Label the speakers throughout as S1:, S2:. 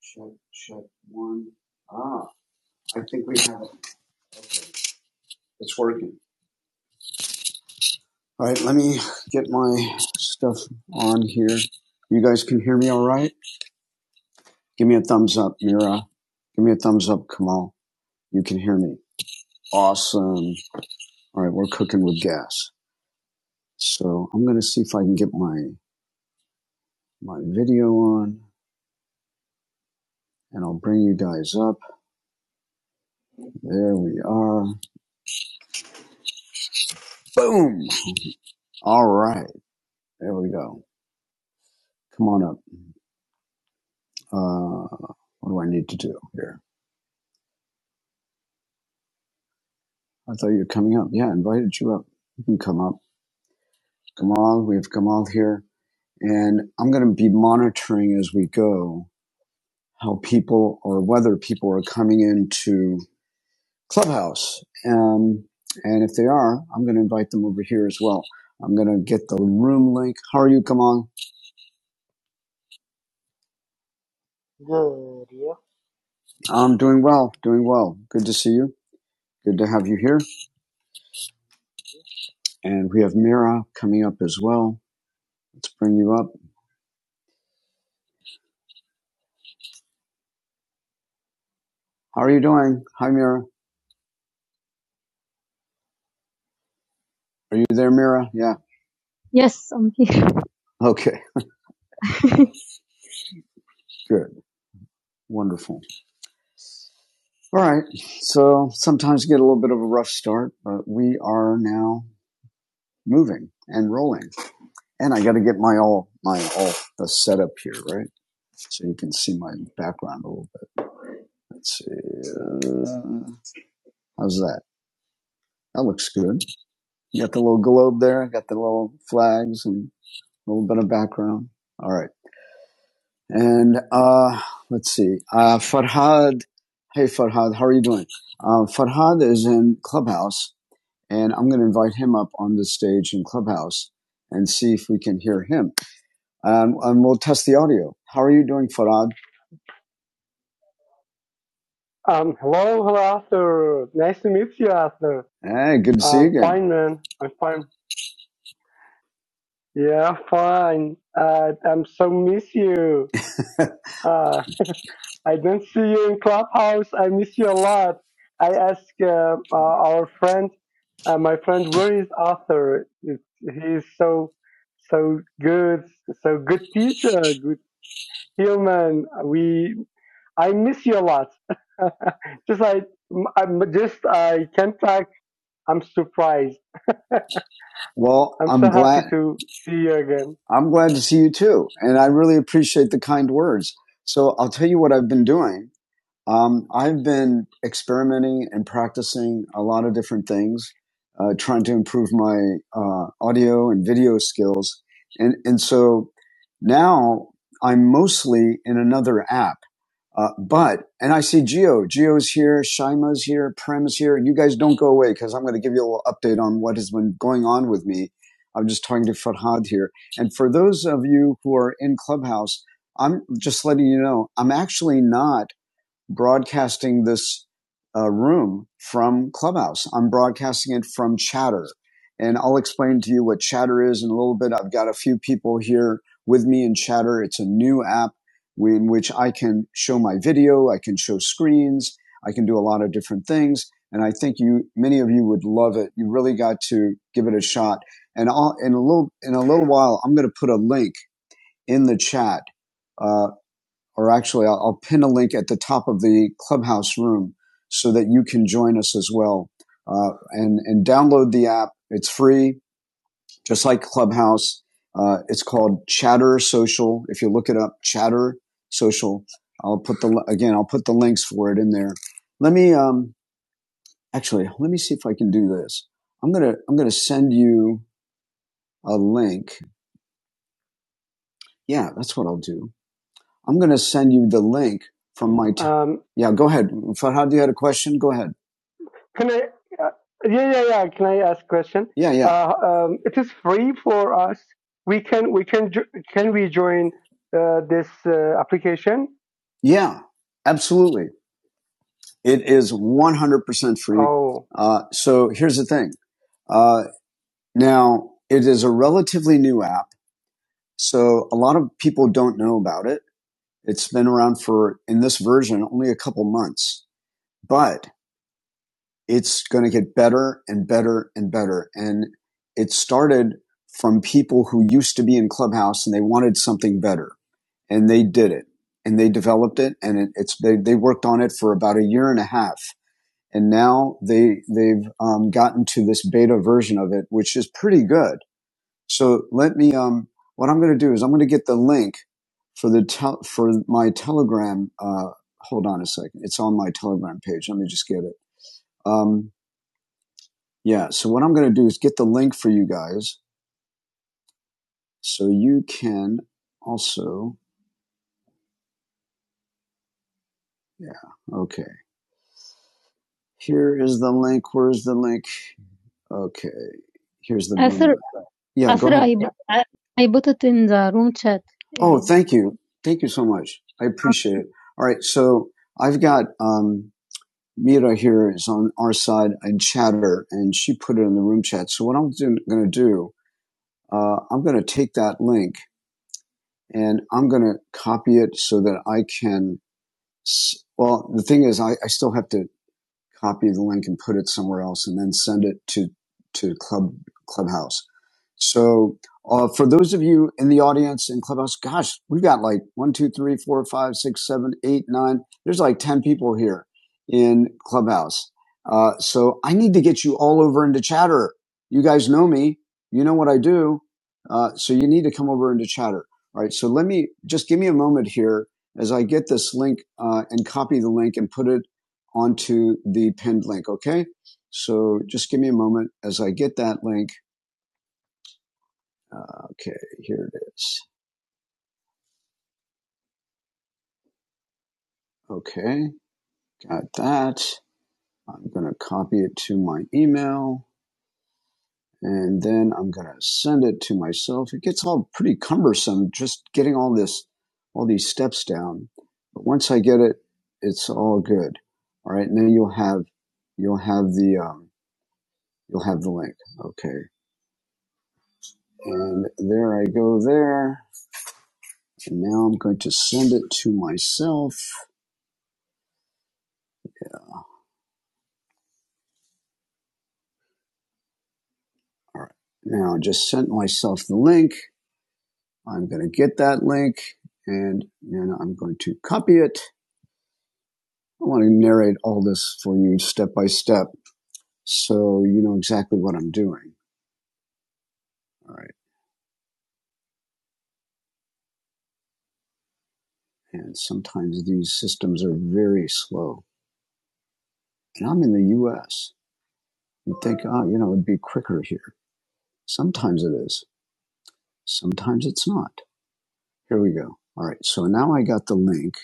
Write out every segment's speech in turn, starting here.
S1: Check, check one. Ah, I think we have it. It's working. All right, let me get my stuff on here. You guys can hear me all right? Give me a thumbs up, Mira. Give me a thumbs up, Kamal. You can hear me. Awesome. All right, we're cooking with gas. So I'm going to see if I can get my, my video on and I'll bring you guys up. There we are. Boom. All right. There we go. Come on up. Uh, what do I need to do here? I thought you were coming up. Yeah, I invited you up. You can come up. Gamal. we have Gamal here. And I'm going to be monitoring as we go how people or whether people are coming into Clubhouse. Um, and if they are, I'm going to invite them over here as well. I'm going to get the room link. How are you, Gamal? I'm doing well, doing well. Good to see you. Good to have you here. And we have Mira coming up as well. Let's bring you up. How are you doing? Hi, Mira. Are you there, Mira? Yeah. Yes. Okay, good. Wonderful. All right. So sometimes you get a little bit of a rough start, but we are now moving and rolling. And I got to get my all, my all, the setup here, right? So you can see my background a little bit. Let's see. Uh, how's that? That looks good. You got the little globe there. I got the little flags and a little bit of background. All right. And uh, let's see. Uh, Farhad. Hey, Farhad. How are you doing? Uh, Farhad is in Clubhouse and I'm going to invite him up on the stage in Clubhouse and see if we can hear him. Um, and we'll test the audio. How are you doing, Farad?
S2: Um, hello, hello, Arthur. Nice to meet you, Arthur.
S1: Hey, good to see you
S2: I'm
S1: again.
S2: fine, man. I'm fine. Yeah, fine. Uh, I'm so miss you. Uh, I don't see you in Clubhouse. I miss you a lot. I ask uh, uh, our friend, uh, my friend, where is Arthur? It, he's so, so good, so good teacher, good human. We, I miss you a lot. just I, I just I can't talk I'm surprised.
S1: Well,
S2: I'm
S1: I'm
S2: so happy
S1: glad.
S2: to see you again.
S1: I'm glad to see you too, and I really appreciate the kind words. So I'll tell you what I've been doing. Um, I've been experimenting and practicing a lot of different things, uh, trying to improve my uh, audio and video skills, and and so now I'm mostly in another app Uh, but, and I see Geo. Geo's here, Shaima's here, Prem's here. You guys don't go away because I'm going to give you a little update on what has been going on with me. I'm just talking to Farhad here. And for those of you who are in Clubhouse, I'm just letting you know, I'm actually not broadcasting this uh, room from Clubhouse. I'm broadcasting it from Chatter. And I'll explain to you what Chatter is in a little bit. I've got a few people here with me in Chatter. It's a new app in which I can show my video, I can show screens, I can do a lot of different things. And I think you, many of you would love it. You really got to give it a shot. And I'll, in a little, in a little while, I'm going to put a link in the chat uh, or actually I'll, I'll pin a link at the top of the clubhouse room so that you can join us as well uh, and and download the app it's free just like clubhouse uh, it's called chatter social if you look it up chatter social i'll put the again i'll put the links for it in there let me um actually let me see if i can do this i'm gonna i'm gonna send you a link yeah that's what i'll do I'm going to send you the link from my. T-
S2: Um,
S1: yeah, go ahead. Farhad, you had a question? Go ahead.
S2: can I? Uh, yeah, yeah, yeah. Can I ask a question?
S1: Yeah, yeah.
S2: Uh, um, it is free for us. We can, we can, jo- can we join uh, this uh, application?
S1: Yeah, absolutely. It is 100% free.
S2: Oh,
S1: Uh, so here's the thing. Uh, now, it is a relatively new app. So a lot of people don't know about it. It's been around for, in this version, only a couple months, but it's going to get better and better and better. And it started from people who used to be in Clubhouse and they wanted something better and they did it and they developed it and it, it's they, they worked on it for about a year and a half and now they they've um, gotten to this beta version of it which is pretty good so let me um what i'm going to do is i'm going to get the link for the tel- for my telegram uh hold on a second it's on my telegram page let me just get it um yeah so what i'm going to do is get the link for you guys so you can also yeah okay here is the link where's the link Okay, here's the yeah. Thank you, thank you so much. I appreciate it. All right, so I've got um, Mira here is on our side and Chatter, and she put it in the room chat. So what I'm going to do, uh, I'm going to take that link and I'm going to copy it so that I can. Well, the thing is, I, I still have to copy the link and put it somewhere else and then send it to to club clubhouse so uh, for those of you in the audience in clubhouse gosh we've got like one two three four five six seven eight nine there's like 10 people here in clubhouse uh, so i need to get you all over into chatter you guys know me you know what i do uh, so you need to come over into chatter all right so let me just give me a moment here as i get this link uh, and copy the link and put it onto the pinned link. Okay. So just give me a moment as I get that link. Uh, okay. Here it is. Okay. Got that. I'm going to copy it to my email and then I'm going to send it to myself. It gets all pretty cumbersome just getting all this, all these steps down. But once I get it, it's all good. All right. Now you'll have, you'll have the, um, you'll have the link. Okay. And there I go there. And now I'm going to send it to myself. All right. Now I just sent myself the link. I'm going to get that link and then I'm going to copy it. I want to narrate all this for you step by step so you know exactly what I'm doing. All right. And sometimes these systems are very slow. And I'm in the US. You'd think, oh, you know, it'd be quicker here. Sometimes it is, sometimes it's not. Here we go. All right. So now I got the link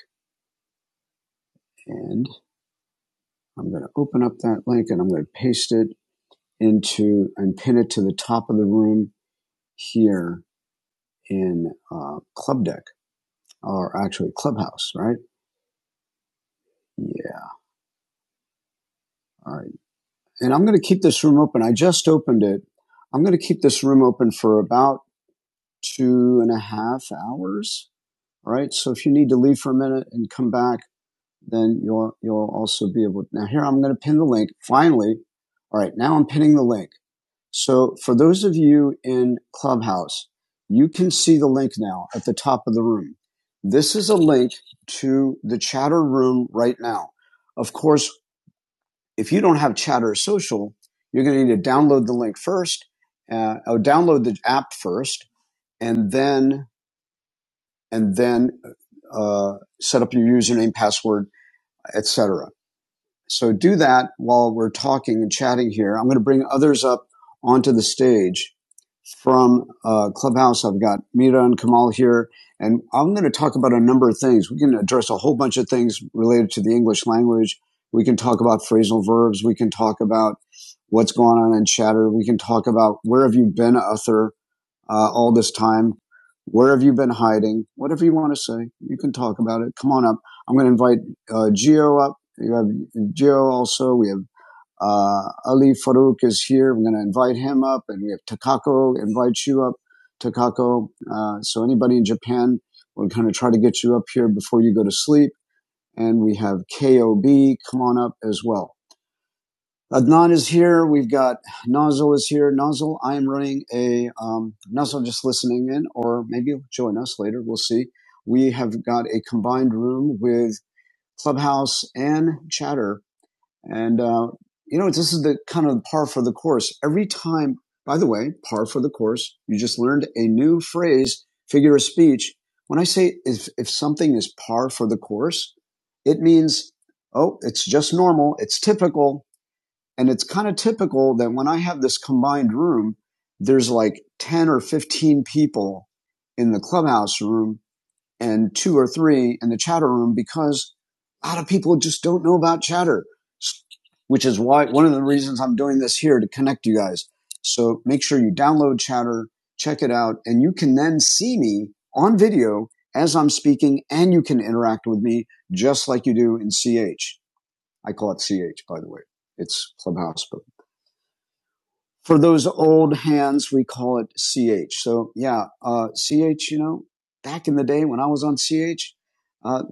S1: and I'm going to open up that link and I'm going to paste it into and pin it to the top of the room here in uh, Club Deck or actually Clubhouse, right? Yeah. All right. And I'm going to keep this room open. I just opened it. I'm going to keep this room open for about two and a half hours. All right. So if you need to leave for a minute and come back, then you'll you'll also be able. to. Now here I'm going to pin the link. Finally, all right. Now I'm pinning the link. So for those of you in Clubhouse, you can see the link now at the top of the room. This is a link to the chatter room right now. Of course, if you don't have chatter social, you're going to need to download the link first, uh, or download the app first, and then, and then, uh, set up your username, password, etc. So do that while we're talking and chatting here. I'm going to bring others up onto the stage from uh, Clubhouse. I've got Mira and Kamal here, and I'm going to talk about a number of things. We can address a whole bunch of things related to the English language. We can talk about phrasal verbs. We can talk about what's going on in chatter. We can talk about where have you been, author uh, all this time. Where have you been hiding? Whatever you want to say, you can talk about it. Come on up. I'm going to invite uh, Geo up. You have Geo also. We have uh, Ali Farouk is here. I'm going to invite him up, and we have Takako. Invite you up, Takako. Uh, so anybody in Japan, we'll kind of try to get you up here before you go to sleep. And we have KOB. Come on up as well. Adnan is here. We've got Nozzle is here. Nozzle, I am running a um, Nozzle just listening in, or maybe you'll join us later. We'll see. We have got a combined room with Clubhouse and Chatter, and uh, you know this is the kind of par for the course. Every time, by the way, par for the course. You just learned a new phrase, figure of speech. When I say if if something is par for the course, it means oh, it's just normal, it's typical, and it's kind of typical that when I have this combined room, there's like 10 or 15 people in the clubhouse room and two or three in the chatter room because a lot of people just don't know about chatter, which is why one of the reasons I'm doing this here to connect you guys. So make sure you download chatter, check it out, and you can then see me on video as I'm speaking and you can interact with me just like you do in CH. I call it CH, by the way. It's clubhouse, but for those old hands, we call it CH. So yeah, uh, CH, you know, back in the day when I was on CH, uh,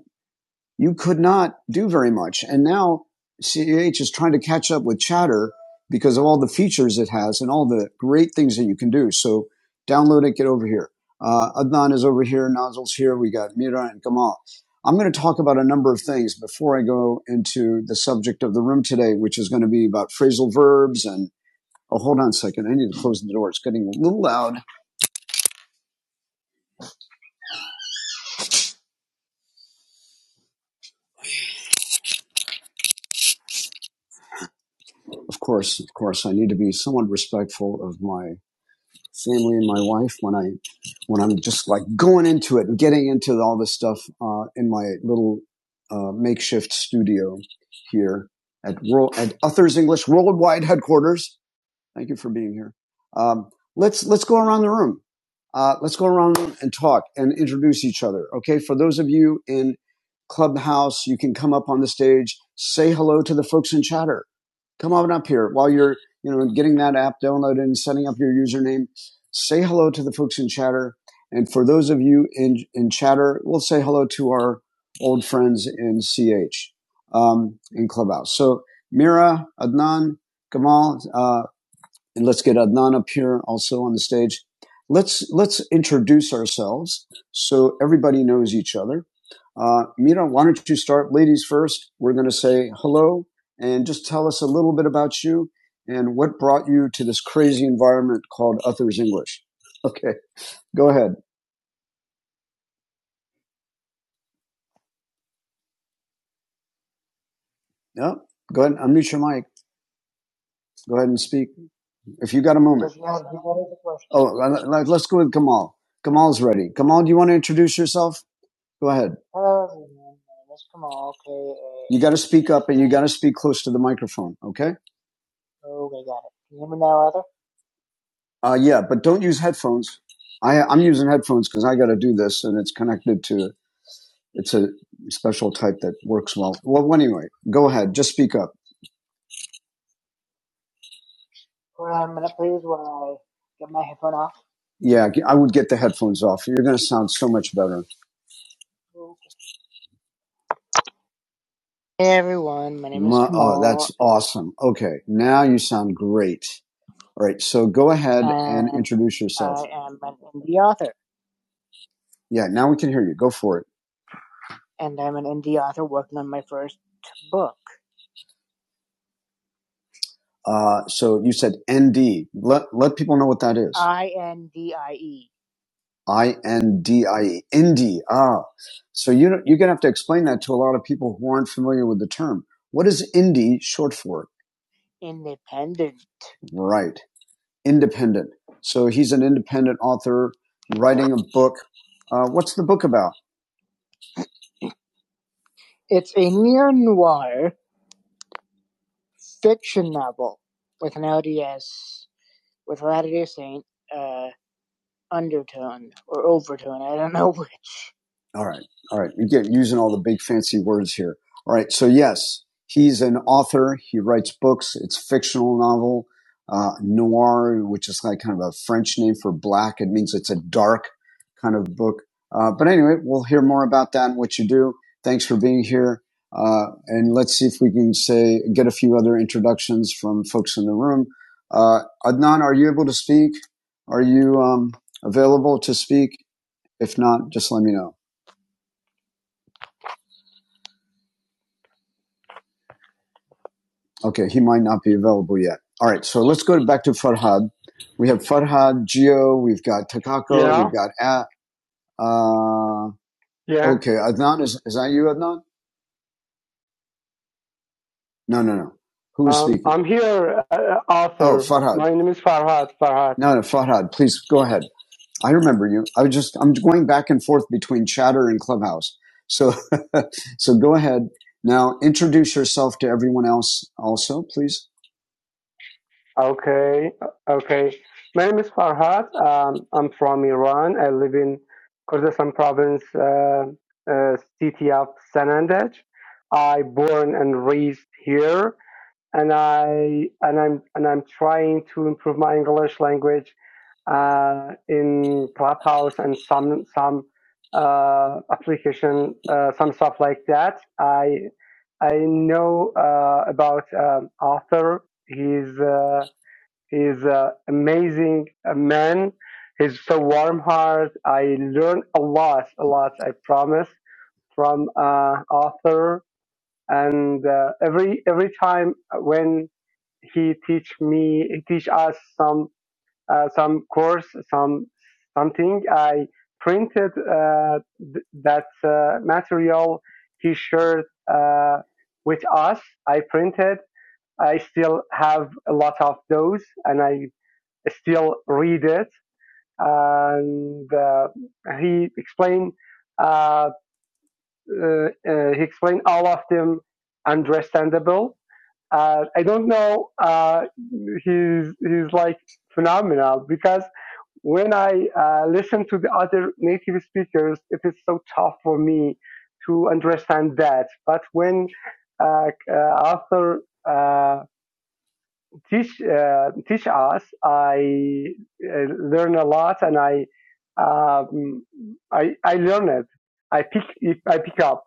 S1: you could not do very much. And now CH is trying to catch up with chatter because of all the features it has and all the great things that you can do. So download it, get over here. Uh, Adnan is over here. Nozzle's here. We got Mira and Kamal. I'm going to talk about a number of things before I go into the subject of the room today, which is going to be about phrasal verbs and. Oh, hold on a second. I need to close the door. It's getting a little loud. Of course, of course, I need to be somewhat respectful of my family and my wife when I, when I'm just like going into it and getting into all this stuff, uh, in my little, uh, makeshift studio here at world, at Uthers English Worldwide Headquarters. Thank you for being here. Um, let's let's go around the room. Uh, let's go around the room and talk and introduce each other. Okay, for those of you in Clubhouse, you can come up on the stage, say hello to the folks in Chatter. Come on up here while you're you know getting that app downloaded and setting up your username. Say hello to the folks in Chatter, and for those of you in in Chatter, we'll say hello to our old friends in CH um, in Clubhouse. So Mira, Adnan, Gamal. uh, and let's get Adnan up here also on the stage. Let's let's introduce ourselves so everybody knows each other. Uh, Mira, why don't you start, ladies first? We're going to say hello and just tell us a little bit about you and what brought you to this crazy environment called Uther's English. Okay, go ahead. Yeah, go ahead. and Unmute your mic. Go ahead and speak if you got a moment. Oh, let- let's go with Kamal. Kamal's ready. Kamal, do you want to introduce yourself? Go ahead. You got to speak up. You got to speak close to the microphone, okay? Uh, yeah, but don't use headphones. I, I'm using headphones because I got to do this, and it's connected to it's a special type that works well. Well, anyway, go ahead, just speak up. Yeah, I would get the headphones off. You're going to sound so much better. Awesome. Okay, now you sound great. All right, so go ahead, introduce yourself. Yeah, now we can hear you. Go for it. Uh, so you said ND. Let let people know what that is. I N D I E. Indie. Ah. So you know, you're going to have to explain that to a lot of people who aren't familiar with the term. What is indie short for? Right. Independent. So he's an independent author writing a book. Uh, what's the book about? All right. All right. You get using all the big fancy words here. All right. So yes, he's an author. He writes books. It's fictional novel, uh, noir, which is like kind of a French name for black. It means it's a dark kind of book. Uh, but anyway, we'll hear more about that and what you do. Thanks for being here. Uh, and let's see if we can say, get a few other introductions from folks in the room. Uh, Adnan, are you able to speak? Are you, um, available to speak? If not, just let me know. Okay, he might not be available yet. All right, so let's go back to Farhad. We have Farhad, Gio. we've got Takako,
S2: yeah,
S1: we've got at, uh,
S2: yeah.
S1: okay, Adnan, is, is that you, Adnan? No, no, no. Who is
S2: Um,
S1: speaking?
S2: I'm here, uh, uh,
S1: Oh,
S2: Arthur.
S1: Farhad.
S2: My name is Farhad. Farhad.
S1: No, no, Farhad, please go ahead. I remember you. I was just, I'm going back and forth between chatter and clubhouse. So, so go ahead. Now introduce yourself to everyone else also, please.
S2: Okay, okay. My name is Farhad. Um, I'm from Iran. I live in Kurdistan province, uh, uh, city of Sanandaj. I born and raised here, and I and I'm and I'm trying to improve my English language uh, in Clubhouse and some some uh, application, uh, some stuff like that. I I know uh, about um, author. He's uh, He's an amazing uh, man. He's so warm heart. I learned a lot, a lot. I promise from uh, author. And uh, every every time when he teach me, he teach us some uh, some course, some something. I printed uh, th- that uh, material he shared uh, with us. I printed I still have a lot of those, and I still read it. And uh, he explained uh, uh, uh, he explained all of them understandable. Uh, I don't know. Uh, he's he's like phenomenal because when I uh, listen to the other native speakers, it is so tough for me to understand that. But when uh, uh, author uh, teach uh, teach us. I uh, learn a lot, and I um, I I learn it. I pick I pick up.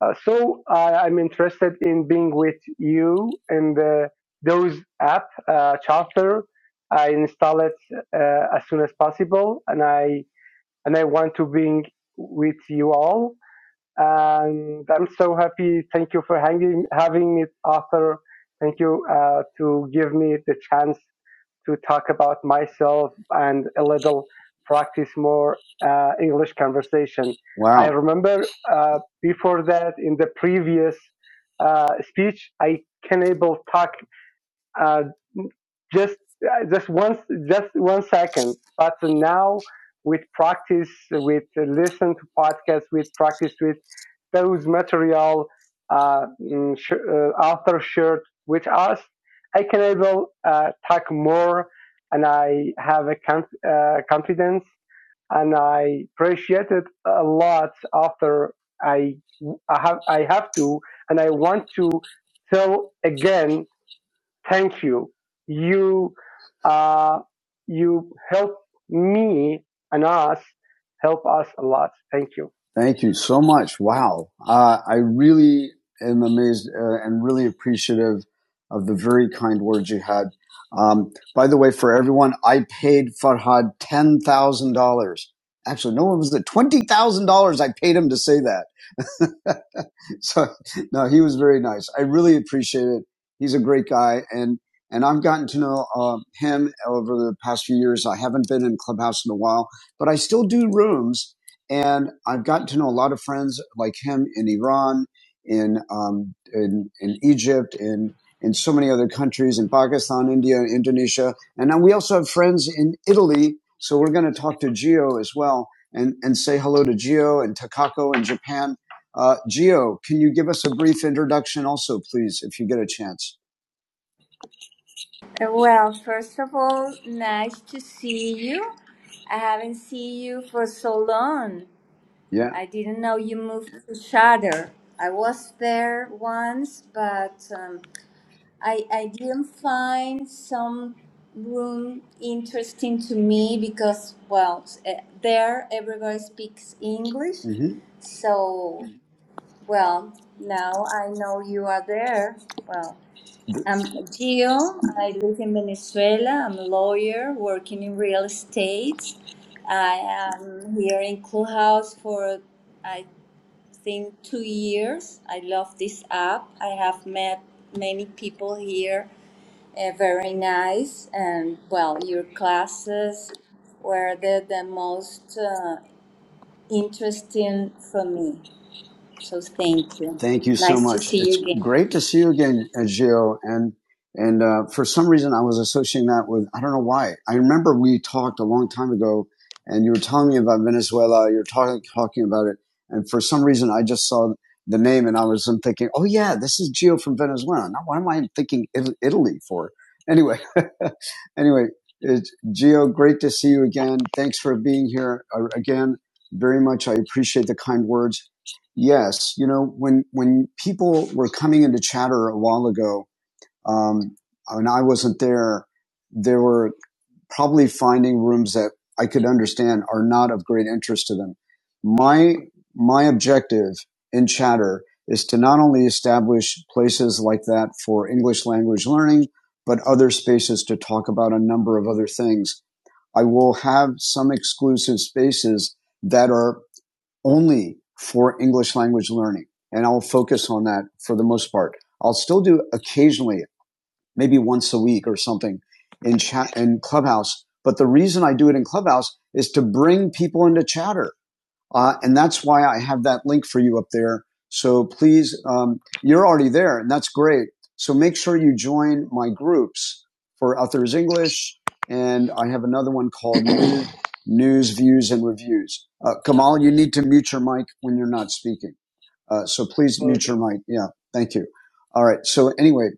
S2: Uh, so I, I'm interested in being with you in the those app uh, chapter. I install it uh, as soon as possible, and I and I want to being with you all and I'm so happy. Thank you for hanging, having me, Arthur. Thank you uh, to give me the chance to talk about myself and a little practice more uh, English conversation. I
S1: Wow.
S2: remember uh, before that in the previous uh, speech, I can able talk uh, just uh, just once just one second but now with practice with listen to podcasts with practice with those material uh, mm, sh- uh, author shared with us i can able uh, talk more and i have a conf- uh, confidence and i appreciate it a lot after i i have i have to and i want to tell again thank you. You, uh, you help me and us, help us a lot. Thank you.
S1: Thank you so much. Wow. Uh, I really am amazed uh, and really appreciative of the very kind words you had. Um, by the way, for everyone, I paid Farhad $10,000. Actually, no, it was the $20,000 I paid him to say that. so no, he was very nice. I really appreciate it. He's a great guy, and and I've gotten to know uh, him over the past few years. I haven't been in Clubhouse in a while, but I still do rooms, and I've gotten to know a lot of friends like him in Iran, in um, in in Egypt, in in so many other countries, in Pakistan, India, Indonesia, and now we also have friends in Italy. So we're going to talk to Gio as well, and and say hello to Gio and Takako in Japan uh, Geo, can you give us a brief introduction also, please, if you get a chance?
S3: Uh, Well, first of all, nice to see you. I haven't seen you for so long.
S1: Yeah.
S3: I didn't know you moved to Shatter. I was there once, but um, I, I didn't find some room interesting to me because, well, eh, there everybody speaks English.
S1: hmm
S3: So, well, now I know you are there. Well, I'm Gio. I live in Venezuela. I'm a lawyer working in real estate. I am here in Clubhouse for, I think, two years. I love this app. I have met many people here, uh, very nice. And well, your classes were the, the most uh, interesting for me. So thank you.
S1: Thank you so
S3: Nice to
S1: much.
S3: see you
S1: It's
S3: again.
S1: great to see you again, uh, Gio. And and uh, for some reason, I was associating that with I don't know why. I remember we talked a long time ago, and you were telling me about Venezuela. you were talking talking about it, and for some reason, I just saw the name, and I was thinking, oh yeah, this is Gio from Venezuela. Now, why am I thinking Italy for? Anyway, anyway, it's, Gio, great to see you again. Thanks for being here uh, again. Very much, I appreciate the kind words. Yes, you know when when people were coming into Chatter a while ago, um, and I wasn't there, they were probably finding rooms that I could understand are not of great interest to them. My my objective in Chatter is to not only establish places like that for English language learning, but other spaces to talk about a number of other things. I will have some exclusive spaces that are only for English language learning. And I'll focus on that for the most part. I'll still do occasionally, maybe once a week or something in chat in Clubhouse. But the reason I do it in Clubhouse is to bring people into chatter. Uh, and that's why I have that link for you up there. So please, um, you're already there and that's great. So make sure you join my groups for Authors English. And I have another one called News, Views, and Reviews. Uh, Kamal, you need to mute your mic when you're not speaking. Uh, so please mute your mic. Yeah. Thank you. All right. So anyway,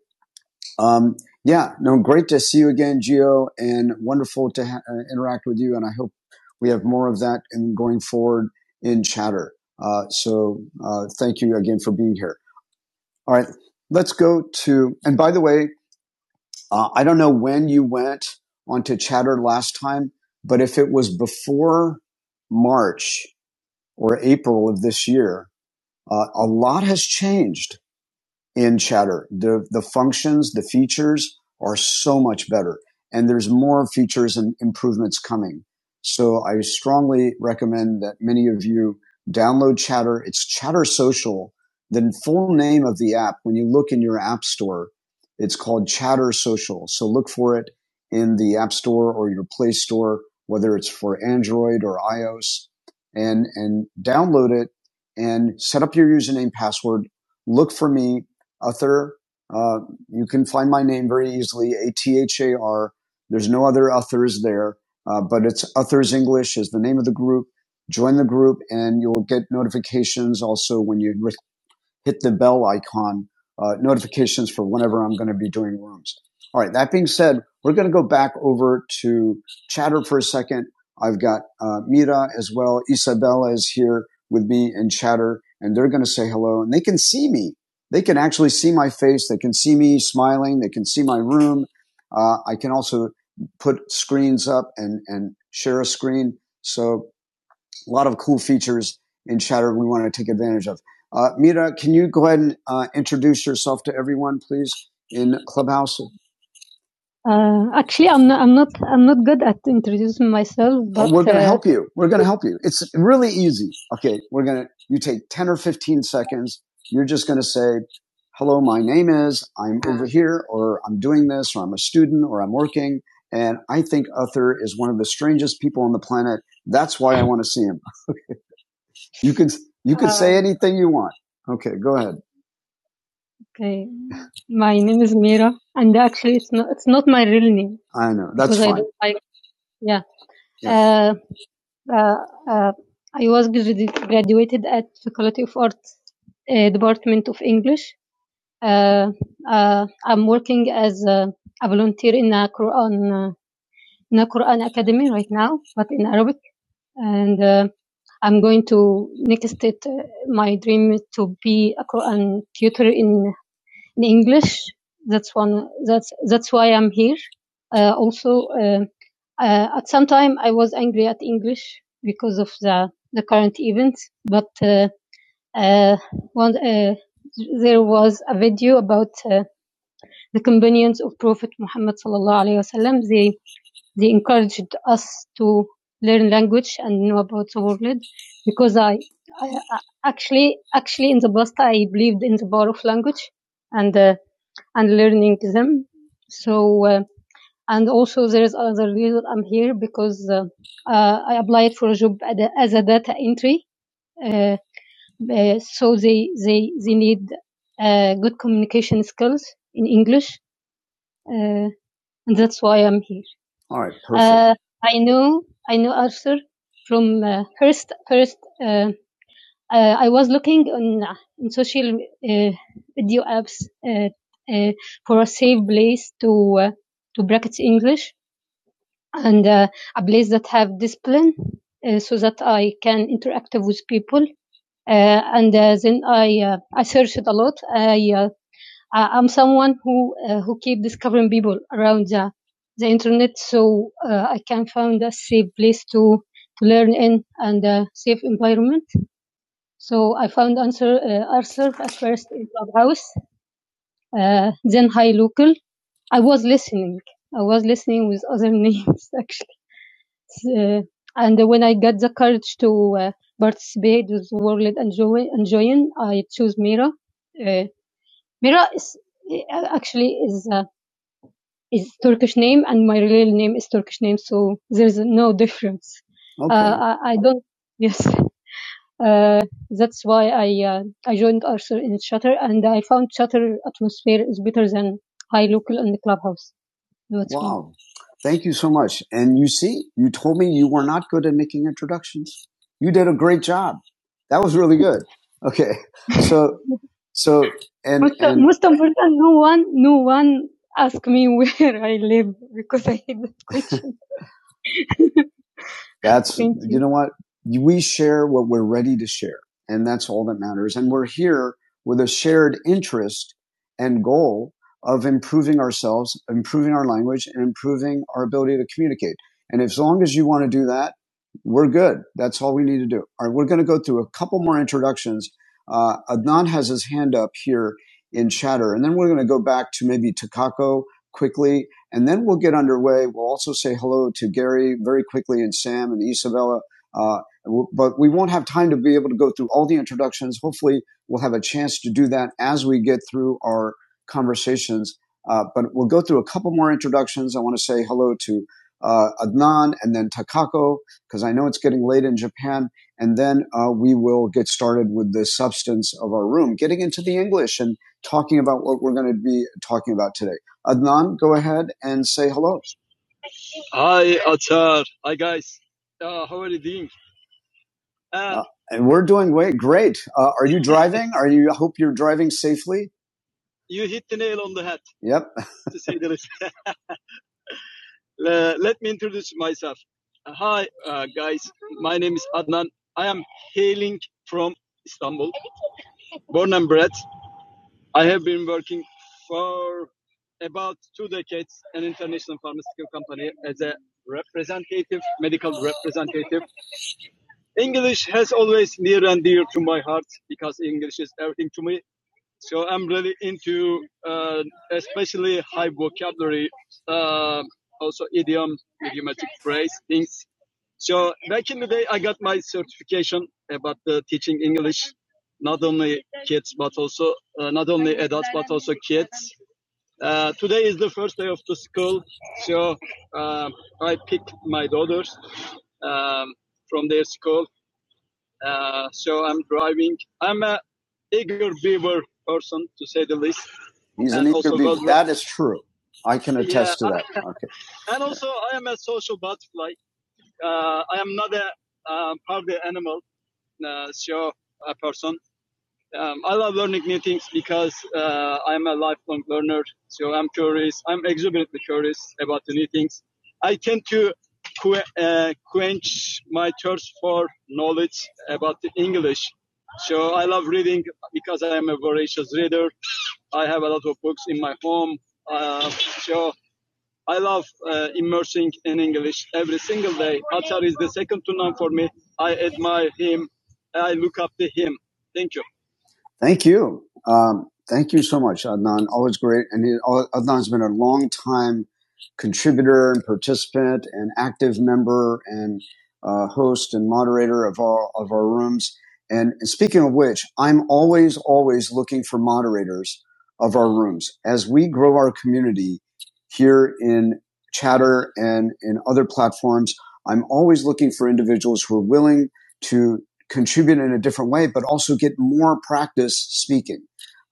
S1: um, yeah, no, great to see you again, Gio, and wonderful to ha- uh, interact with you. And I hope we have more of that in going forward in chatter. Uh, so uh, thank you again for being here. All right, let's go to. And by the way, uh, I don't know when you went onto chatter last time, but if it was before March or April of this year, uh, a lot has changed in Chatter. The, the functions, the features are so much better and there's more features and improvements coming. So I strongly recommend that many of you download Chatter. It's Chatter Social. The full name of the app, when you look in your app store, it's called Chatter Social. So look for it in the app store or your play store, whether it's for Android or iOS and, and download it and set up your username, password. Look for me Uther. Uh, you can find my name very easily, A T H A R. There's no other Uthers there, uh, but it's Uthers English is the name of the group. Join the group, and you'll get notifications also when you re- hit the bell icon, uh, notifications for whenever I'm going to be doing rooms. All right. That being said, we're going to go back over to chatter for a second. I've got uh, Mira as well. Isabella is here with me in chatter and they're going to say hello and they can see me. They can actually see my face. They can see me smiling. They can see my room. Uh, I can also put screens up and, and share a screen. So a lot of cool features in Chatter we want to take advantage of. Uh, Mira, can you go ahead and uh, introduce yourself to everyone, please, in Clubhouse? Uh, actually, I'm not, I'm not I'm not good at introducing myself, but we're going to uh, help you. We're going to help you. It's really easy. Okay, we're going to. You take ten or fifteen seconds. You're just going to say, "Hello, my name is. I'm over here, or I'm doing this, or I'm a student, or I'm working, and I think Uther is one of the strangest people on the planet. That's why I want to see him." You could you could uh, say Uh, anything you want. Okay, go ahead. okay. My name is Mira, and actually, it's not it's not my real name I know that's because I fine. don't like. Yeah. Yeah. Uh, uh, uh, I was graduated at Faculty of Arts, uh, Department of English. Uh, uh, I'm working as a, a volunteer in a Quran uh, in a Quran academy right now, but in Arabic. and uh, I'm going to next it. Uh, my dream to be a Quran tutor in, in English. That's one. That's that's why I'm here. Uh, also, uh, uh, at some time I was angry at English because of the the current events. But uh, uh, one uh, there was a video about uh, the companions of Prophet Muhammad sallallahu alaihi wasallam. They they encouraged us to learn language and know about the world because I, I actually actually in the past I believed in the power of language and uh, and learning them. So uh, and also there is another reason I'm here because uh, uh, I applied for a job as a data entry. Uh, uh, so they they they need uh, good communication skills in English. Uh, and that's why I'm here. All right, perfect. Uh, I know I know Arthur from uh, first first. Uh, uh, I was looking on uh, on social uh, video apps uh, uh, for a safe place to uh, to practice English and uh, a place that have discipline uh, so that I can interact with people. Uh, and uh, then I uh, I searched a lot. I uh, uh, I'm someone who uh, who keep discovering people around the the internet, so uh, I can find a safe place to to learn in and a safe environment. So I found answer uh, Arthur at first in Clubhouse, uh, then High Local. I was listening. I was listening with other names actually, uh, and when I got the courage to uh, participate with World and Joy, Join, I chose Mira. Uh, Mira is uh, actually is. Uh, is Turkish name and my real name is Turkish name, so there's no difference. Okay. Uh, I, I don't. Yes, uh, that's why I uh, I joined Arthur in Shutter, and I found Shutter atmosphere is better than high local and the clubhouse. That's why. Wow. Fun. Thank you so much. And you see, you told me you were not good at making introductions. You did a great job. That was really good. Okay. So. So and Most, and most important, no one, no one asked me where I live because I that's Thank you know what we share what we're ready to share, and that's all that matters. And we're here with a shared interest and goal of improving ourselves, improving our language, and improving our ability to communicate. And as long as you want to do that, we're good. That's all we need to do. All right, we're going to go through a couple more introductions. Uh, Adnan has his hand up here in chatter, and then we're going to go back to maybe Takako quickly and then we'll get underway. We'll also say hello to Gary very quickly and Sam and Isabella. Uh, but we won't have time to be able to go through all the introductions. Hopefully, we'll have a chance to do that as we get through our conversations. Uh, but we'll go through a couple more introductions. I want to say hello to uh, Adnan and then Takako, because I know it's getting late in Japan. And then uh, we will get started with the substance of our room, getting into the English and talking about what we're going to be talking about today. Adnan, go ahead and say hello. And we're doing way great. Uh, are you driving? Are you? I hope you're driving safely. Yep. that is true. I can. agree with that. Thank you. Um, thank you so much, Adnan. Always great. And he, Adnan's been a long time contributor and participant and active member and uh, host and moderator of all of our rooms. And speaking of which, I'm always, always looking for moderators of our rooms. As we grow our community here in Chatter and in other platforms, I'm always looking for individuals who are willing to contribute in a different way, but also get more practice speaking.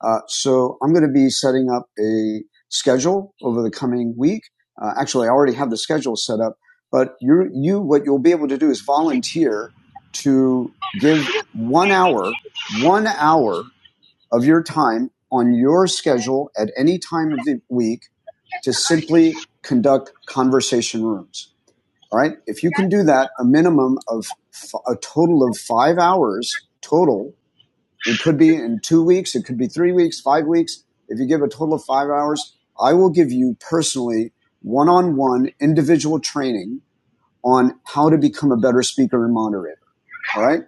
S1: Uh, so I'm going to be setting up a schedule over the coming week. Uh, actually, I already have the schedule set up, but you you what you'll be able to do is volunteer to give one hour one hour of your time on your schedule at any time of the week to simply conduct conversation rooms. All right. If you can do that, a minimum of f- a total of five hours total, it could be in two weeks, it could be three weeks, five weeks. If you give a total of five hours, I will give you personally one on one individual training on how to become a better speaker and moderator. All right.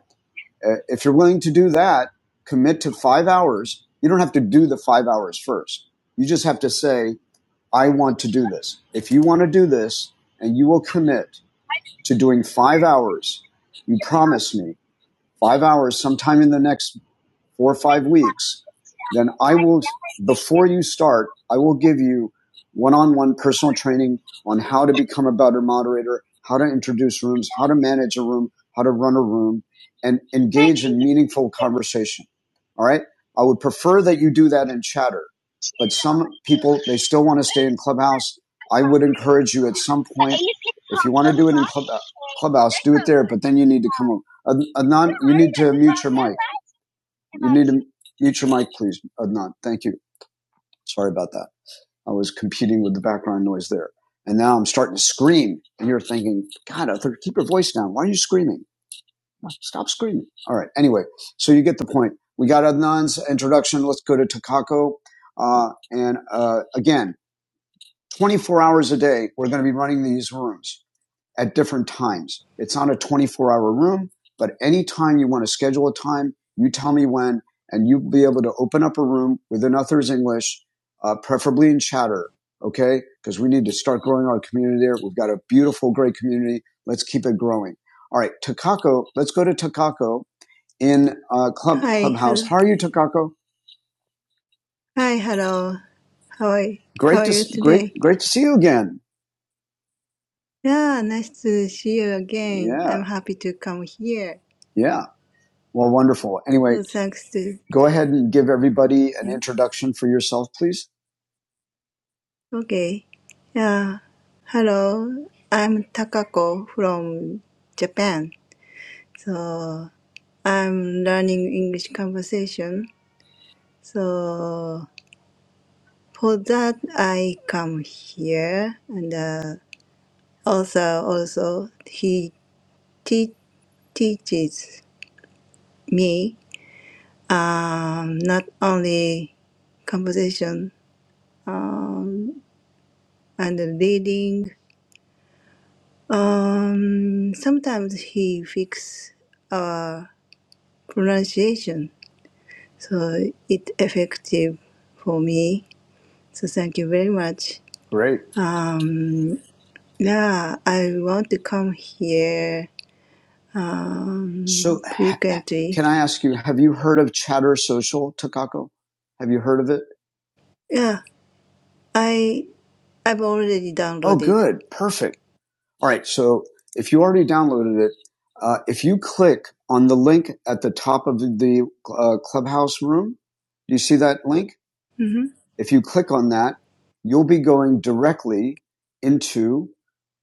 S1: Uh, If you're willing to do that, commit to five hours. You don't have to do the five hours first. You just have to say, I want to do this. If you want to do this and you will commit to doing five hours. You promise me five hours sometime in the next four or five weeks, then I will, before you start, I will give you one on one personal training on how to become a better moderator, how to introduce rooms, how to manage a room, how to run a room, and engage in meaningful conversation. All right. I would prefer that you do that in chatter, but some people, they still want to stay in Clubhouse. I would encourage you at some point, if you want to do it in Clubhouse, do it there, but then you need to come on. Adnan, you need to mute your mic. You need to mute your mic, please, Adnan. Thank you. Sorry about that. I was competing with the background noise there. And now I'm starting to scream. And you're thinking, God, Arthur, keep your voice down. Why are you screaming? No, Stop screaming. All right. Anyway, so you get the point. We got Adnan's introduction. Let's go to Takako. Uh, and uh, again, 24 hours a day, we're going to be running these rooms at different times. It's not a 24 hour room, but anytime you want to schedule a time, you tell me when, and you'll be able to open up a room with another's English, uh, preferably in chatter. Okay. Cause we need to start growing our community there. We've got a beautiful, great community. Let's keep it growing. All right. Takako. Let's go to Takako in, uh, club,
S4: Hi,
S1: clubhouse.
S4: hello.
S1: How are you, Takako?
S4: Hi, hello. How are you? How
S1: Great
S4: are
S1: to,
S4: you
S1: great,
S4: today?
S1: great to see you again.
S4: Yeah, nice to see you again.
S1: Yeah.
S4: I'm happy to come here.
S1: Yeah. Well, wonderful. Anyway,
S4: So thanks to
S1: go ahead and give everybody an
S4: yeah.
S1: introduction for yourself, please?
S4: Okay. Yeah. Hello. I'm Takako from Japan. So I'm learning English conversation. So for that I come here and uh, also also he teach teaches me um, not only composition um, and reading. Um, sometimes he fix our pronunciation, so it effective for me. So thank you very much.
S1: Great.
S4: Um, yeah, I want to come here
S1: So,
S4: um,
S1: h-
S4: frequently.
S1: can I ask you, have you heard of Chatter Social, Takako? Have you heard of it?
S4: Yeah, I I've already
S1: Oh,
S4: downloaded.
S1: good. Perfect. All right. So, if you already downloaded it, uh, if you click on the link at the top of the uh, clubhouse room, do you see that link?
S4: Mm-hmm.
S1: If you click on that, you'll be going directly into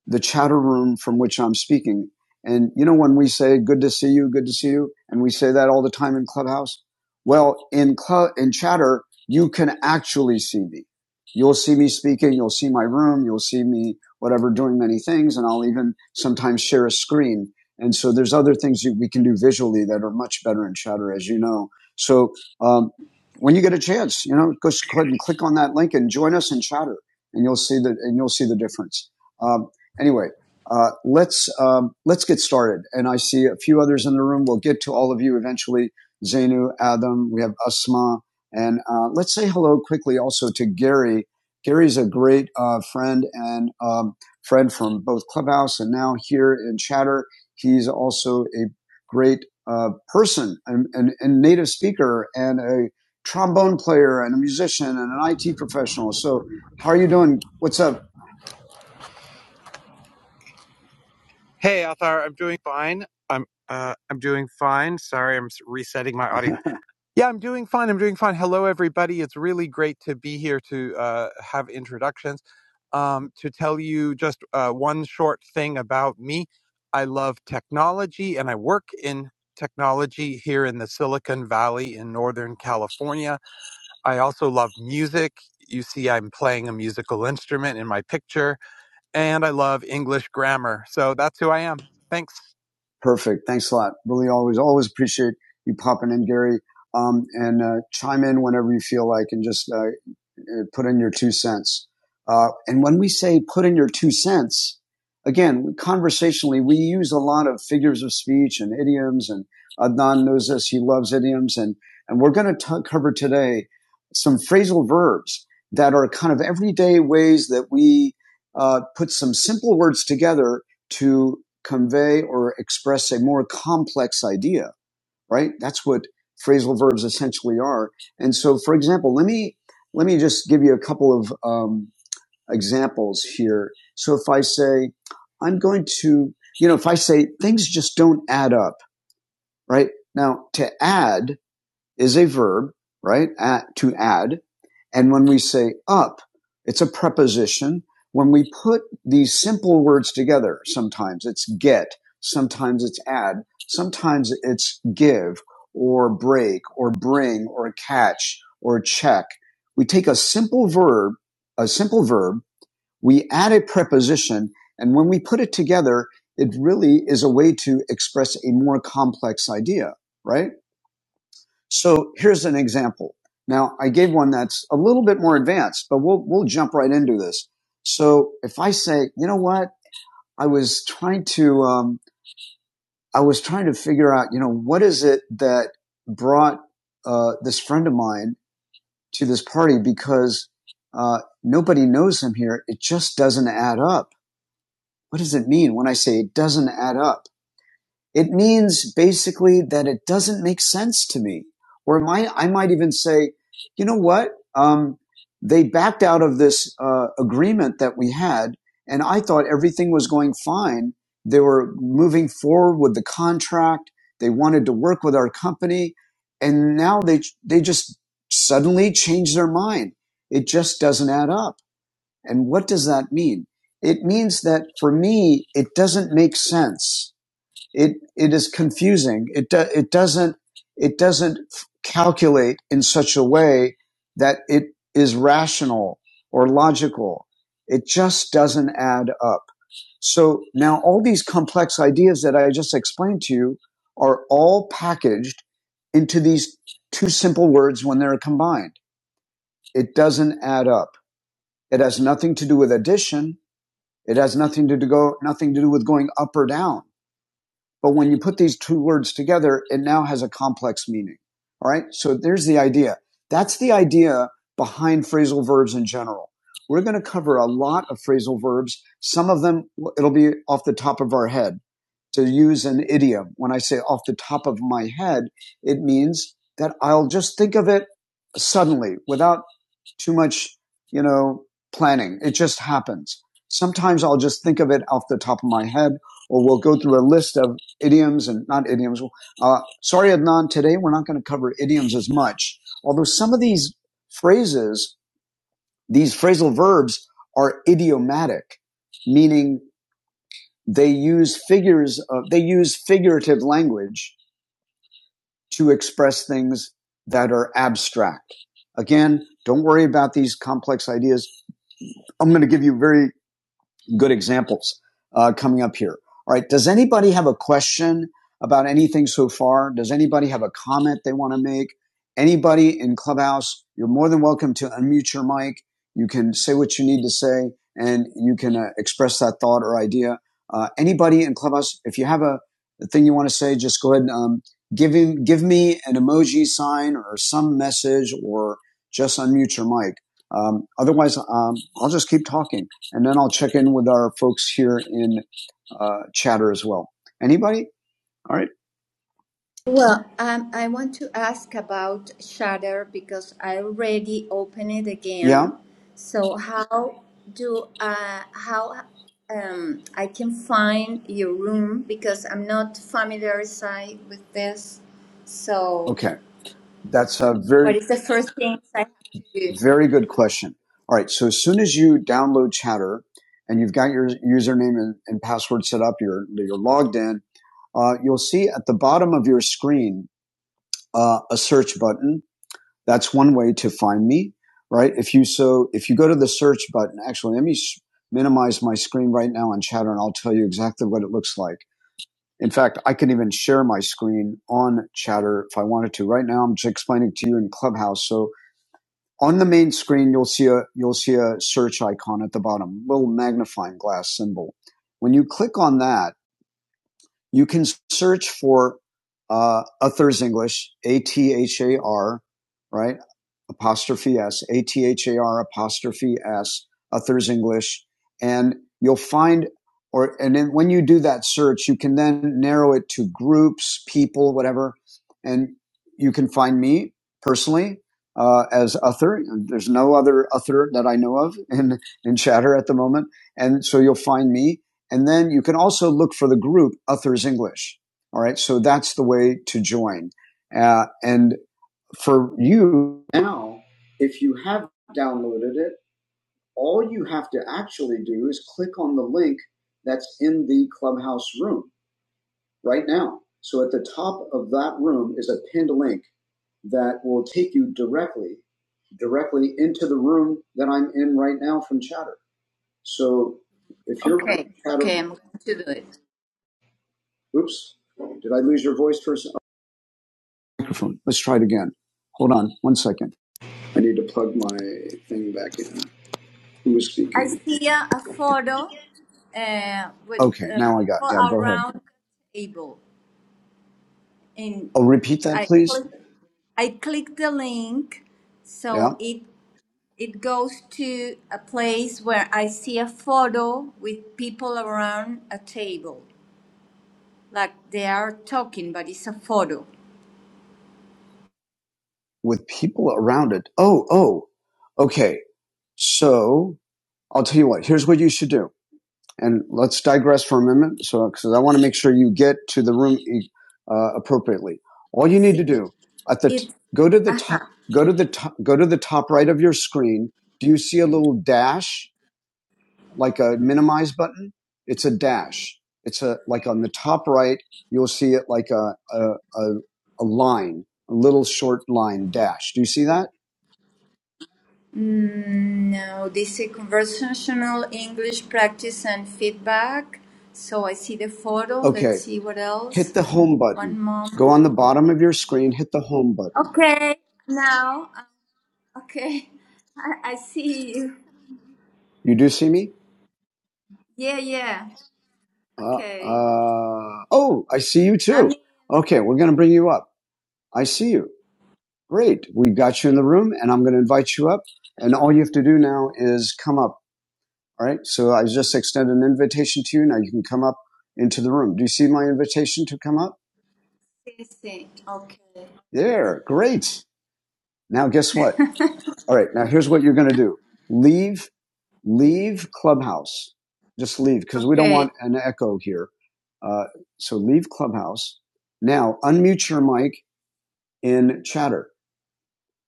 S1: the chatter room from which I'm speaking. And you know, when we say good to see you, good to see you, and we say that all the time in Clubhouse, well, in club, in chatter, you can actually see me. You'll see me speaking. You'll see my room. You'll see me, whatever, doing many things. And I'll even sometimes share a screen. And so there's other things that we can do visually that are much better in chatter, as you know. So, um, when you get a chance, you know, go ahead and click on that link and join us in chatter and you'll see that, and you'll see the difference. Um, Anyway, uh, let's um, let's get started. And I see a few others in the room. We'll get to all of you eventually. Zainu, Adam, we have Asma, and uh, let's say hello quickly also to Gary. Gary's a great uh, friend and um, friend from both Clubhouse and now here in Chatter. He's also a great uh, person and, and, and native speaker and a trombone player and a musician and an IT professional. So, how are you doing? What's up? Hey, Althar, I'm doing fine. I'm uh, I'm doing fine. Sorry, I'm resetting my audio. Yeah, I'm doing fine. I'm doing fine. Hello, everybody. It's really great to be here to uh, have introductions. Um, to tell you just uh, one short thing about me, I love technology and I work in technology here in the Silicon Valley in Northern California. I also love music. You see, I'm playing a musical instrument in my picture and I love English grammar. So that's who I am. Thanks. Perfect. Thanks a lot. Really always, always appreciate you popping in, Gary. Um, and uh, chime in whenever you feel like and just uh, uh, put in your two cents. Uh, and when we say put in your two cents, again, conversationally, we use a lot of figures of speech and idioms, and Adnan knows this. He loves idioms, and and we're going to cover today some phrasal verbs that are kind of everyday ways that we uh, put some simple words together to convey or express a more complex idea right? That's what phrasal verbs essentially are. And so, for example, let me, let me just give you a couple of, um, examples here. So if I say, I'm going to, you know, if I say things just don't add up, right? Now to add is a verb, right? At, to add. And when we say up, it's a preposition. When we put these simple words together, sometimes it's get, sometimes it's add, sometimes it's give or break or bring or catch or check. We take a simple verb, a simple verb, we add a preposition, and when we put it together, it really is a way to express a more complex idea, right? So here's an example. Now I gave one that's a little bit more advanced, but we'll, we'll jump right into this. So if I say, you know what? I was trying to, um, I was trying to figure out, you know, what is it that brought, uh, this friend of mine to this party because, uh, nobody knows him here. It just doesn't add up. What does it mean when I say it doesn't add up? It means basically that it doesn't make sense to me. Or my, I might even say, you know what? Um, they backed out of this uh, agreement that we had, and I thought everything was going fine. They were moving forward with the contract. They wanted to work with our company, and now they they just suddenly changed their mind. It just doesn't add up. And what does that mean? It means that for me, it doesn't make sense it it is confusing. It do, it doesn't it doesn't calculate in such a way that it is rational or logical. It just doesn't add up. So now all these complex ideas that I just explained to you are all packaged into these two simple words when they're combined. It doesn't add up. It has nothing to do with addition. It has nothing to do go nothing to do with going up or down but when you put these two words together, it now has a complex meaning. All right. So there's the idea. That's the idea behind phrasal verbs in general. We're going to cover a lot of phrasal verbs. Some of them, it'll be off the top of our head. To use an idiom, when I say off the top of my head, it means that I'll just think of it suddenly without too much, you know, planning. It just happens. Sometimes I'll just think of it off the top of my head, or we'll go through a list of idioms and not idioms. Uh, sorry, Adnan, today we're not going to cover idioms as much. Although some of these phrases, these phrasal verbs are idiomatic, meaning they use figures of, they use figurative language to express things that are abstract. Again, don't worry about these complex ideas. I'm going to give you very good examples uh, coming up here. All right. Does anybody have a question about anything so far? Does anybody have a comment they want to make? Anybody in Clubhouse, you're more than welcome to unmute your mic. You can say what you need to say and you can uh, express that thought or idea. Uh, anybody in Clubhouse, if you have a, a thing you want to say, just go ahead and um, give, him, give me an emoji sign or some message or just unmute your mic. Um, otherwise, um, I'll just keep talking and then I'll check in with our folks here in uh, chatter as well. Anybody? All right.
S3: Well, um, I want to ask about Shutter because I already opened it
S1: Yeah.
S3: again. So how do uh, how um, I can find your room because I'm not familiarized with this. So
S1: Okay. That's a very,
S3: what is the first things I have to do?
S1: very good question. All right. So as soon as you download chatter and you've got your username and, and password set up, you're, you're logged in, uh, you'll see at the bottom of your screen, uh, a search button. That's one way to find me, right? If you, so if you go to the search button, actually, let me minimize my screen right now on chatter and I'll tell you exactly what it looks like. In fact, I can even share my screen on Chatter if I wanted to. Right now, I'm just explaining to you in Clubhouse. So on the main screen, you'll see a you'll see a search icon at the bottom, little magnifying glass symbol. When you click on that, you can search for uh, Authors English, A T H A R, right? Apostrophe S, A T H A R apostrophe S, Authors English, and you'll find, or and then when you do that search, you can then narrow it to groups, people, whatever, and you can find me personally uh, as author. There's no other author that I know of in in Chatter at the moment, and so you'll find me. And then you can also look for the group Uthers English. All right. So that's the way to join. Uh, and for you now, if you have downloaded it, all you have to actually do is click on the link that's in the clubhouse room right now. So at the top of that room is a pinned link that will take you directly, directly into the room that I'm in right now from Chatter. So if you're
S3: Okay,
S1: running Chatter
S3: okay, I'm going to do it.
S1: Oops. Did I lose your voice for a second? Microphone. Let's try it again. Hold on one second. I need to plug my thing back in. Who was
S3: I
S1: speaking?
S3: see a, a photo uh, with
S1: Okay,
S3: uh,
S1: now I got.
S3: people
S1: Yeah, go ahead.
S3: around the table. and
S1: Oh, repeat that,
S3: I
S1: please.
S3: click, I click the link,
S1: Yeah,
S3: so it it goes to a place where I see a photo with people around a table, like they are talking, but it's a photo.
S1: with people around it. Oh, oh. Okay. So I'll tell you what. Here's what you should do. And let's digress for a moment. so because I want to make sure you get to the room e, uh, appropriately. All you need to
S3: See,
S1: do at the t-
S3: it's
S1: go to the
S3: uh-huh.
S1: top, go to the top, go to the top right of your screen. Do you see a little dash like a minimize button? It's a dash. It's a like on the top right. You'll see it like a a, a, a line, a little short line dash. Do you see that?
S3: Mm, no, this is conversational English practice and feedback. So I see the photo.
S1: Okay,
S3: Let's see what
S1: hit
S3: else.
S1: the home button.
S3: One
S1: Go
S3: moment.
S1: on the bottom of your screen. Hit the home button.
S3: Okay, now Okay, I, I see you.
S1: You do see me?
S3: Yeah, yeah.
S1: Uh,
S3: Okay.
S1: uh, oh, I see you
S3: I am
S1: too. Okay, we're going to bring you up. I see you. Great. We got you in the room and I'm going to invite you up. And all you have to do now is come up. All right. So I just extended an invitation to you. Now you can come up into the room. Do you see my invitation to come up?
S3: see, okay,
S1: There. Great. Now guess what? All right. Now here's what you're going to do. Leave, leave Clubhouse. Just leave because we don't
S3: okay.
S1: want an echo here. Uh, so leave Clubhouse. Now unmute your mic in chatter.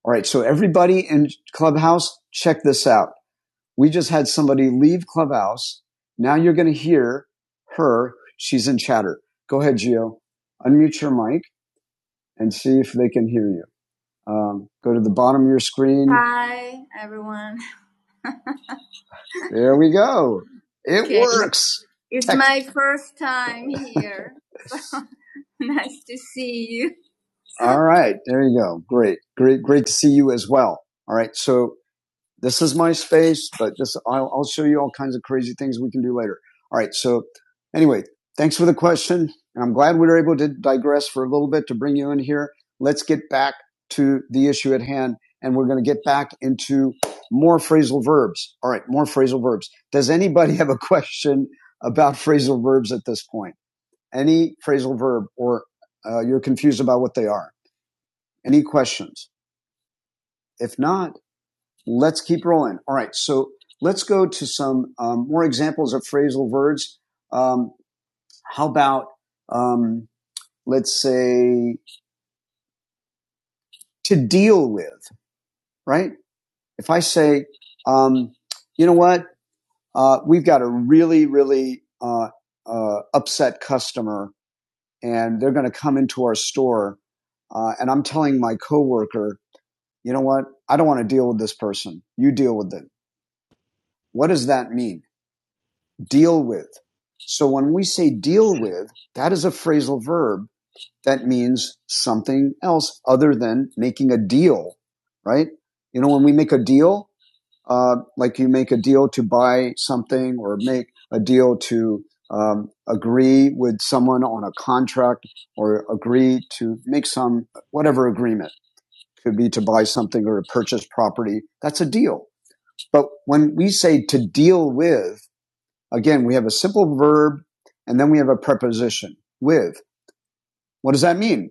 S1: All right. So everybody in Clubhouse, check this out. We just had somebody leave Clubhouse. Now you're going to hear her. She's in chatter. Go ahead, Gio. Unmute your mic and see if they can hear you. Um, go to the bottom of your screen. Hi, everyone. There we go. It Okay. works. It's Tech. my first time here. So nice to see you. All right. There you go. Great. Great. Great to see you as well. All right. So this is my space, but just I'll, I'll show you all kinds of crazy things we can do later. All right. So anyway, thanks for the question. And I'm glad we were able to digress for a little bit to bring you in here. Let's get back to the issue at hand. And we're going to get back into more phrasal verbs. All right. More phrasal verbs. Does anybody have a question about phrasal verbs at this point? Any phrasal verb or uh, you're confused about what they are? Any questions? If not, Let's keep rolling. All right. So let's go to some um, more examples of phrasal verbs. Um, how about, um, let's say, to deal with, right? If I say, um, you know what, uh, we've got a really, really uh, uh, upset customer and they're going to come into our store. Uh, and I'm telling my coworker, you know what? I don't want to deal with this person. You deal with them. What does that mean? deal with. So when we say deal with, that is a phrasal verb that means something else other than making a deal, right? You know, when we make a deal, uh, like you make a deal to buy something or make a deal to um, agree with someone on a contract or agree to make some whatever agreement could be to buy something or to purchase property. That's a deal. But when we say to deal with, Again, we have a simple verb and then we have a preposition with. What does that mean?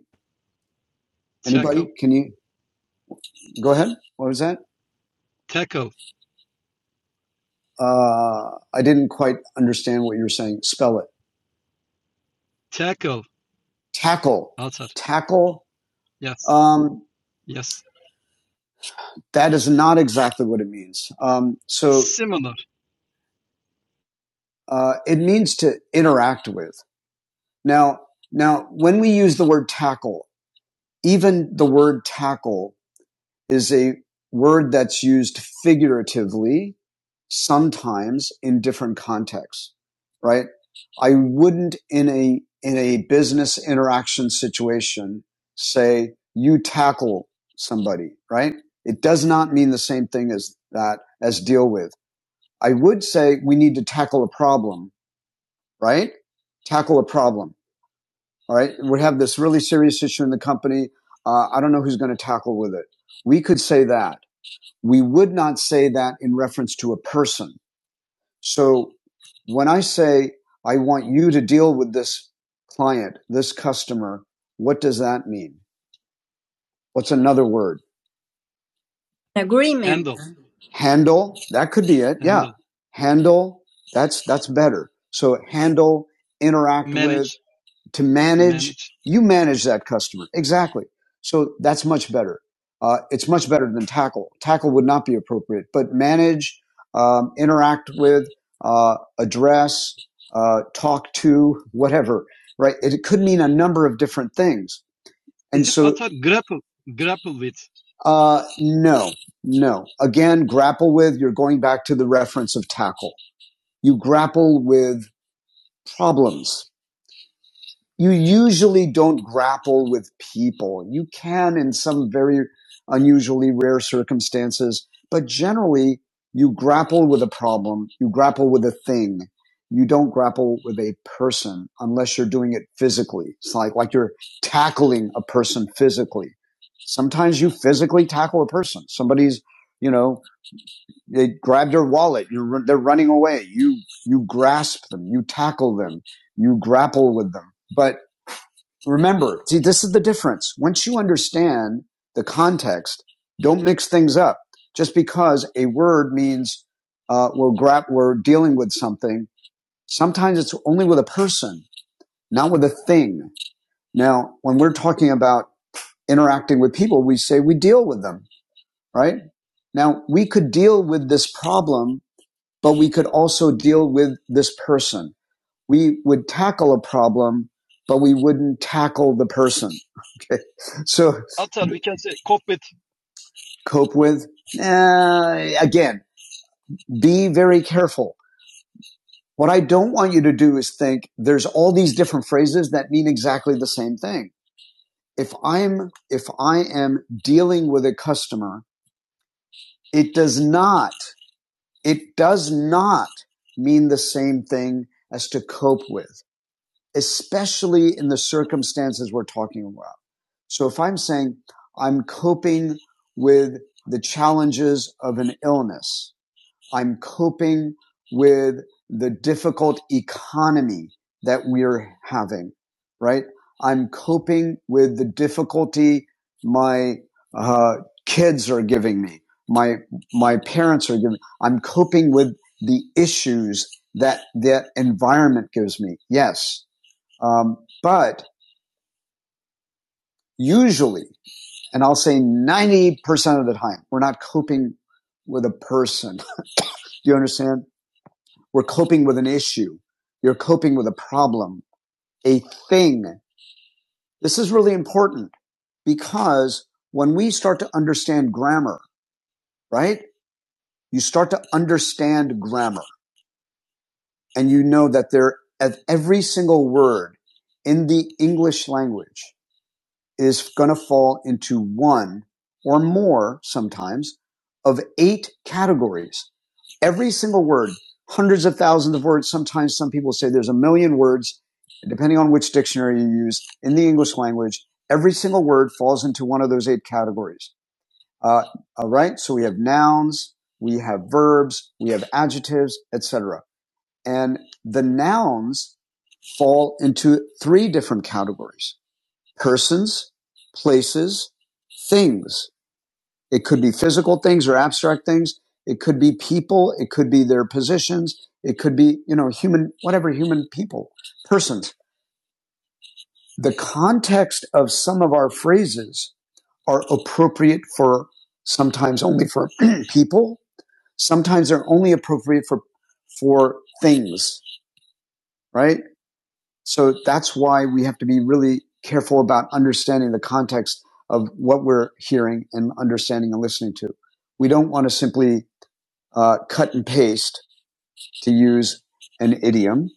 S1: Anybody?
S5: Tackle,
S1: Can you go ahead? What was that?
S5: tackle,
S1: Uh, I didn't quite understand what you were saying. Spell it.
S5: tackle.
S1: Tackle.
S5: Atar.
S1: Tackle.
S5: Yes,
S1: Um,
S5: yes.
S1: that is not exactly what it means. Um, so
S5: Similar.
S1: uh, it means to interact with. Now, now, when we use the word tackle, even the word tackle is a word that's used figuratively sometimes in different contexts, right? I wouldn't in a, in a business interaction situation say you tackle somebody, right? It does not mean the same thing as that, as deal with. I would say we need to tackle a problem, right? Tackle a problem. All right. We have this really serious issue in the company. Uh, I don't know who's going to tackle with it. We could say that we would not say that in reference to a person. So when I say, I want you to deal with this client, this customer, what does that mean? What's another word? Agreement. Handle. That could be it. Handle. That's, that's better. So handle, interact, to manage You manage that customer. Exactly. So that's much better. Uh, it's much better than tackle. Tackle would not be appropriate, but manage, um, interact with, uh, address, uh, talk to, whatever, right? It, it could mean a number of different things. Uh, no, no. Again, grapple with, you're going back to the reference of tackle. You grapple with problems you usually don't grapple with people. You can in some very unusually rare circumstances, but generally you grapple with a problem. You grapple with a thing. You don't grapple with a person unless you're doing it physically. It's like, like you're tackling a person physically. Sometimes you physically tackle a person. Somebody's, you know, they grab their wallet. You run, they're running away. You you grasp them. You tackle them. You grapple with them. But remember, see, this is the difference. Once you understand the context, don't mix things up. Just because a word means uh, we're grap- we're dealing with something. Sometimes it's only with a person, not with a thing. Now, when we're talking about interacting with people, we say we deal with them, right? Now, we could deal with this problem but we could also deal with this person. We would tackle a problem, but we wouldn't tackle the person. Okay. So cope with, uh, again, be very careful. What I don't want you to do is think there's all these different phrases that mean exactly the same thing. If I'm, if I am dealing with a customer, it does not, it does not mean the same thing as to cope with. especially in the circumstances we're talking about. So if I'm saying I'm coping with the challenges of an illness, I'm coping with the difficult economy that we're having, right? I'm coping with the difficulty my uh, kids are giving me, my my parents are giving. me. I'm coping with the issues that that environment gives me. Yes, um, but usually, and I'll say 90% of the time, we're not coping with a person. Do you understand? We're coping with an issue. You're coping with a problem, a thing. This is really important because when we start to understand grammar, right? You start to understand grammar and you know that there at every single word in the English language is going to fall into one or more sometimes of eight categories. Every single word, hundreds of thousands of words. Sometimes some people say there's a million words, depending on which dictionary you use in the English language. Every single word falls into one of those eight categories. Uh, all right. So we have nouns, we have verbs, we have adjectives, etc. And the nouns fall into three different categories persons, places, things. It could be physical things or abstract things. It could be people. It could be their positions. It could be, you know, human, whatever human people, persons. The context of some of our phrases are appropriate for sometimes only for people. Sometimes they're only appropriate for, for things, right? So that's why we have to be really careful about understanding the context of what we're hearing and understanding and listening to. We don't want to simply uh, cut and paste to use an idiom.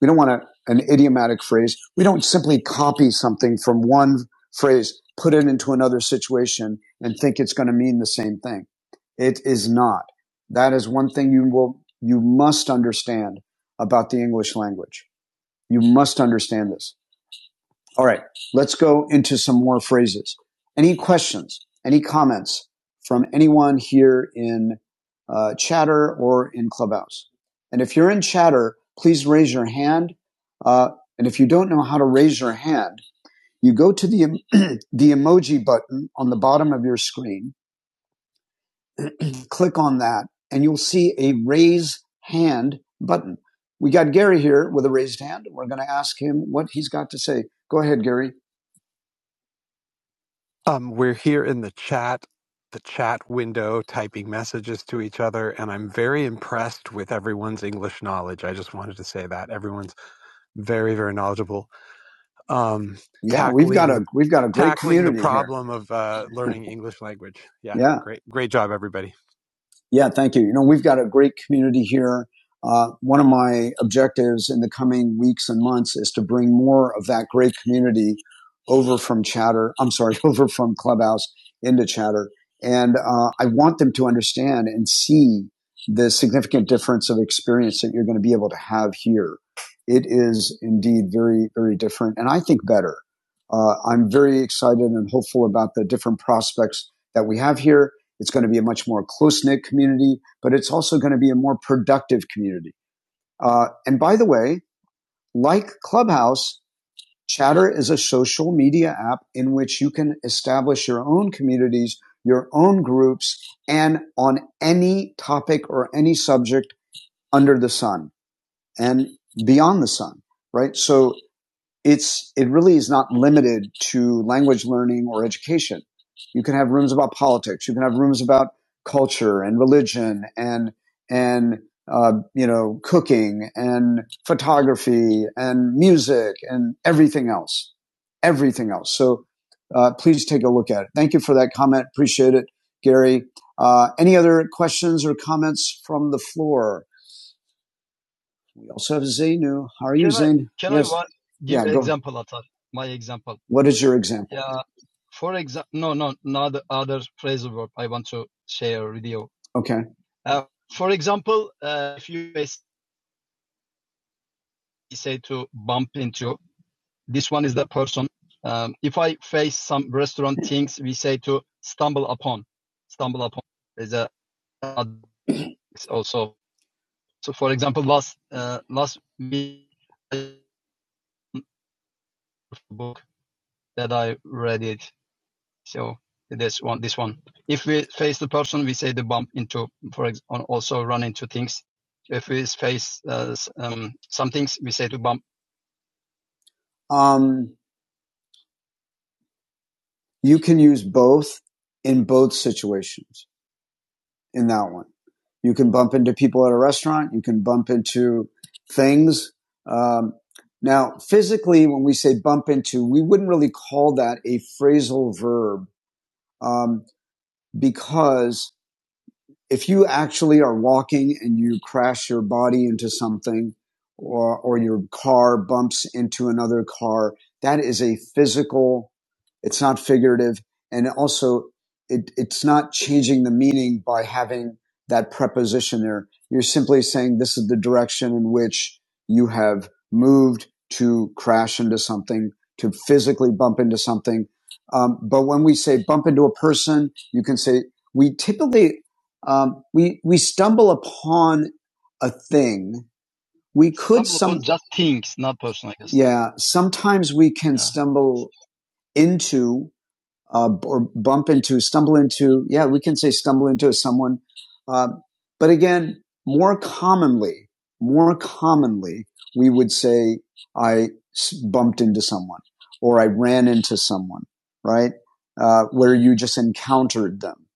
S1: We don't want to, an idiomatic phrase. We don't simply copy something from one phrase, put it into another situation and think it's going to mean the same thing. It is not. That is one thing you will, you must understand about the English language. You must understand this all right. Let's go into some more phrases. Any questions? Any comments from anyone here in uh, Chatter or in Clubhouse? And if you're in Chatter, please raise your hand. Uh, and if you don't know how to raise your hand, you go to the the emoji button on the bottom of your screen, click on that, and you'll see a raise hand button. We got Gary here with a raised hand. We're going to ask him what he's got to say. Go ahead, Gary. Um, we're here in the chat, the chat window, typing messages to each other, and I'm very impressed with everyone's English knowledge. I just wanted to say that everyone's very, very knowledgeable. Um, Yeah, we've got a tackling we've got a great tackling the community here. problem of uh, learning English language. Yeah, Yeah. great, great job, everybody. Yeah, thank you. You know, we've got a great community here. Uh, one of my objectives in the coming weeks and months is to bring more of that great community over from Chatter. I'm sorry, over from Clubhouse into Chatter. And uh, I want them to understand and see the significant difference of experience that you're going to be able to have here. It is indeed very, very different, and I think better. Uh, I'm very excited and hopeful about the different prospects that we have here. It's going to be a much more close knit community, but it's also going to be a more productive community. Uh, and by the way, like Clubhouse, Chatter is a social media app in which you can establish your own communities, your own groups, and on any topic or any subject under the sun and beyond the sun, right? So it's it really is not limited to language learning or education. You can have rooms about politics. You can have rooms about culture and religion and and uh, you know cooking and photography and music and everything else, everything else. So uh, please take a look at it. Thank you for that comment. Appreciate it, Gary. Uh, any other questions or comments from the floor? We also have Zainu. How are doing? What is your example? Okay. Um, You can use both in both situations in that one. You can bump into people at a restaurant. You can bump into things. Um, now, physically, when we say bump into, we wouldn't really call that a phrasal verb um, because if you actually are walking and you crash your body into something or, or your car bumps into another car, that is a physical, it's not figurative. And also, it, it's not changing the meaning by having that preposition there. You're simply saying this is the direction in which you have moved to crash into something, to physically bump into something. Um, but when we say bump into a person, you can say we typically um, we we stumble upon a thing. We could, yeah. Sometimes we can stumble into uh, or bump into, stumble into. Yeah, we can say stumble into someone. Uh, but again, more commonly, more commonly, we would say I bumped into someone or I ran into someone, right? Uh, where you just encountered them.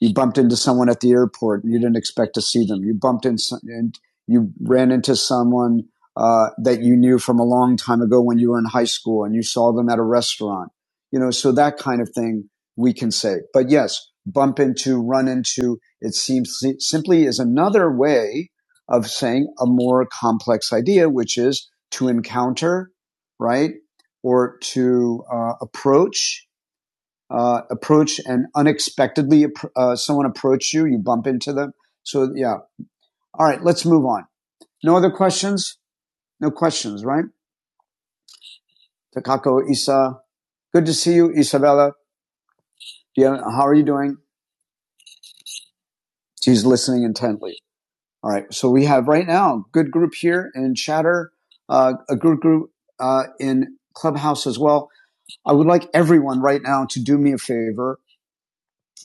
S1: You bumped into someone at the airport and you didn't expect to see them. You bumped into, and you ran into someone uh, that you knew from a long time ago when you were in high school and you saw them at a restaurant you know, so that kind of thing we can say. But yes, bump into, run into, it seems si-, simply is another way of saying a more complex idea, which is to encounter, right? Or to uh, approach, uh, approach and unexpectedly uh, someone approach you, you bump into them. So yeah. All right, let's move on. No other questions? No questions, right? Takako, Isa, good to see you, Isabella. Yeah, How are you doing? She's listening intently. All right. So we have right now good group here in Chatter, uh, a good group uh, in Clubhouse as well. I would like everyone right now to do me a favor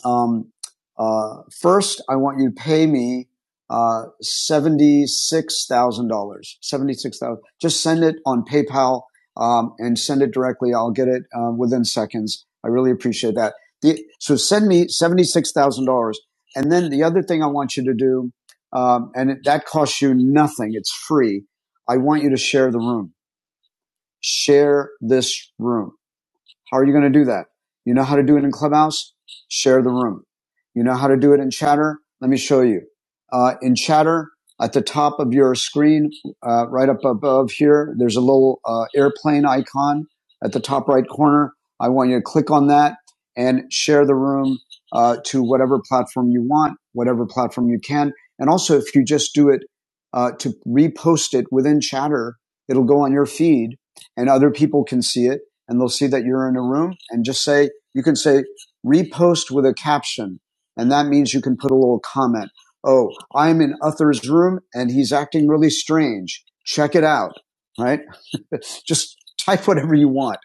S1: um, uh, first, I want you to pay me uh, seventy-six thousand dollars. Seventy-six thousand. dollars. Just send it on PayPal um, and send it directly. I'll get it uh, within seconds. I really appreciate that. The, so send me seventy-six thousand dollars, and then the other thing I want you to do, um, and it, that costs you nothing. It's free. I want you to share the room. Share this room how are you going to do that? You know how to do it in Clubhouse? Share the room. You know how to do it in Chatter? Let me show you. Uh, in Chatter, at the top of your screen, uh, right up above here, there's a little uh, airplane icon at the top right corner. I want you to click on that and share the room uh, to whatever platform you want, whatever platform you can. And also, if you just do it uh, to repost it within Chatter, it'll go on your feed and other people can see it and they'll see that you're in a room and just say, you can say repost with a caption. And that means you can put a little comment. Oh, I'm in Uther's room and he's acting really strange. Check it out. Right? just type whatever you want.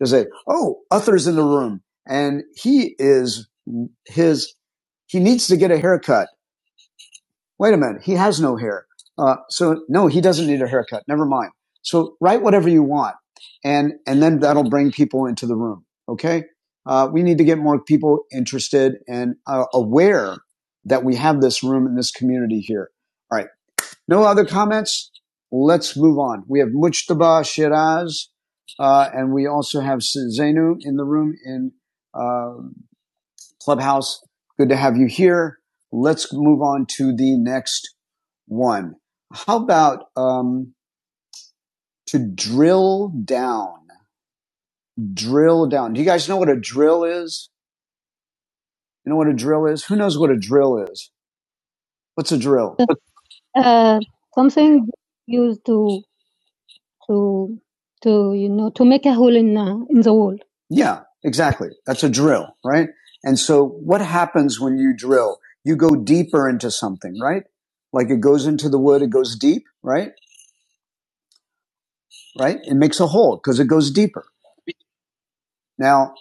S1: Just say, oh, Uther's in the room and he is his, he needs to get a haircut wait a minute, he has no hair. Uh, so no, he doesn't need a haircut. Never mind. So write whatever you want, and and then that'll bring people into the room. Okay, uh, we need to get more people interested and uh, aware that we have this room in this community here. All right, no other comments. Let's move on. We have Mujtaba Shiraz, uh, and we also have Zainu in the room in uh, Clubhouse. Good to have you here. Let's move on to the next one. How about um, to drill down? Drill down. Do you guys know what a drill is? You know what a drill is? Who knows what a drill is? What's a drill? Uh, something used to to to you know to make a hole in uh, in the wall. Yeah, exactly. That's a drill, right? And so what happens when you drill? You go deeper into something, right? Like it goes into the wood, it goes deep, right? Right? It makes a hole because it goes deeper. Now,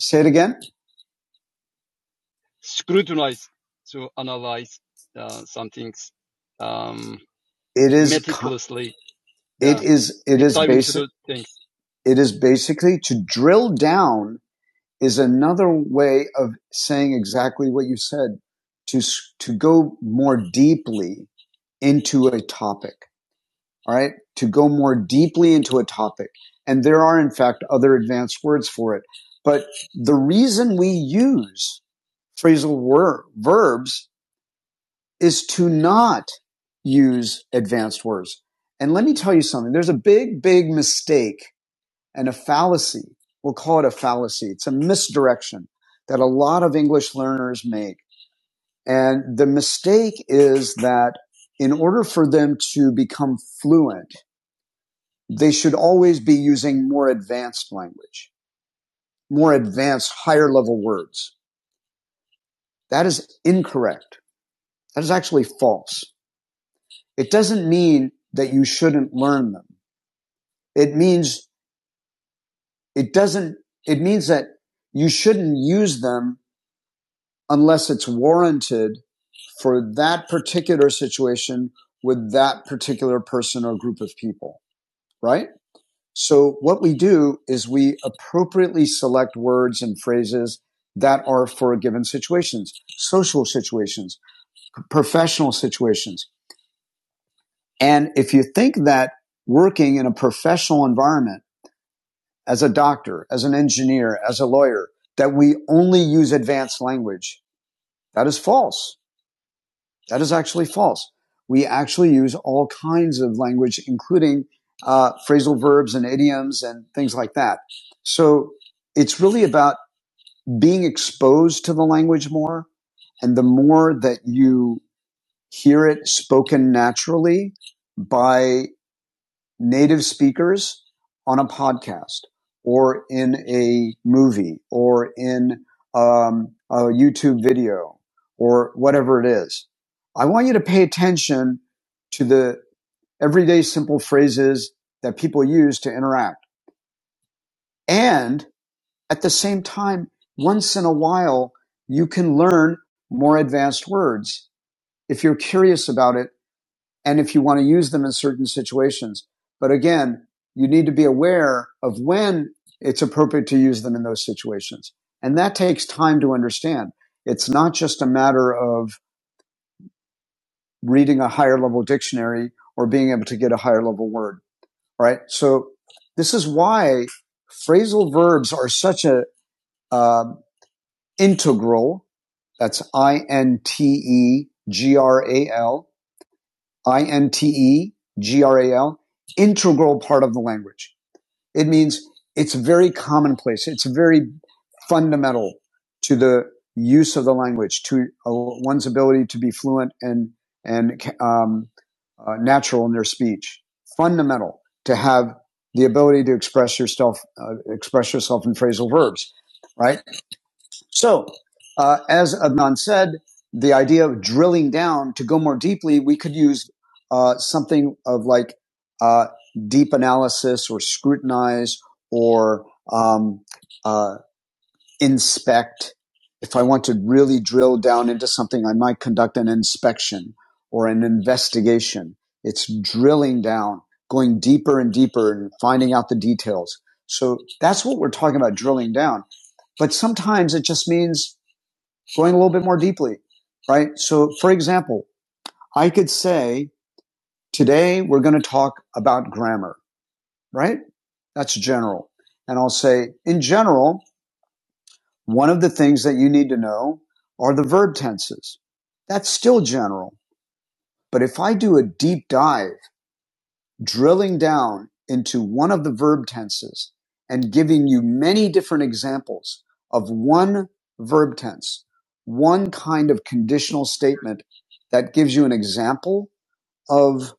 S1: Say it again. It is, it is, it is basically to drill down is another way of saying exactly what you said to, to go more deeply into a topic. All right. To go more deeply into a topic. And there are, in fact, other advanced words for it. But the reason we use phrasal wor- verbs is to not use advanced words. And let me tell you something. There's a big, big mistake and a fallacy. We'll call it a fallacy. It's a misdirection that a lot of English learners make. And the mistake is that in order for them to become fluent, they should always be using more advanced language, more advanced, higher level words. That is incorrect. That is actually false. It doesn't mean that you shouldn't learn them. It means it doesn't, it means that you shouldn't use them unless it's warranted for that particular situation with that particular person or group of people, right? So what we do is we appropriately select words and phrases that are for given situations, social situations, professional situations. And if you think that working in a professional environment as a doctor, as an engineer, as a lawyer, that we only use advanced language, that is false. That is actually false. We actually use all kinds of language, including uh, phrasal verbs and idioms and things like that. So it's really about being exposed to the language more. And the more that you hear it spoken naturally by native speakers on a podcast or in a movie or in um, a YouTube video or whatever it is. I want you to pay attention to the everyday simple phrases that people use to interact. And at the same time, once in a while, you can learn more advanced words if you're curious about it and if you want to use them in certain situations. But again, you need to be aware of when it's appropriate to use them in those situations. And that takes time to understand. It's not just a matter of reading a higher level dictionary or being able to get a higher level word, right? So this is why phrasal verbs are such a uh, integral. That's I N T E G R A L I-N-T-E, G-R-A-L, integral part of the language. It means it's very commonplace. It's very fundamental to the use of the language, to uh, one's ability to be fluent and, and, um, uh, natural in their speech. Fundamental to have the ability to express yourself, uh, express yourself in phrasal verbs, right? So, uh, as Adnan said, the idea of drilling down to go more deeply, we could use uh, something of like uh, deep analysis or scrutinize or um, uh, inspect. If I want to really drill down into something, I might conduct an inspection or an investigation. It's drilling down, going deeper and deeper and finding out the details. So that's what we're talking about, drilling down. But sometimes it just means going a little bit more deeply, right? So for example, I could say, today we're going to talk about grammar, right? That's general. And I'll say, in general, one of the things that you need to know are the verb tenses. That's still general. But if I do a deep dive drilling down into one of the verb tenses and giving you many different examples of one verb tense, one kind of conditional statement that gives you an example of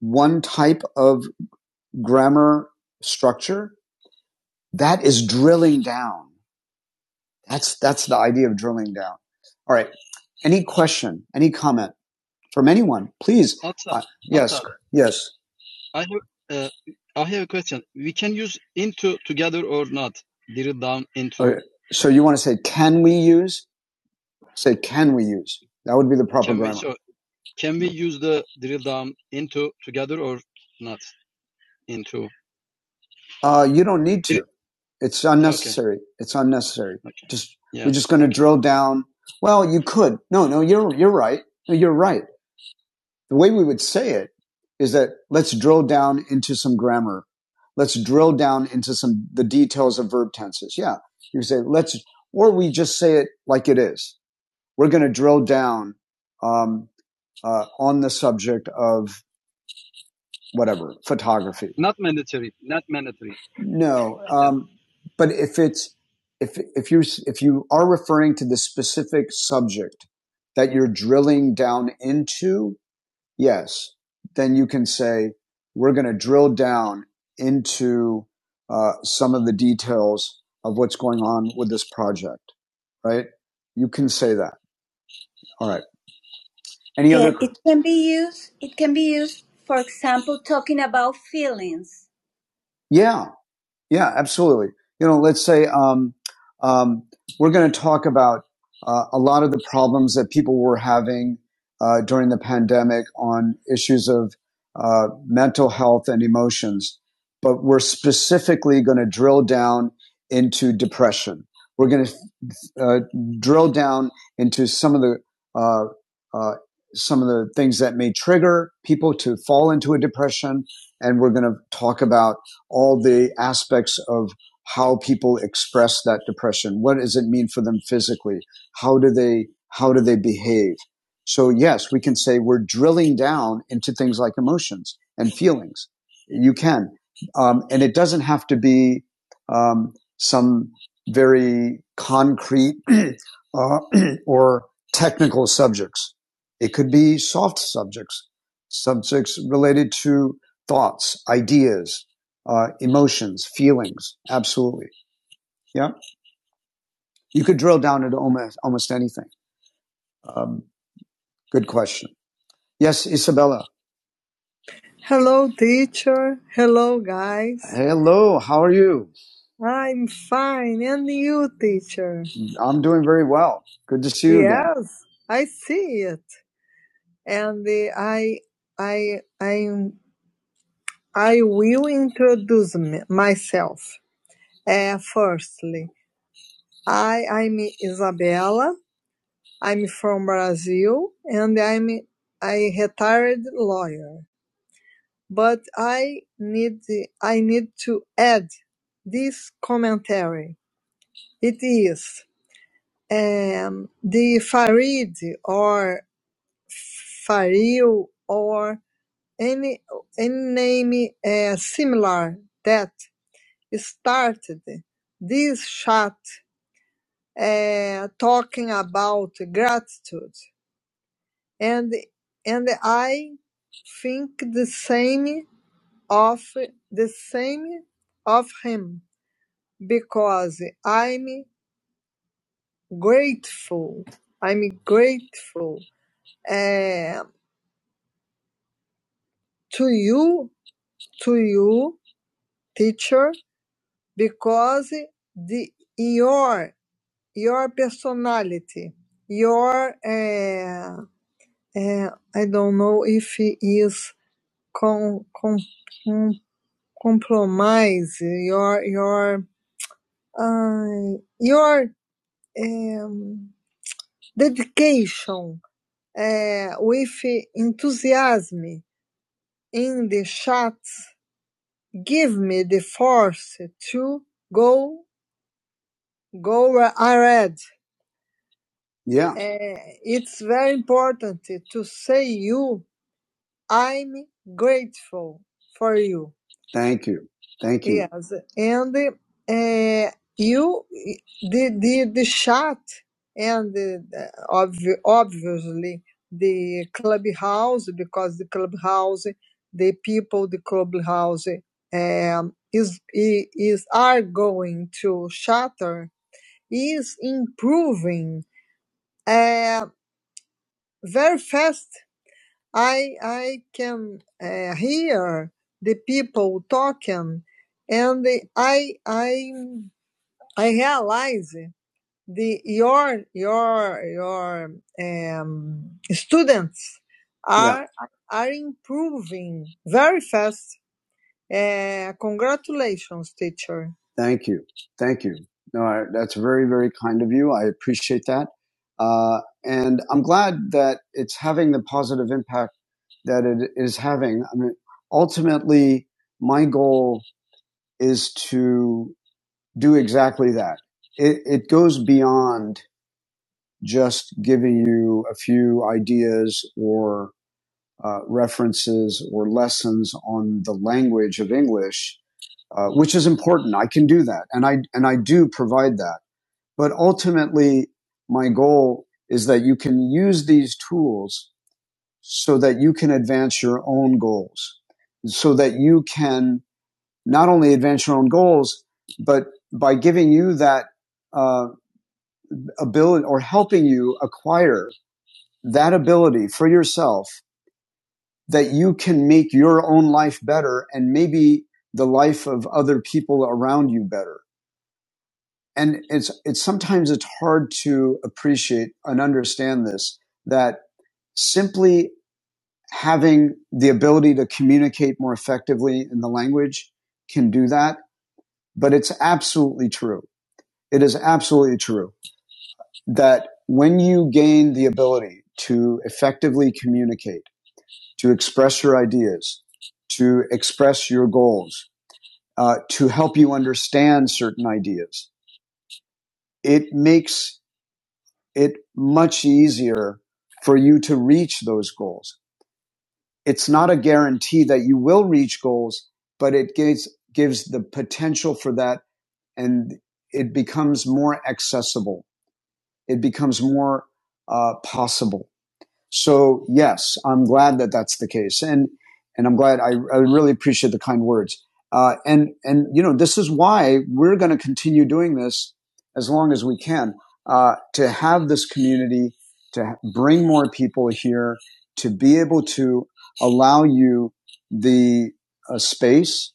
S1: one type of grammar structure. That is drilling down. That's, that's the idea of drilling down. All right. Any question, any comment from anyone, please? Yes. So you want to say, can we use? Say, can we use? That would be the problem. Uh, you don't need to. It's unnecessary. It's unnecessary. Just you're just going to drill down. Well, you could. No, no, you're you're right. No, you're right. The way we would say it is that let's drill down into some grammar. Let's drill down into some the details of verb tenses. Yeah, you say let's, or we just say it like it is. We're going to drill down um, uh, on the subject of whatever photography No, um, but if it's if if you if you are referring to the specific subject that you're drilling down into, yes, then you can say we're going to drill down into uh, some of the details of what's going on with this project, right? You can say that. All right. Any Yeah, other? it can be used. It can be used, for example, talking about feelings. Yeah. Yeah, absolutely. You know, let's say um, um, we're going to talk about uh, a lot of the problems that people were having uh, during the pandemic on issues of uh, mental health and emotions, but we're specifically going to drill down into depression. We're going to uh, drill down into some of the uh, uh, some of the things that may trigger people to fall into a depression, and we're going to talk about all the aspects of how people express that depression. What does it mean for them physically? How do they how do they behave? So yes, we can say we're drilling down into things like emotions and feelings. You can, um, and it doesn't have to be um, some very concrete uh, or technical subjects. It could be soft subjects, subjects related to thoughts, ideas, uh, emotions, feelings. Absolutely. Yeah. You could drill down into almost, almost anything. Um, good question. Yes, Isabella. Hello. How are you? I'm fine. And you, teacher? I'm doing very well. Good to see you again. Yes, again. I see it. and the, I I I I will introduce m- myself. Uh, firstly, I I'm Isabella. I'm from Brazil, and I'm a retired lawyer. But I need I need to add this commentary. It is um, the Farid or Faril or Any any name eh, similar that started this chat eh, talking about gratitude, and and I think the same of the same of him because I'm grateful. I'm grateful eh, to you, to you, teacher, because the your your personality, your uh, uh, I don't know if it is com, com, com, compromise, your your uh, your um, dedication uh, with enthusiasm in the chat give me the force to go go where I read. Yeah. Uh, it's very important to say you I'm grateful for you. Thank you. Thank you. Yes, and uh, you the the the chat and the, the- obvi- obviously the clubhouse because the clubhouse the people the clubhouse um, is i- is are going to shatter is improving uh, very fast I I can uh, hear the people talking, and I I I realize the your your your um, students Yeah. are are improving very fast. Uh, congratulations, teacher. Thank you. Thank you. No, I, that's very, very kind of you. I appreciate that. Uh, and I'm glad that it's having the positive impact that it is having. I mean, ultimately, my goal is to do exactly that. It, it goes beyond just giving you a few ideas or uh, references or lessons on the language of English, uh, which is important. I can do that, and I and I do provide that. But ultimately, my goal is that you can use these tools so that you can advance your own goals, so that you can not only advance your own goals, but by giving you that uh, ability or helping you acquire that ability for yourself that you can make your own life better and maybe the life of other people around you better. And it's, it's sometimes it's hard to appreciate and understand this, that simply having the ability to communicate more effectively in the language can do that. But it's absolutely true. It is absolutely true that when you gain the ability to effectively communicate, to express your ideas, to express your goals, uh, to help you understand certain ideas, it makes it much easier for you to reach those goals. it's not a guarantee that you will reach goals, but it gives gives the potential for that, and it becomes more accessible. It becomes more uh, possible. So yes, I'm glad that that's the case, and and I'm glad I, I really appreciate the kind words. Uh, and and you know this is why we're going to continue doing this as long as we can uh, to have this community, to bring more people here, to be able to allow you the uh, space,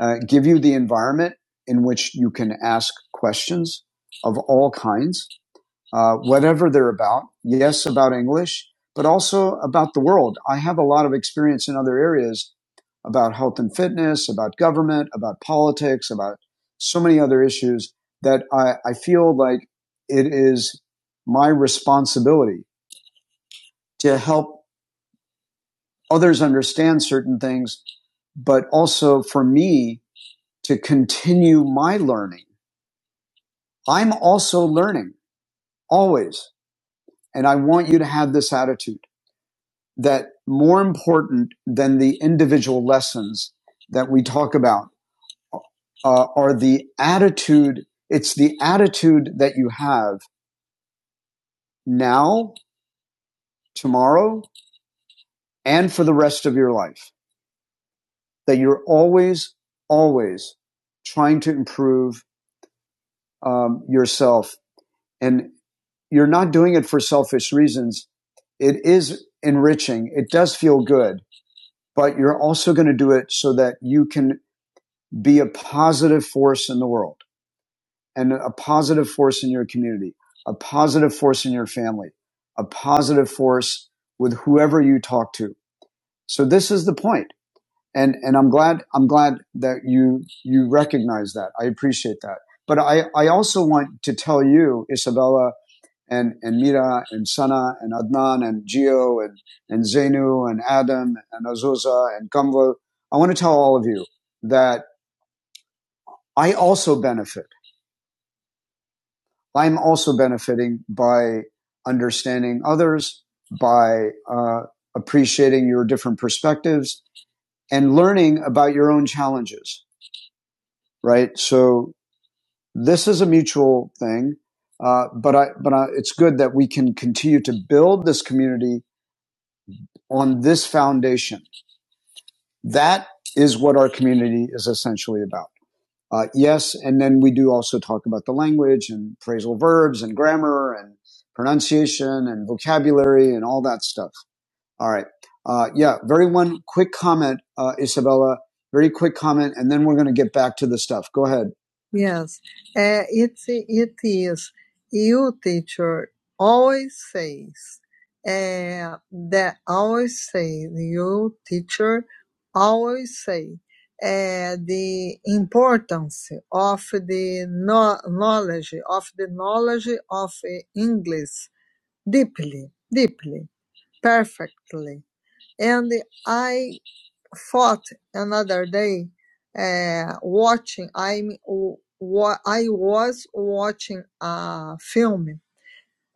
S1: uh, give you the environment in which you can ask questions of all kinds uh, whatever they're about. Yes, about English, but also about the world. I have a lot of experience in other areas about health and fitness, about government, about politics, about so many other issues that I, I feel like it is my responsibility to help others understand certain things, but also for me to continue my learning. I'm also learning always. And I want you to have this attitude. that more important than the individual lessons that we talk about uh, are the attitude. It's the attitude that you have now, tomorrow, and for the rest of your life that you're always, always trying to improve um, yourself. And you're not doing it for selfish reasons. It is enriching. It does feel good, but you're also going to do it so that you can be a positive force in the world and a positive force in your community, a positive force in your family, a positive force with whoever you talk to. So this is the point. And, and I'm glad, I'm glad that you, you recognize that. I appreciate that. But I, I also want to tell you, Isabella and, and Mira and Sana and Adnan and Gio and, and Zainu and Adam and Azusa and Kamval. I want to tell all of you that I also benefit. I'm also benefiting by understanding others, by uh, appreciating your different perspectives and learning about your own challenges, right? So this is a mutual thing. Uh, but I, but I, it's good that we can continue to build this community on this foundation. That is what our community is essentially about. Uh, yes, and then we do also talk about the language and phrasal verbs and grammar and pronunciation and vocabulary and all that stuff. All right. Uh, yeah, very one quick comment, uh, Isabella. Very quick comment, and then we're going to get back to the stuff. Go ahead. Yes, uh, it it is. You teacher always says uh, that always say you teacher always say uh, the importance of the no- knowledge of the knowledge of uh, English deeply, deeply, perfectly and I thought another day uh, watching I'm I was watching a film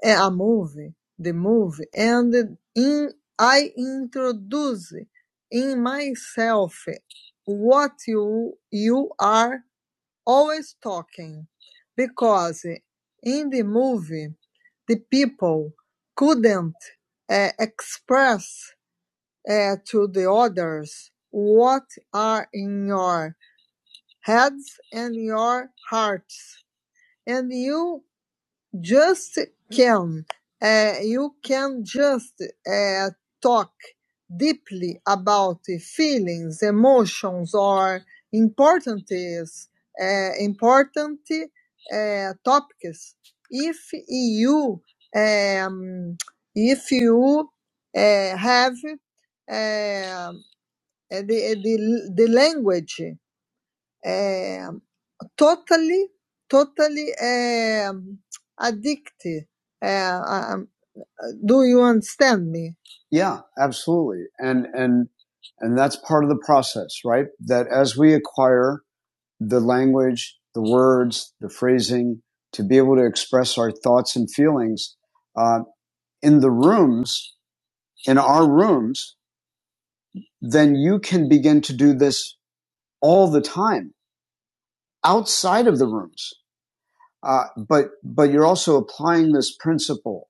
S1: eh, a movie the movie and in I introduce in myself what you you are always talking because in the movie the people couldn't uh, express eh, to the others what are in your heads and your hearts and you just can uh, you can just uh, talk deeply about the feelings emotions or important is uh, important uh, topics if you um, if you uh, have uh, uh, the, the, the language um, totally, totally um, addicted. Uh, um, do you understand me? Yeah, absolutely. And, and, and that's part of the process, right? That as we acquire the language, the words, the phrasing to be able to express our thoughts and feelings, uh, in the rooms, in our rooms, then you can begin to do this all the time outside of the rooms. Uh, but but you're also applying this principle,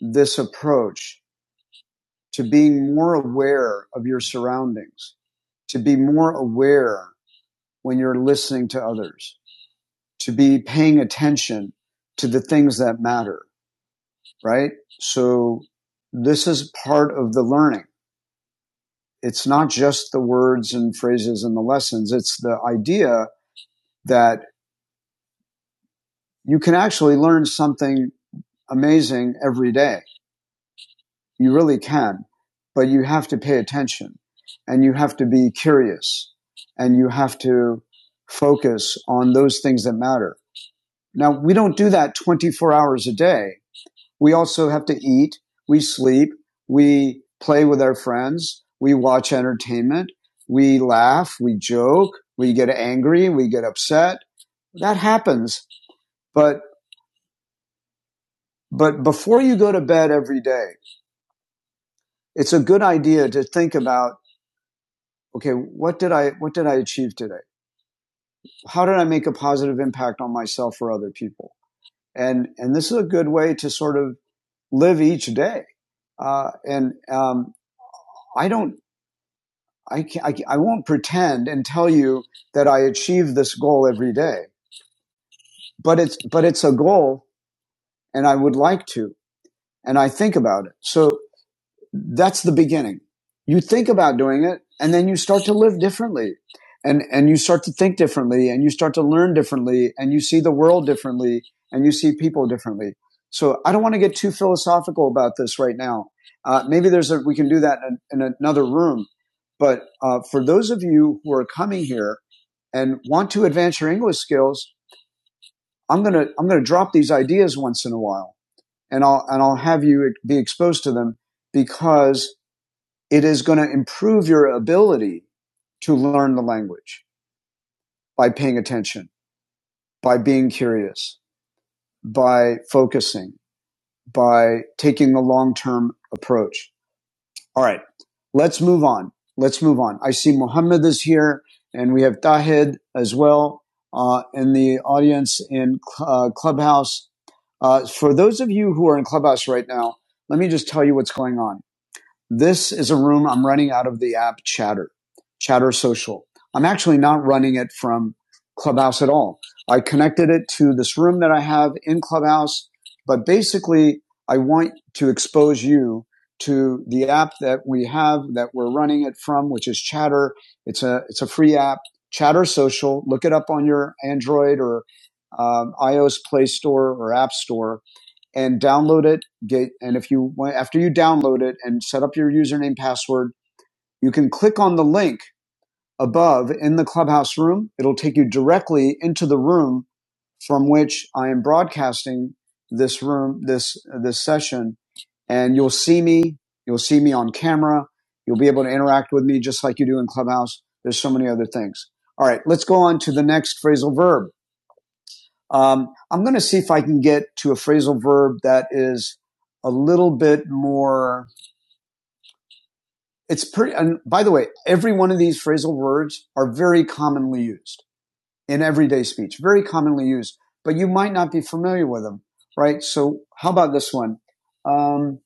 S1: this approach to being more aware of your surroundings, to be more aware when you're listening to others, to be paying attention to the things that matter, right? So this is part of the learning. It's not just the words and phrases and the lessons. It's the idea that you can actually learn something amazing every day You really can, but you have to pay attention and you have to be curious and you have to focus on those things that matter. Now, we don't do that 24 hours a day. We also have to eat, we sleep, we play with our friends, we watch entertainment, we laugh, we joke, we get angry, we get upset. That happens. But, but before you go to bed every day, it's a good idea to think about okay, what did I what did I achieve today? How did I make a positive impact on myself or other people? And and this is a good way to sort of live each day. Uh, and um, I don't I, can't, I, I won't pretend and tell you that I achieve this goal every day, but it's but it's a goal, and I would like to, and I think about it. So That's the beginning. You think about doing it and then you start to live differently and, and you start to think differently and you start to learn differently and you see the world differently and you see people differently. So I don't want to get too philosophical about this right now. Uh, maybe there's a, we can do that in, in another room. But uh, for those of you who are coming here and want to advance your English skills, I'm gonna I'm gonna drop these ideas once in a while, and I'll and I'll have you be exposed to them because it is going to improve your ability to learn the language by paying attention, by being curious, by focusing, by taking a long term approach. All right, let's move on. Let's move on. I see Muhammad is here, and we have Tahid as well uh, in the audience in uh, Clubhouse. Uh, for those of you who are in Clubhouse right now, let me just tell you what's going on. This is a room I'm running out of the app Chatter, Chatter Social. I'm actually not running it from Clubhouse at all. I connected it to this room that I have in Clubhouse, but basically I want to expose you to the app that we have that we're running it from, which is Chatter. It's a, it's a free app, Chatter Social. Look it up on your Android or um, iOS Play Store or App Store and download it. Get and if you after you download it and set up your username password, you can click on the link above in the clubhouse room. It'll take you directly into the room from which I am broadcasting this room this this session, and you'll see me. You'll see me on camera. You'll be able to interact with me just like you do in Clubhouse. There's so many other things. All right, let's go on to the next phrasal verb. Um, I'm going to see if I can get to a phrasal verb that is a little bit more. It's pretty. And by the way, every one of these phrasal words are very commonly used in everyday speech. Very commonly used, but you might not be familiar with them, right? So how about this one? Um,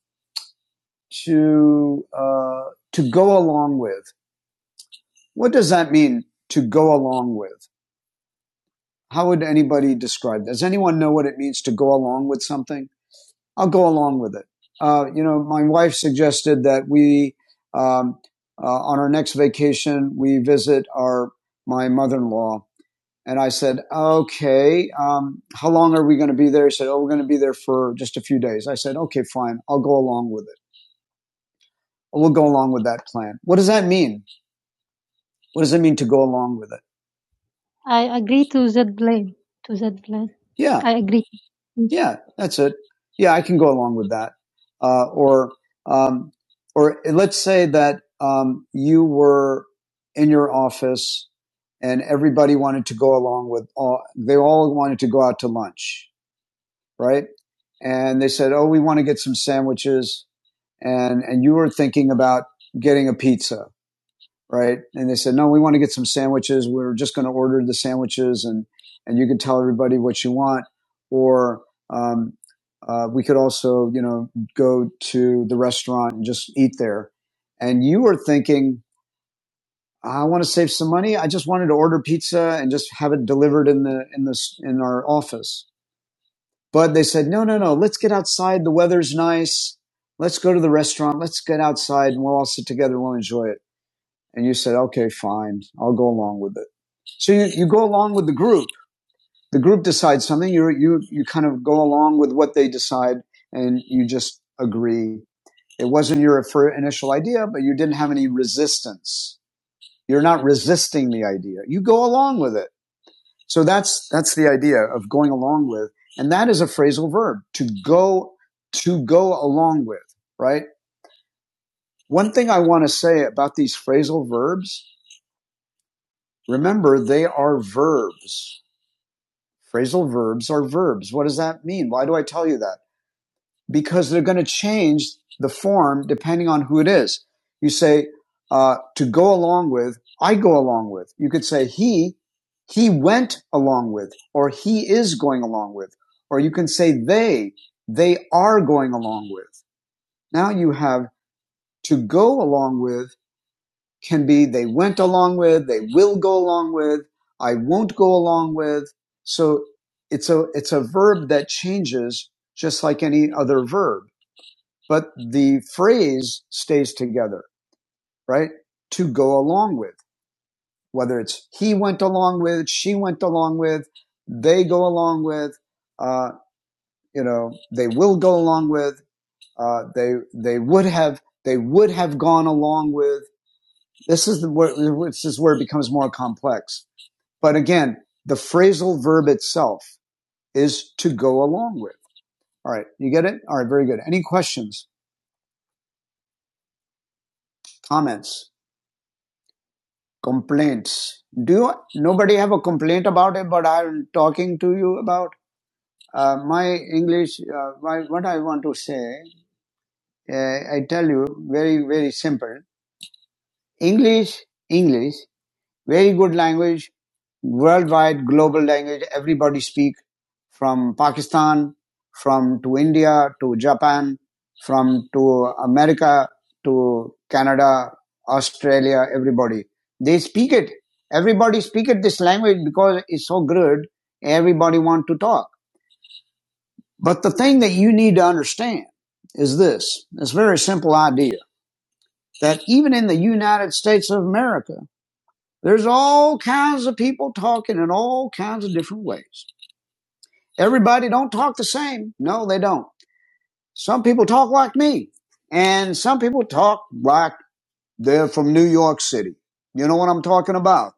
S1: to uh, to go along with. What does that mean? To go along with. How would anybody describe? that? Does anyone know what it means to go along with something? I'll go along with it. Uh, you know, my wife suggested that we, um, uh, on our next vacation, we visit our my mother-in-law, and I said, "Okay, um, how long are we going to be there?" He said, "Oh, we're going to be there for just a few days." I said, "Okay, fine. I'll go along with it. We'll go along with that plan." What does that mean? What does it mean to go along with it? I agree to that plan. To that plan. Yeah, I agree. Yeah, that's it. Yeah, I can go along with that. Uh, or, um, or let's say that um, you were in your office and everybody wanted to go along with all, they all wanted to go out to lunch, right? And they said, "Oh, we want to get some sandwiches," and and you were thinking about getting a pizza, right? And they said, no, we want to get some sandwiches. We're just going to order the sandwiches and, and you can tell everybody what you want. Or, um, uh, we could also, you know, go to the restaurant and just eat there. And you were thinking, I want to save some money. I just wanted to order pizza and just have it delivered in the, in this, in our office. But they said, no, no, no, let's get outside. The weather's nice. Let's go to the restaurant. Let's get outside and we'll all sit together. We'll enjoy it. And you said, okay, fine. I'll go along with it. So you, you go along with the group. The group decides something. You, you, you kind of go along with what they decide and you just agree. It wasn't your initial idea, but you didn't have any resistance. You're not resisting the idea. You go along with it. So that's, that's the idea of going along with. And that is a phrasal verb to go, to go along with, right? One thing I want to say about these phrasal verbs Remember, they are verbs. Phrasal verbs are verbs. What does that mean? Why do I tell you that? Because they're going to change the form depending on who it is. You say, uh, to go along with, I go along with. You could say he, he went along with, or he is going along with. Or you can say they, they are going along with. Now you have to go along with can be they went along with, they will go along with, I won't go along with. So it's a, it's a verb that changes just like any other verb, but the phrase stays together, right? To go along with, whether it's he went along with, she went along with, they go along with, uh, you know, they will go along with, uh, they, they would have, they would have gone along with. This is the, where, this is where it becomes more complex But again, the phrasal verb itself is to go along with. All right. You get it? All right. Very good. Any questions, comments, complaints? Do you, nobody have a complaint about it, but I'm talking to you about uh, my English. Uh, my, what I want to say, uh, I tell you very, very simple. English, English Very good language, worldwide global language. Everybody speak from Pakistan, from to India to Japan, from to America to Canada, Australia. Everybody they speak it. Everybody speak it this language because it's so good. Everybody want to talk. But the thing that you need to understand is this: it's a very simple idea that even in the United States of America there's all kinds of people talking in all kinds of different ways. Everybody don't talk the same. No, they don't. Some people talk like me, and some people talk like they're from New York City. You know what I'm talking about?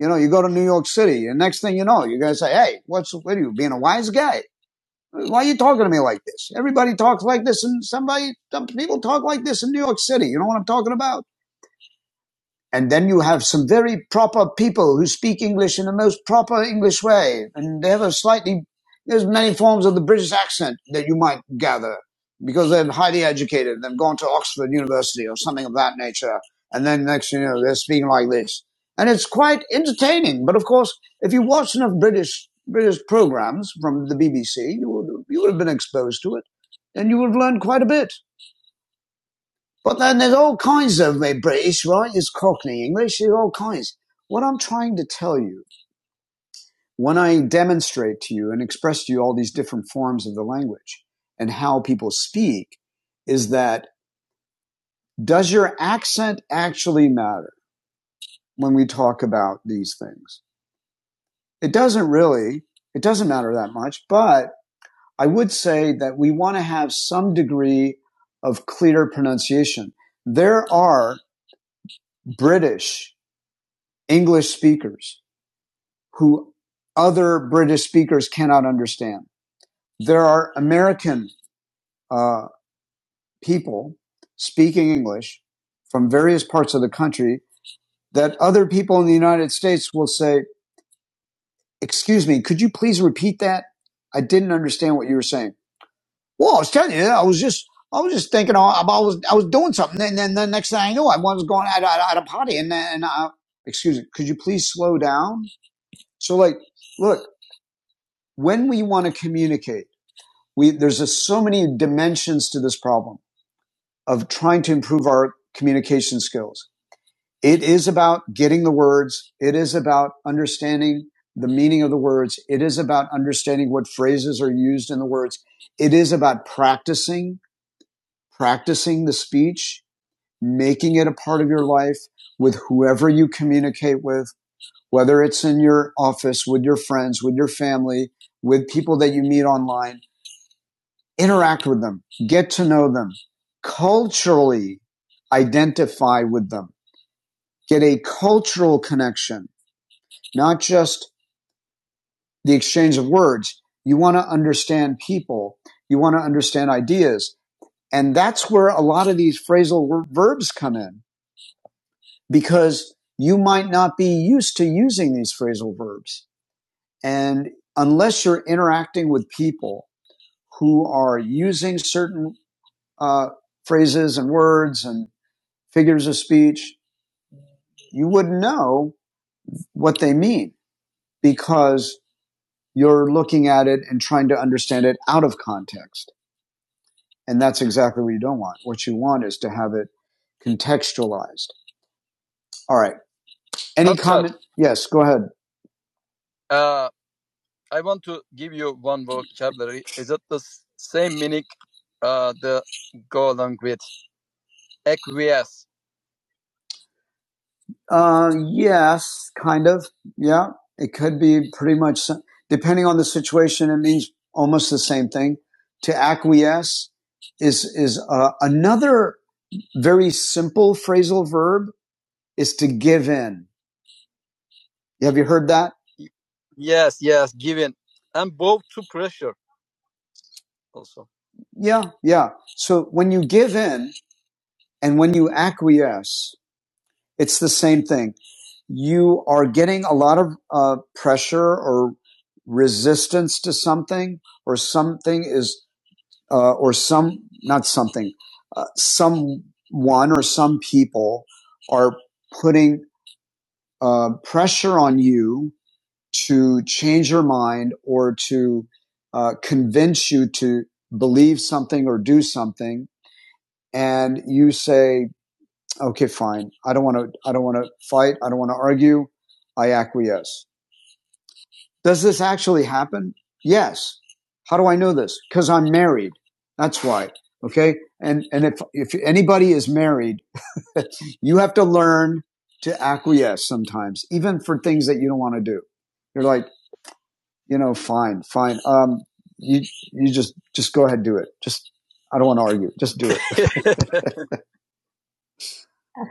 S1: You know, you go to New York City, and next thing you know, you're gonna say, "Hey, what's what are you being a wise guy? Why are you talking to me like this? Everybody talks like this, and somebody, some people talk like this in New York City. You know what I'm talking about?" and then you have some very proper people who speak English in the most proper English way, and they have a slightly there's many forms of the British accent that you might gather because they're highly educated, they've gone to Oxford University or something of that nature, and then next thing you know they're speaking like this, and it's quite entertaining. But of course, if you watch enough British British programs from the BBC, you would you would have been exposed to it, and you would have learned quite a bit. But then there's all kinds of uh, British, right? There's Cockney English, there's all kinds. What I'm trying to tell you, when I demonstrate to you and express to you all these different forms of the language and how people speak, is that does your accent actually matter when we talk about these things? It doesn't really. It doesn't matter that much, but I would say that we want to have some degree of clear pronunciation. There are British English speakers who other British speakers cannot understand. There are American uh, people speaking English from various parts of the country that other people in the United States will say, Excuse me, could you please repeat that? I didn't understand what you were saying. Well, I was telling you, I was just. I was just thinking, I I was, I was doing something, and then the next thing I knew, I was going at, at, at a party, and, then- and I, excuse me, could you please slow down? So, like, look, when we want to communicate, we there's just so many dimensions to this problem of trying to improve our communication skills. It is about getting the words. It is about understanding the meaning of the words. It is about understanding what phrases are used in the words. It is about practicing, practicing the speech, making it a part of your life with whoever you communicate with, whether it's in your office, with your friends, with your family, with people that you meet online interact with them, get to know them, culturally identify with them, get a cultural connection, not just the exchange of words. You want to understand people. You want to understand ideas. And that's where a lot of these phrasal verbs come in because you might not be used to using these phrasal verbs. And unless you're interacting with people who are using certain uh, phrases and words and figures of speech, you wouldn't know what they mean because you're looking at it and trying to understand it out of context. And that's exactly what you don't want. What you want is to have it contextualized. All right. And yes, go ahead. Uh, yes, kind of. Yeah. It could be pretty much, so- depending on the situation, it means almost the same thing. To acquiesce is, is uh, another very simple phrasal verb is to give in. Have you heard that? Yeah, yeah. So when you give in and when you acquiesce, it's the same thing. You are getting a lot of uh, pressure or resistance to something, or something is, uh, or some, not something, uh, someone or some people are putting uh, pressure on you to change your mind or to uh, convince you to believe something or do something, and you say, "Okay, fine. I don't want to. I don't want to fight. I don't want to argue. I acquiesce." Does this actually happen? Yes. How do I know this? Because I'm married. That's why. Okay. And and if if anybody is married, you have to learn to acquiesce sometimes, even for things that you don't want to do. You're like, you know, fine, fine. Um, you you just just go ahead, and do it. Just I don't want to argue. Just do it.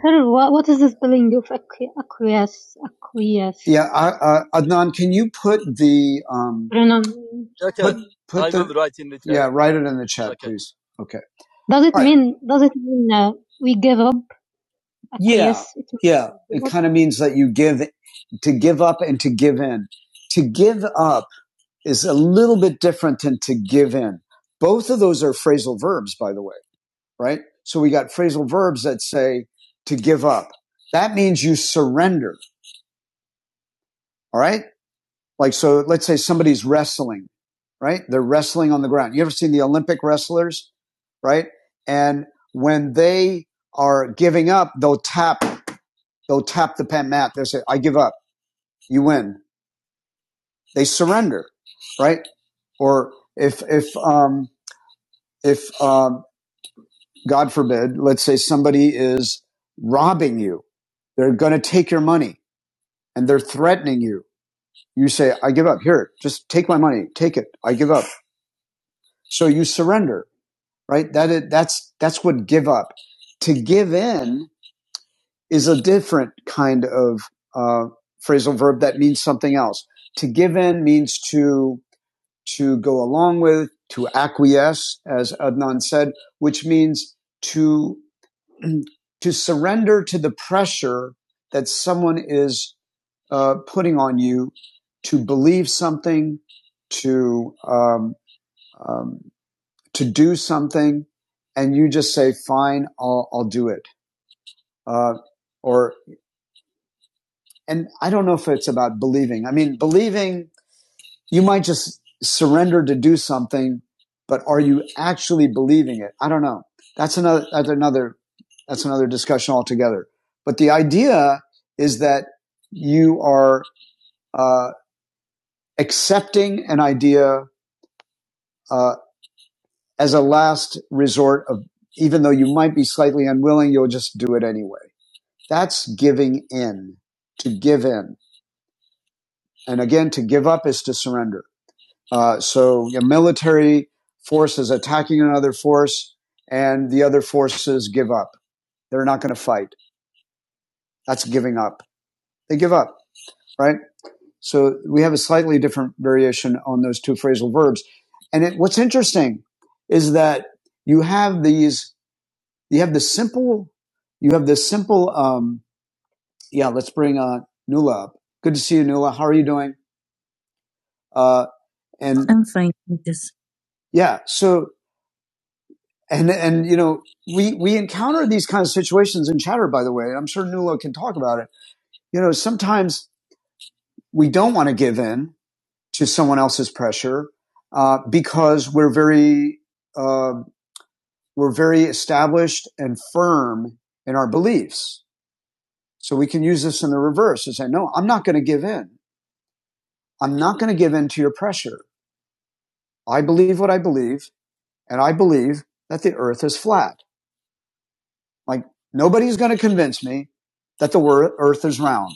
S1: Sir, what, what is this feeling of acqui- acquiesce? Acquiesce. Yeah, I, uh, Adnan, can you put the um Pronoun. put it in the chat? please? Okay. Does it All right. mean, does it mean uh, we give up? Yeah, Acquiesce. It means yeah. give It give up. kind of means that you give to give up and to give in. To give up is a little bit different than to give in. Both of those are phrasal verbs, by the way, right? So we got phrasal verbs that say to give up. That means you surrender. All right. Like, so let's say somebody's wrestling, right? They're wrestling on the ground. You ever seen the Olympic wrestlers, right? And when they are giving up, they'll tap, they'll tap the pen mat. They'll say, I give up. You win. They surrender, right? Or if, if, um, if, um, God forbid, let's say somebody is robbing you. They're going to take your money and they're threatening you. You say, I give up. Here, just take my money. Take it. I give up. So you surrender, right? That is, that's, that's what give up. To give in is a different kind of, uh, phrasal verb that means something else. To give in means to, to go along with, to acquiesce, as Adnan said, which means to to surrender to the pressure that someone is uh, putting on you to believe something, to um, um, to do something, and you just say, "Fine, I'll I'll do it." Uh, or and I don't know if it's about believing. I mean, believing you might just surrender to do something, but are you actually believing it? I don't know. That's another, that's another, that's another discussion altogether. But the idea is that you are uh, accepting an idea uh, as a last resort of even though you might be slightly unwilling, you'll just do it anyway. That's giving in, to give in. And again, to give up is to surrender. Uh, so your military force is attacking another force, and the other forces give up. They're not going to fight. That's giving up. They give up, right? So we have a slightly different variation on those two phrasal verbs. And it, what's interesting is that you have these, you have the simple, you have the simple, um, yeah, let's bring uh, Nula up. Good to see you, Nula. How are you doing? Uh, and yeah, so and and you know we we encounter these kinds of situations in chatter by the way i'm sure Nuala can talk about it you know sometimes we don't want to give in to someone else's pressure uh, because we're very uh, we're very established and firm in our beliefs so we can use this in the reverse and say no i'm not going to give in i'm not going to give in to your pressure i believe what i believe and i believe that the earth is flat like nobody's going to convince me that the earth is round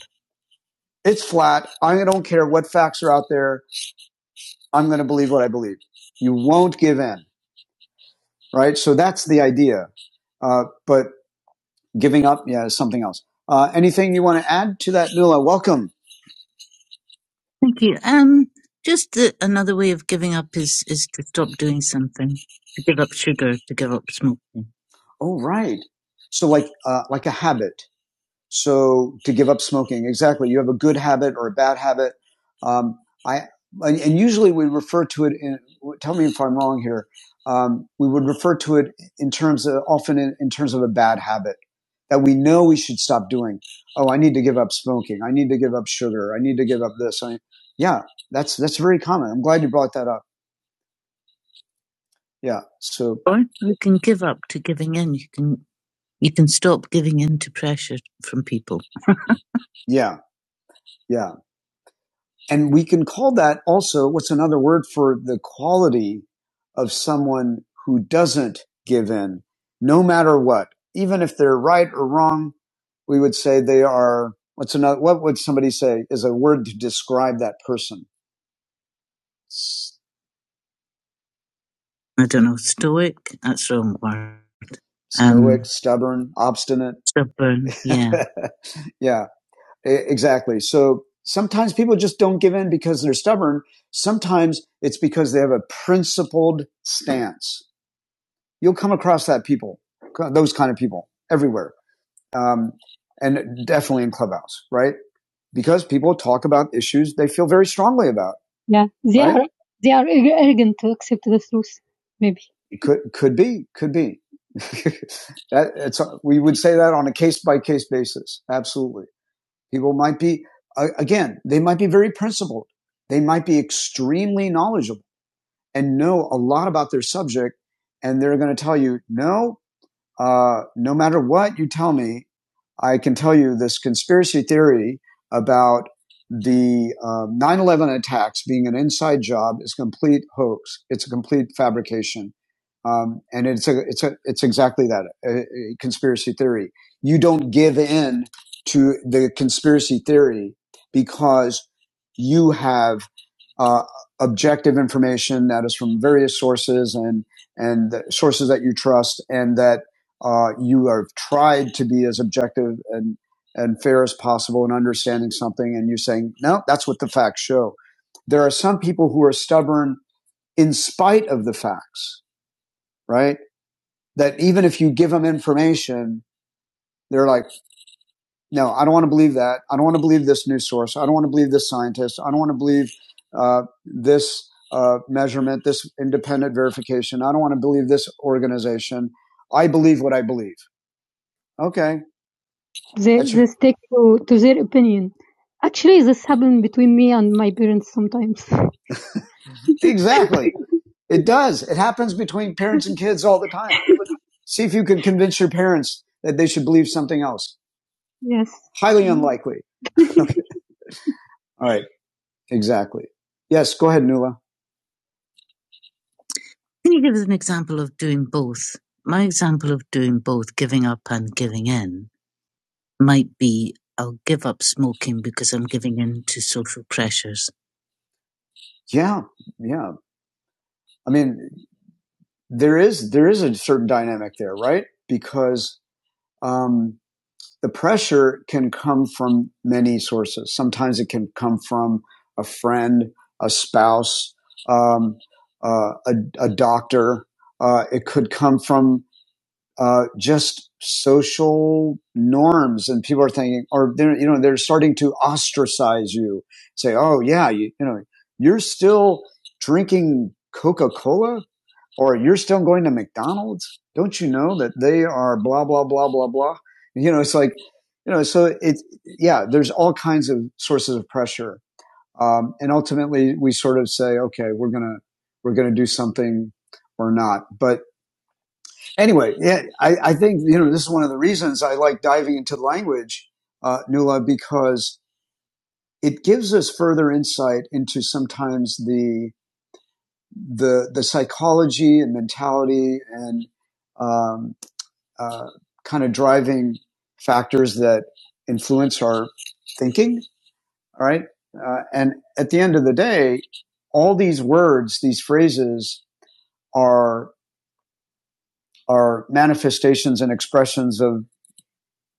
S1: It's flat. I don't care what facts are out there. I'm going to believe what I believe. You won't give in, right? So that's the idea. Uh, but giving up, yeah, is something else. Uh, anything you want to add to that, Nula? Welcome. Oh, right. So like, uh, like a habit. So to give up smoking, exactly. You have a good habit or a bad habit. Um, I and, usually we refer to it. In, tell me if I'm wrong here. Um, we would refer to it in terms of often in, in terms of a bad habit that we know we should stop doing. Oh, I need to give up smoking. I need to give up sugar. I need to give up this. I, yeah, that's that's very common. I'm glad you brought that up. Yeah. So Or you can give up to giving in. You can you can stop giving in to pressure from people. yeah, yeah. And we can call that also what's another word for the quality of someone who doesn't give in, no matter what, even if they're right or wrong. We would say they are. What's another? What would somebody say is a word to describe that person? I I don't know, stoic. That's the wrong word. Stoic, Um, stubborn, obstinate. stubborn. Yeah. yeah. E, Exactly. So sometimes people just don't give in because they're stubborn. Sometimes it's because they have a principled stance. You'll come across that people, those kind of people everywhere. Um, and definitely in clubhouse, right? Because people talk about issues they feel very strongly about. Yeah, they Right? are they are arrogant to accept the truth. Maybe. It could, could be, could be. that, it's, we would say that on a case by case basis. Absolutely. People might be, uh, again, they might be very principled. They might be extremely knowledgeable and know a lot about their subject. And they're going to tell you, no, uh, no matter what you tell me, I can tell you this conspiracy theory about the uh, 9/11 attacks being an inside job is a complete hoax. It's a complete fabrication, um, and it's a, it's a, it's exactly that a, a conspiracy theory. You don't give in to the conspiracy theory because you have uh, objective information that is from various sources and and the sources that you trust, and that uh, you have tried to be as objective and, and fair as possible in understanding something, and you're saying, no, that's what the facts show. There are some people who are stubborn in spite of the facts, right? That even if you give them information, they're like, no, I don't want to believe that. I don't want to believe this news source. I don't want to believe this scientist. I don't want to believe uh, this uh, measurement, this independent verification. I don't want to believe this organization. I believe what I believe. Okay, They Actually, they Actually, stick to, to their opinion. Actually, this happened between me and my parents sometimes. exactly. It does. It happens between parents and kids all the time. See if you can convince your parents that they should believe something else. yes. Highly unlikely. Okay. All right. Exactly. Yes. Go ahead, Nuala. Can you give us an example of doing both? My example of doing both, giving up and giving in, might be I'll give up smoking because I'm giving in to social pressures. Yeah. Yeah. I mean, there is there is a certain dynamic there, right? Because um, the pressure can come from many sources. Sometimes it can come from a friend, a spouse, um, uh, a, a doctor. Uh, it could come from uh, just social norms, and people are thinking, or they're you know they're starting to ostracize you. Say, oh yeah, you, you know you're still drinking Coca Cola or you're still going to McDonald's? Don't you know that they are blah, blah, blah, blah, blah? You know, it's like, you know, so it's, yeah, there's all kinds of sources of pressure. Um, and ultimately we sort of say, okay, we're going to, we're going to do something or not. But anyway, yeah, I, I think, you know, this is one of the reasons I like diving into language, uh, Nula, because it gives us further insight into sometimes the, the, the psychology and mentality and, um, uh, kind of driving factors that influence our thinking. All right. Uh, and at the end of the day, all these words, these phrases are, are manifestations and expressions of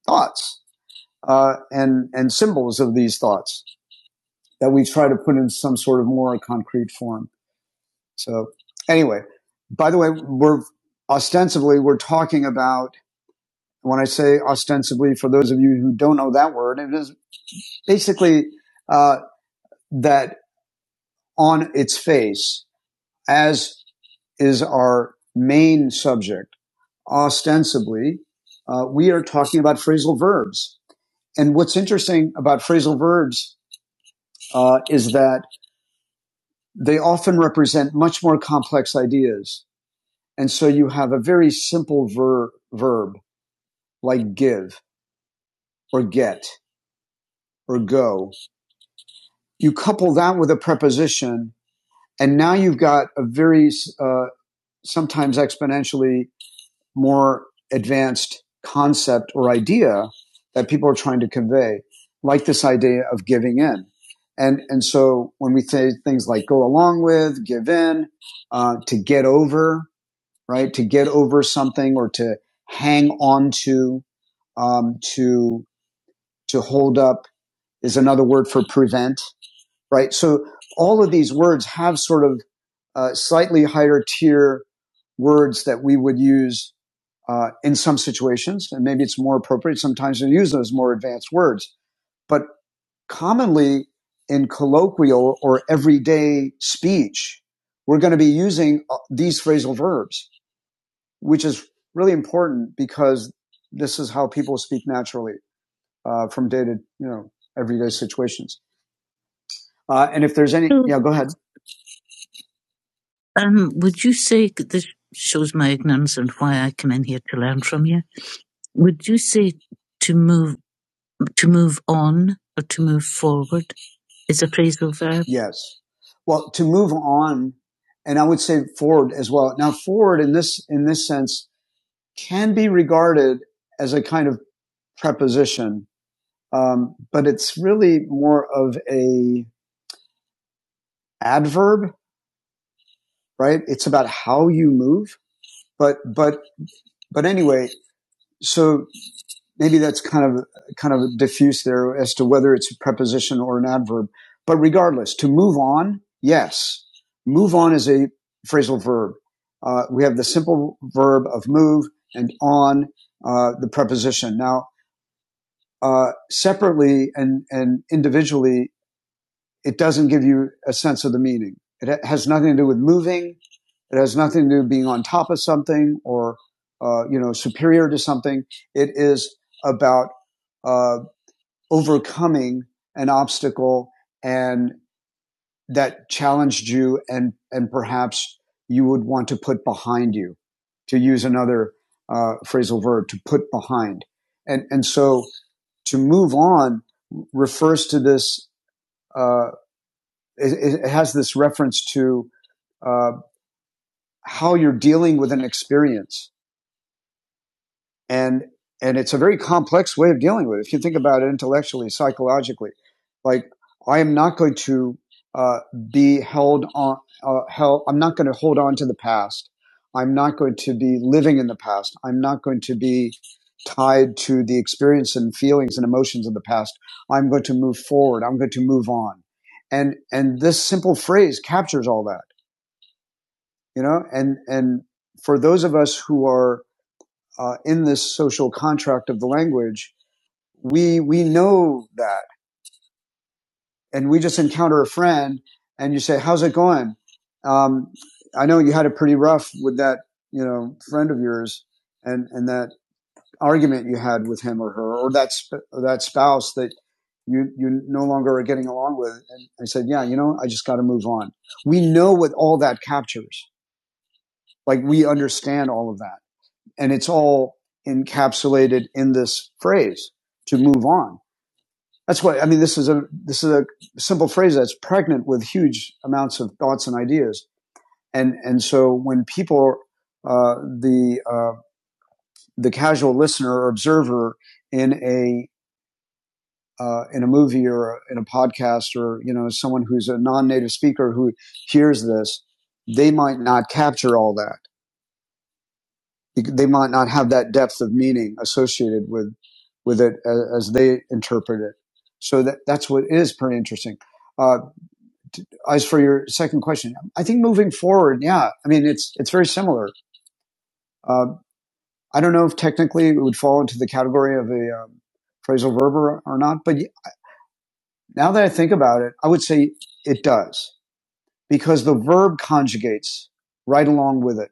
S1: thoughts, uh, and, and symbols of these thoughts that we try to put in some sort of more concrete form. So anyway, by the way, we're ostensibly, we're talking about when I say ostensibly, for those of you who don't know that word, it is basically uh, that on its face, as is our main subject, ostensibly, uh, we are talking about phrasal verbs. And what's interesting about phrasal verbs uh, is that they often represent much more complex ideas. And so you have a very simple ver- verb like give or get or go. You couple that with a preposition, and now you've got a very uh, sometimes exponentially more advanced concept or idea that people are trying to convey, like this idea of giving in. And, and so when we say things like go along with, give in, uh, to get over, right? To get over something or to hang on to, um, to, to hold up is another word for prevent, right? So all of these words have sort of uh, slightly higher tier words that we would use uh, in some situations, and maybe it's more appropriate sometimes to use those more advanced words. But commonly in colloquial or everyday speech, we're going to be using uh, these phrasal verbs, which is really important because this is how people speak naturally uh, from day to you know everyday situations. Uh, and if there's any, yeah, go ahead. Um, would you say this shows my ignorance and why I come in here to learn from you? Would you say to move to move on or to move forward is a phrasal verb? Yes. Well, to move on, and I would say forward as well. Now, forward in this, in this sense can be regarded as a kind of preposition. Um, but it's really more of a adverb, right? It's about how you move. But, but, but anyway, so maybe that's kind of kind of diffuse there as to whether it's a preposition or an adverb. But regardless, to move on, yes, move on is a phrasal verb. Uh, we have the simple verb of move and on uh, the preposition. Now, uh, separately and and individually, it doesn't give you a sense of the meaning. It has nothing to do with moving. It has nothing to do with being on top of something or, uh, you know, superior to something. It is about uh, overcoming an obstacle and that challenged you and, and perhaps you would want to put behind you, to use another uh, phrasal verb, to put behind. And, and so to move on refers to this, uh, it, it has this reference to uh, how you're dealing with an experience. and and it's a very complex way of dealing with it. If you think about it intellectually, psychologically, like I am not going to uh, be held on. Uh, held, I'm not going to hold on to the past. I'm not going to be living in the past. I'm not going to be tied to the experience and feelings and emotions of the past. I'm going to move forward. I'm going to move on. And and this simple phrase captures all that, you know. And and for those of us who are uh, in this social contract of the language, we we know that, and we just encounter a friend, and you say, "How's it going?" Um, I know you had it pretty rough with that, you know, friend of yours, and and that argument you had with him or her, or that sp- or that spouse that you you no longer are getting along with. And I said, "Yeah, you know, I just got to move on." We know what all that captures. Like we understand all of that And it's all encapsulated in this phrase to move on. That's why, I mean, this is a, this is a simple phrase that's pregnant with huge amounts of thoughts and ideas. And, and so when people, uh, the, uh, the casual listener or observer in a, uh, in a movie or in a podcast or, you know, someone who's a non-native speaker who hears this, they might not capture all that they might not have that depth of meaning associated with with it a- as they interpret it. So that that's what is pretty interesting. Uh, as for your second question, I think moving forward, yeah, I mean it's it's very similar. Uh, I don't know if technically it would fall into the category of a um, phrasal verb or, or not, but now that I think about it, I would say it does because the verb conjugates right along with it.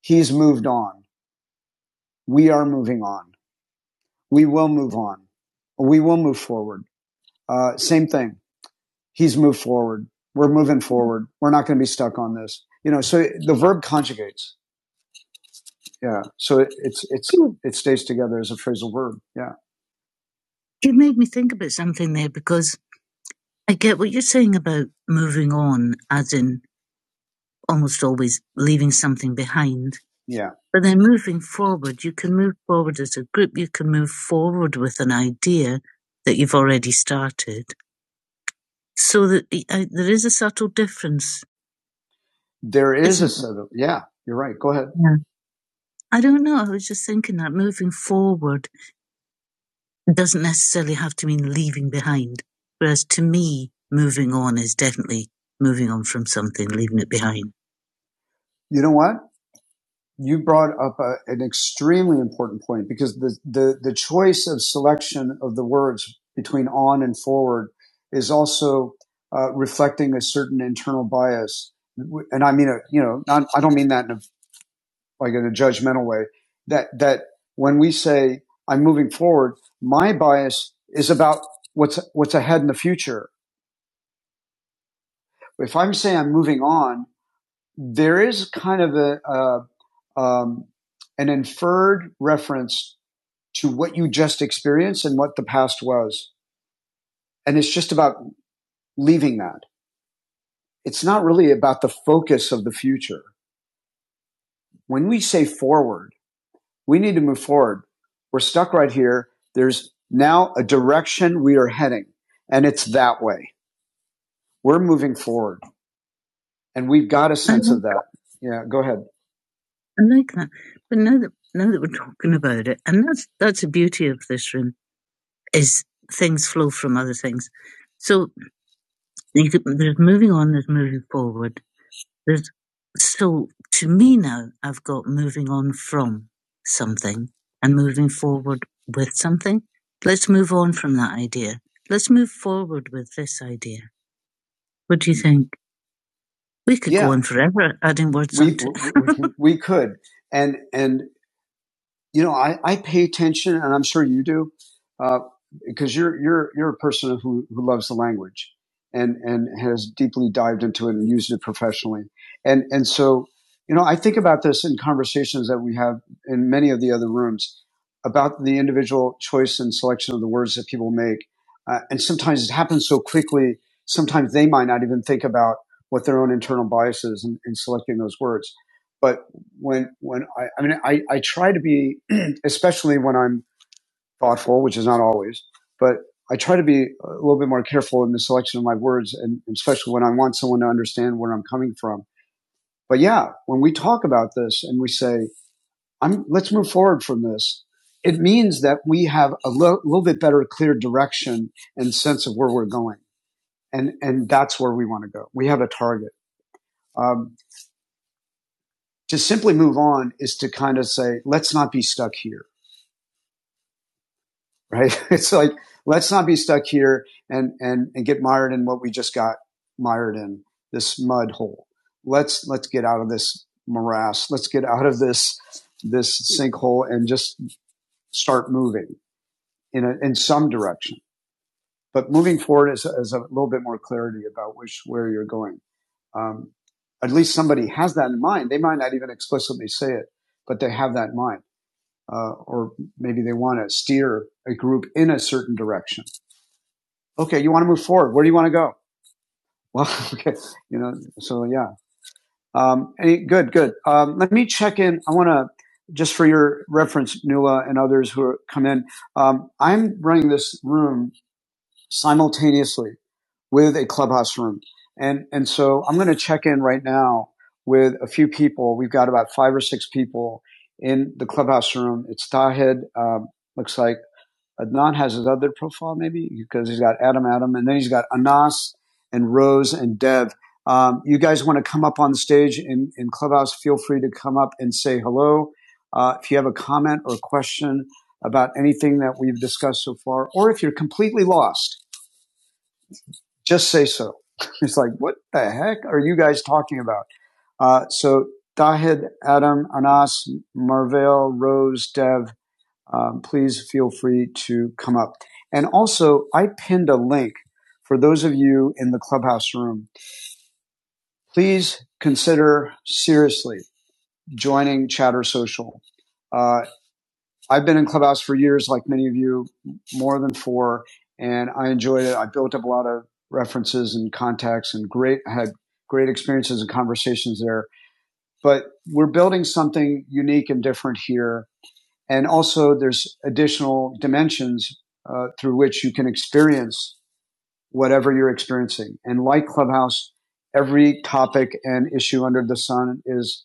S1: He's moved on. We are moving on we will move on. We will move forward. Uh, same thing. He's moved forward. We're moving forward. We're not going to be stuck on this. You know, so the verb conjugates. Yeah. So it, it's, it's, it stays together as a phrasal verb. Yeah. You made me think about something there because I get what you're saying about moving on, as in almost always leaving something behind. Yeah. But then moving forward, you can move forward as a group. You can move forward with an idea that you've already started. So that uh, there is a subtle difference, There is a subtle, yeah, you're right. Go ahead. Yeah. I don't know. I was just thinking that moving forward doesn't necessarily have to mean leaving behind. Whereas to me, moving on is definitely moving on from something, leaving it behind. You know what? you brought up a, an extremely important point because the, the, the choice of selection of the words between on and forward is also uh, reflecting a certain internal bias. And I mean, a, you know, not, I don't mean that in a, like in a judgmental way that, that when we say I'm moving forward, my bias is about what's, what's ahead in the future. If I'm saying I'm moving on, there is kind of a, uh, um, an inferred reference to what you just experienced and what the past was. And it's just about leaving that. It's not really about the focus of the future. When we say forward, we need to move forward. We're stuck right here. There's now a direction we are heading, and it's that way. We're moving forward, and we've got a sense of that. Yeah, go ahead. I like that. But now that now that we're talking about it, and that's that's the beauty of this room is things flow from other things. So You could, there's moving on, there's moving forward. There's, so to me now, I've got moving on from something and moving forward with something. Let's move on from that idea. Let's move forward with this idea. What do you think? We could yeah. go Yeah, on forever adding words we we, we could, and and you know, I, I pay attention, and I'm sure you do, uh, because you're you're you're a person who, who loves the language and and has deeply dived into it and used it professionally, and and so you know, I think about this in conversations that we have in many of the other rooms about the individual choice and selection of the words that people make, uh, and sometimes it happens so quickly. Sometimes they might not even think about what their own internal biases in, in selecting those words, but when when I, I mean I, I try to be especially when I'm thoughtful, which is not always, but I try to be a little bit more careful in the selection of my words, and, and especially when I want someone to understand where I'm coming from. But yeah, when we talk about this and we say, "I'm let's move forward from this," it means that we have a lo- little bit better, clear direction and sense of where we're going, and and that's where we want to go. We have a target. Um, to simply move on is to kind of say, "Let's not be stuck here." right? It's like let's not be stuck here and and and get mired in what we just got mired in this mud hole. Let's let's get out of this morass. Let's get out of this this sinkhole and just start moving in a, in some direction. But moving forward is, is a little bit more clarity about which where you're going. Um, at least somebody has that in mind. They might not even explicitly say it, but they have that in mind, uh, or maybe they want to steer a group in a certain direction okay, you want to move forward. Where do you want to go? Well, okay, you know, so yeah. Um, any, good, good. Um, let me check in. I want to, just for your reference, Nula and others who are, come in, um, I'm running this room simultaneously with a clubhouse room. And, and so I'm going to check in right now with a few people. We've got about five or six people in the clubhouse room. It's Tahed, um, looks like. Adnan has his other profile maybe because he's got Adam, Adam, and then he's got Anas and Rose and Dev. Um, you guys want to come up on the stage in, in Clubhouse? Feel free to come up and say hello. Uh, if you have a comment or a question about anything that we've discussed so far, or if you're completely lost, just say so. It's like, what the heck are you guys talking about? Uh, so Dahid, Adam, Anas, Marvell, Rose, Dev, um, please feel free to come up. And also, I pinned a link for those of you in the clubhouse room. Please consider seriously joining Chatter Social. Uh, I've been in clubhouse for years, like many of you, more than four, and I enjoyed it. I built up a lot of references and contacts, and great had great experiences and conversations there. But we're building something unique and different here And also there's additional dimensions uh, through which you can experience whatever you're experiencing. And like Clubhouse, every topic and issue under the sun is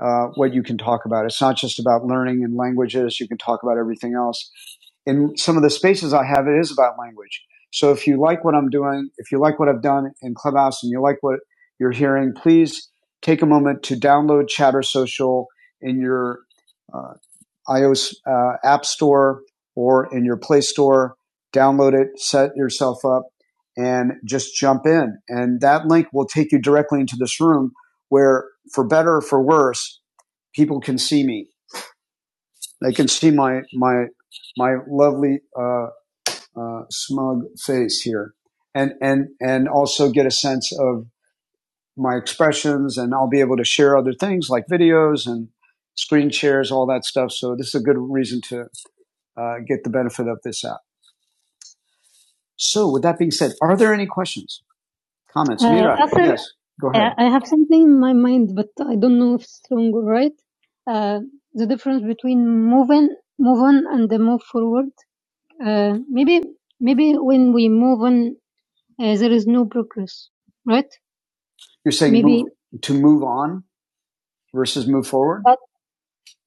S1: uh, what you can talk about. It's not just about learning and languages. You can talk about everything else. In some of the spaces I have, it is about language. So if you like what I'm doing, if you like what I've done in Clubhouse and you like what you're hearing, please take a moment to download Chatter Social in your uh, iOS uh, App Store or in your Play Store. Download it, set yourself up, and just jump in. And that link will take you directly into this room where, for better or for worse, people can see me. They can see my my my lovely uh, uh, smug face here, and and and also get a sense of my expressions. And I'll be able to share other things like videos and screen shares, all that stuff. So this is a good reason to uh, get the benefit of this app. So, with that being said, are there any questions, comments? Uh, Mira, after- yes, go ahead. I have something in my mind, but I don't know if it's wrong or right. Uh, the difference between move in, move on, and the move forward. Uh, maybe, maybe when we move on, uh, there is no progress, right? You're saying Maybe, move, to move on versus move forward? but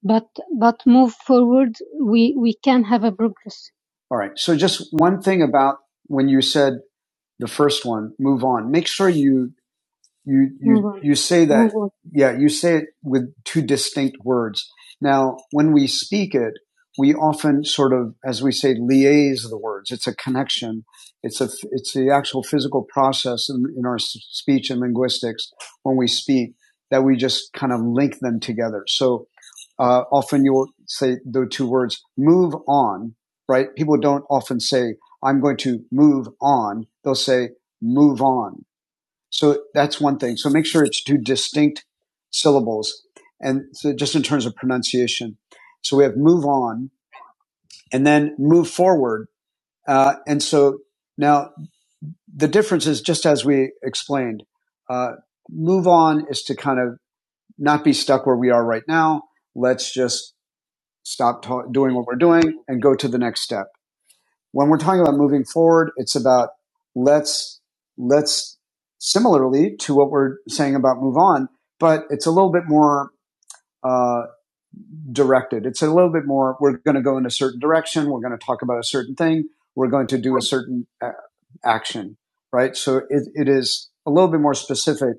S1: but but move forward, we we can have a progress. All right. So, just one thing about when you said the first one, move on. Make sure you you you you say that yeah you say it with two distinct words now when we speak it we often sort of as we say liaise the words it's a connection it's a it's the actual physical process in, in our speech and linguistics when we speak that we just kind of link them together so uh, often you'll say the two words move on right people don't often say i'm going to move on they'll say move on so that's one thing. So make sure it's two distinct syllables. And so just in terms of pronunciation. So we have move on and then move forward. Uh, and so now the difference is just as we explained, uh, move on is to kind of not be stuck where we are right now. Let's just stop ta- doing what we're doing and go to the next step. when we're talking about moving forward, it's about let's let's similarly to what we're saying about move on, but it's a little bit more uh, directed. It's a little bit more. We're going to go in a certain direction. We're going to talk about a certain thing. We're going to do a certain uh, action, right? So it, it is a little bit more specific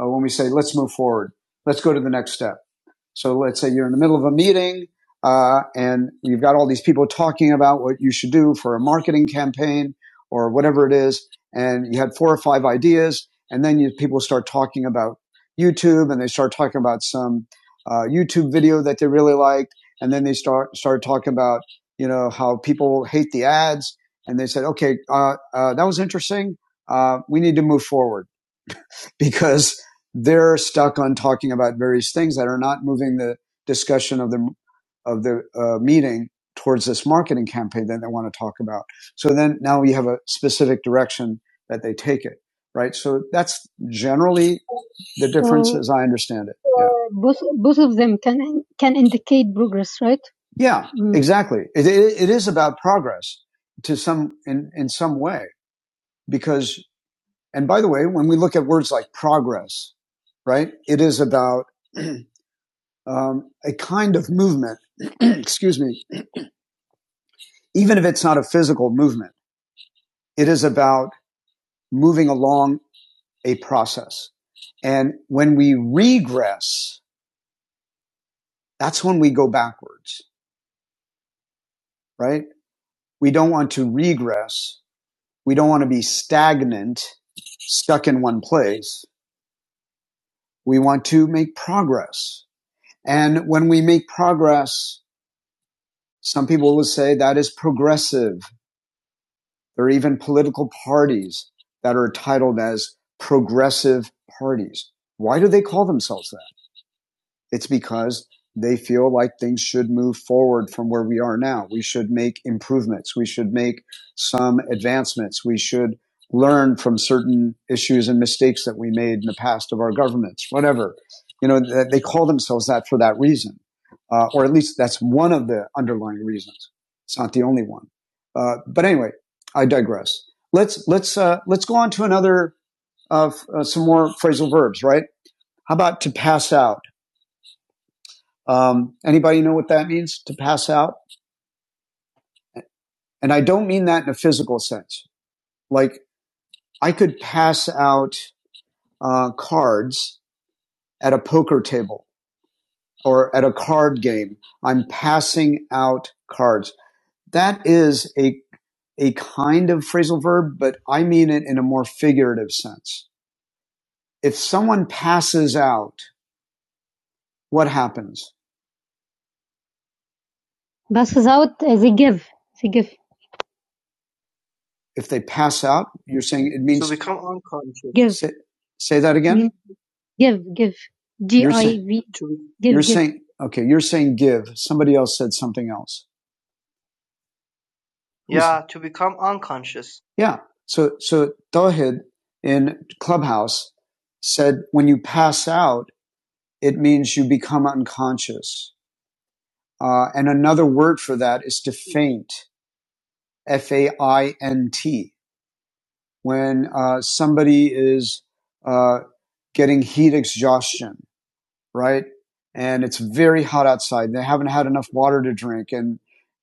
S1: uh, when we say let's move forward. Let's go to the next step. So let's say you're in the middle of a meeting uh, and you've got all these people talking about what you should do for a marketing campaign or whatever it is, and you had four or five ideas, and then you, people start talking about YouTube and they start talking about some uh, YouTube video that they really liked, and then they start start talking about you know how people hate the ads, and they said, okay, uh, uh, that was interesting. Uh, we need to move forward because they're stuck on talking about various things that are not moving the discussion of the of the uh, meeting towards this marketing campaign that they want to talk about. So then now we have a specific direction that they take it, right? So that's generally the difference So as I understand it. Uh, Yeah. uh, both both of them can can indicate progress, right? Yeah, Mm. exactly. It, it, it is about progress to some in in some way because. And by the way, when we look at words like progress, right, it is about um, a kind of movement, excuse me, even if it's not a physical movement, it is about moving along a process. And when we regress, that's when we go backwards, right? We don't want to regress. We don't want to be stagnant, stuck in one place. We want to make progress. And when we make progress, Some people will say that is progressive. There are even political parties that are titled as progressive parties. Why do they call themselves that? It's because they feel like things should move forward from where we are now. We should make improvements. We should make some advancements. We should learn from certain issues and mistakes that we made in the past of our governments, whatever. You know, they call themselves that for that reason. Uh, or at least that's one of the underlying reasons. It's not the only one. Uh, but anyway, I digress. Let's, let's, uh, let's go on to another, uh, uh, some more phrasal verbs, right? How about to pass out? Um, anybody know what that means to pass out? And I don't mean that in a physical sense. Like I could pass out uh, cards at a poker table or at a card game. I'm passing out cards. That is a a kind of phrasal verb, but I mean it in a more figurative sense. If someone passes out, what happens? Passes out they give. They give. If they pass out, you're saying it
S6: To
S1: means
S6: become unconscious.
S1: Give. say, say that again. Give, give. G You're saying
S6: To be,
S1: you're give. saying okay. You're saying give. Somebody else said something else. Who's
S6: yeah, to become unconscious.
S1: yeah? So so Tawhid in Clubhouse said when you pass out, it means you become unconscious. Uh, and another word for that is to faint. F A I N T. When uh, somebody is uh, getting heat exhaustion right? And it's very hot outside. They haven't had enough water to drink and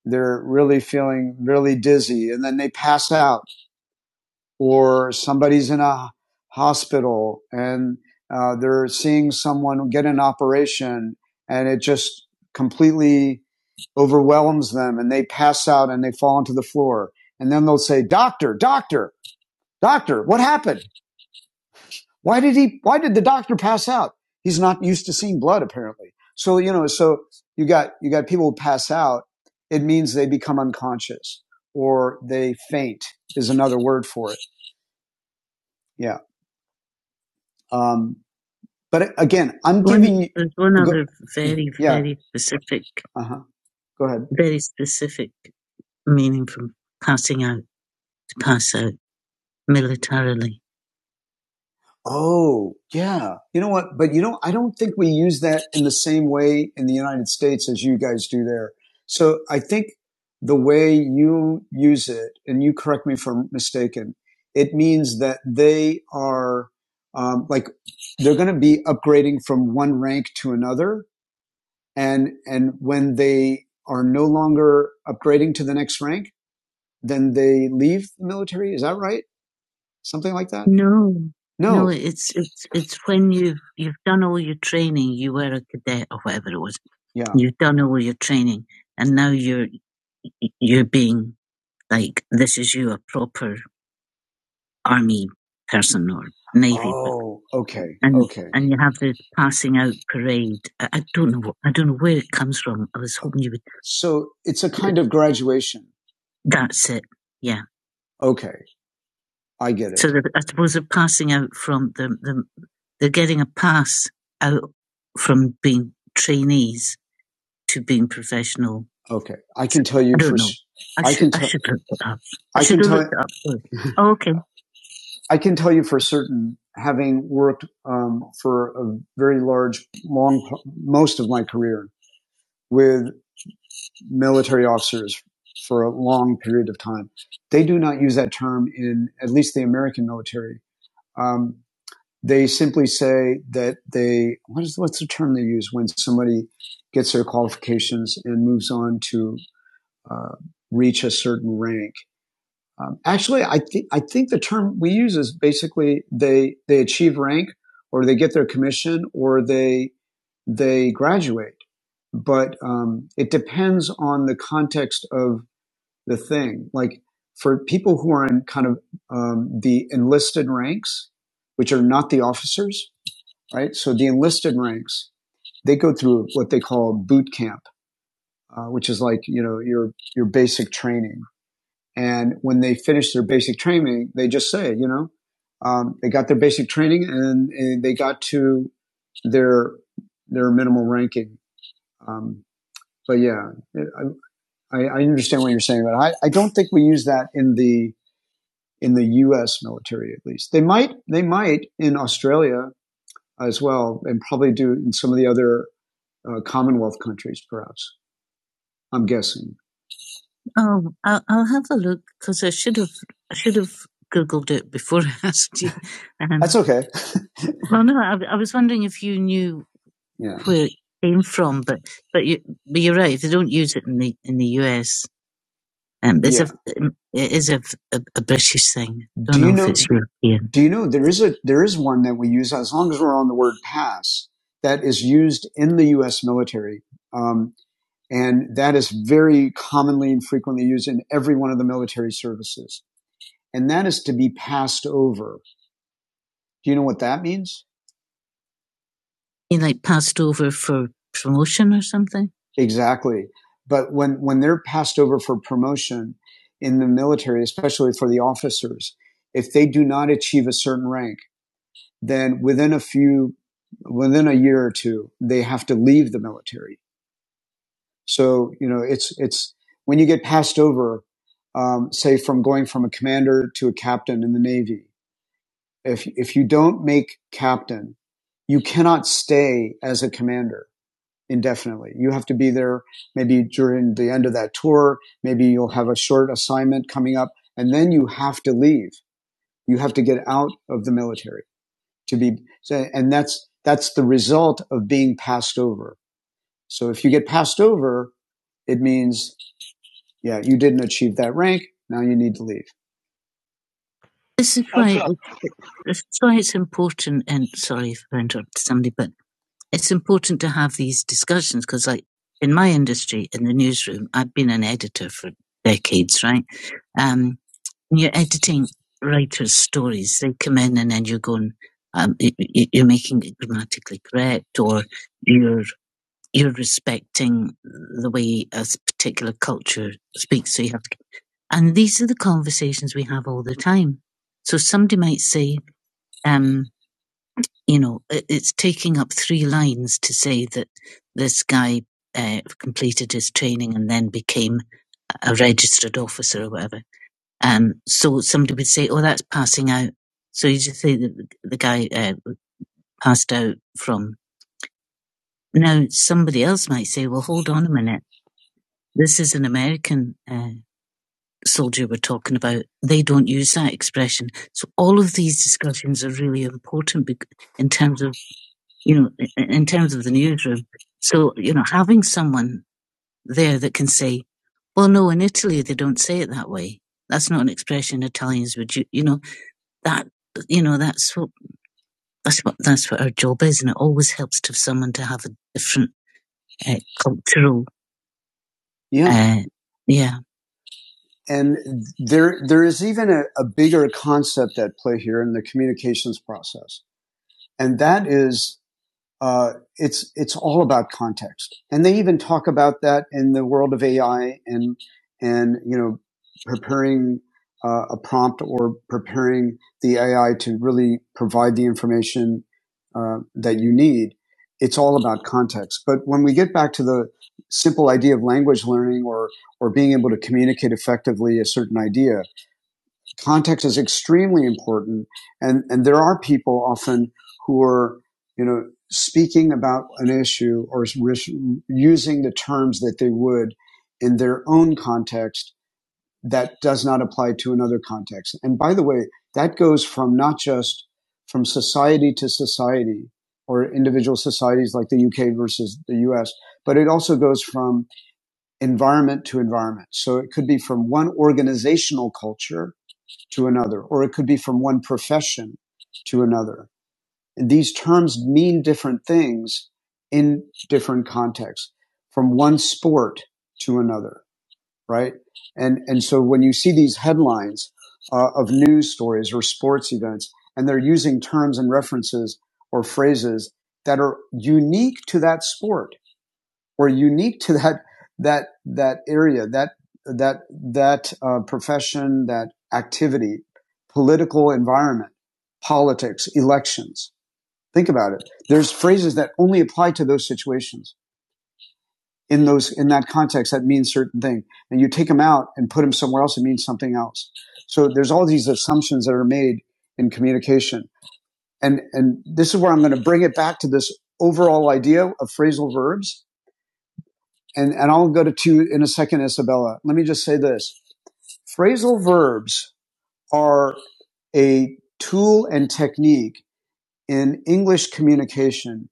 S1: they're really feeling really dizzy and then they pass out or somebody's in a hospital and uh, they're seeing someone get an operation and it just completely overwhelms them and they pass out and they fall onto the floor. And then they'll say, doctor, doctor, doctor, what happened? Why did he, why did the doctor pass out? He's not used to seeing blood apparently. So, you know, so you got, you got people who pass out. It means they become unconscious or they faint is another word for it. Yeah. Um, but again, I'm One, giving you, there's one other go, other very, yeah. very specific, Uh huh. Go ahead. very specific meaning from passing out to pass out militarily. Oh, yeah. You know what? But you know, I don't think we use that in the same way in the United States as you guys do there. So I think the way you use it, and you correct me if I'm mistaken, it means that they are um, like they're going to be upgrading from one rank to another, and and when they are no longer upgrading to the next rank, then they leave the military. Is that right? Something like that? No, no, No. it's it's it's when you've you've done all your training. You were a cadet or whatever it was. Yeah. You've done all your training, and now you're you're being like this is you a proper army person or navy Oh, okay. and Okay. and you have the passing out parade. I, I don't know. I don't know where it comes from. I was hoping you would. So it's a kind of graduation. That's it. Yeah. Okay. I get it. So the, I suppose they're passing out from the, the they're getting a pass out from being trainees to being professional. Okay, I can tell you I don't for, know. I I should can T- I should look it up. I I should can look tell it up. Oh, okay. I can tell you for certain, having worked um, for a very large, long most of my career with military officers for a long period of time, they do not use that term in at least the American military. Um, they simply say that they what is what's the term they use when somebody gets their qualifications and moves on to uh, reach a certain rank. Um, actually, I think I think the term we use is basically they they achieve rank or they get their commission or they they graduate. But um, it depends on the context of the thing. Like for people who are in kind of um, the enlisted ranks, which are not the officers, right? So the enlisted ranks, they go through what they call boot camp, uh, which is like, you know, your, your basic training. And when they finish their basic training, they just say, you know, um, they got their basic training and, and they got to their, their minimal ranking. Um, but yeah, I, I I understand what you're saying, but I, I don't think we use that in the, in the U.S. military, at least. They might, they might in Australia as well, and probably do in some of the other uh, Commonwealth countries, perhaps. I'm guessing. Oh, I'll, I'll have a look because I should have I should have googled it before I asked you. Um, That's okay. well, no, I, I was wondering if you knew yeah. where it came from, but but you but you're right. They don't use it in the in the US. Um, it's yeah. a it is a, a, a British thing. Don't Do you know, know- if it's European. Do you know there is a there is one that we use as long as we're on the word pass that is used in the U.S. military. Um, and that is very commonly and frequently used in every one of the military services. And that is to be passed over. Do you know what that means? You mean like passed over for promotion or something? Exactly. But when, when they're passed over for promotion in the military, especially for the officers, if they do not achieve a certain rank, then within a few, within a year or two, they have to leave the military. So you know, it's it's when you get passed over, um, say from going from a commander to a captain in the Navy. If if you don't make captain, you cannot stay as a commander indefinitely. You have to be there maybe during the end of that tour. Maybe you'll have a short assignment coming up, and then you have to leave. You have to get out of the military to be, so- and that's that's the result of being passed over. So if you get passed over, it means yeah, you didn't achieve that rank. Now you need to leave. This is that's why it's important. And sorry if I interrupted somebody, but it's important to have these discussions because, like in my industry, in the newsroom, I've been an editor for decades, right? Um, and you're editing writers' stories. They come in, and then you're going, um, you're making it grammatically correct, or you're you're respecting the way a particular culture speaks. So you have to, and these are the conversations we have all the time. So somebody might say, um, you know, it- it's taking up three lines to say that this guy uh, completed his training and then became a registered officer or whatever. Um, so somebody would say, oh, that's passing out. So you just say that the guy uh, passed out from. Now somebody else might say, well, hold on a minute This is an American uh, soldier we're talking about. They don't use that expression. So all of these discussions are really important in terms of you know in terms of the newsroom. So you know having someone there that can say, well, no, in Italy they don't say it that way. That's not an expression Italians would use. You know that you know that's what that's what that's what our job is, and it always helps to have someone to have a different uh, cultural. Yeah. Uh, yeah. and there there is even a, a bigger concept at play here in the communications process and that is uh, it's it's all about context, and they even talk about that in the world of AI and and you know preparing uh, a prompt or preparing the AI to really provide the information uh, that you need. It's all about context. But when we get back to the simple idea of language learning or or being able to communicate effectively a certain idea, context is extremely important. And, and there are people often who are, you know, speaking about an issue or using the terms that they would in their own context that does not apply to another context. And by the way, that goes from not just from society to society or individual societies like the UK versus the US, but it also goes from environment to environment. So it could be from one organizational culture to another, or it could be from one profession to another. And these terms mean different things in different contexts, from one sport to another, right? And and so when you see these headlines uh, of news stories or sports events, and they're using terms and references or phrases that are unique to that sport or unique to that that that area that that that uh, profession that activity political environment politics elections think about it there's phrases that only apply to those situations in those in that context that means certain thing and you take them out and put them somewhere else it means something else so there's all these assumptions that are made in communication and and this is where i'm going to bring it back to this overall idea of phrasal verbs and, and I'll go to two in a second, Isabella. Let me just say this. Phrasal verbs are a tool and technique in English communication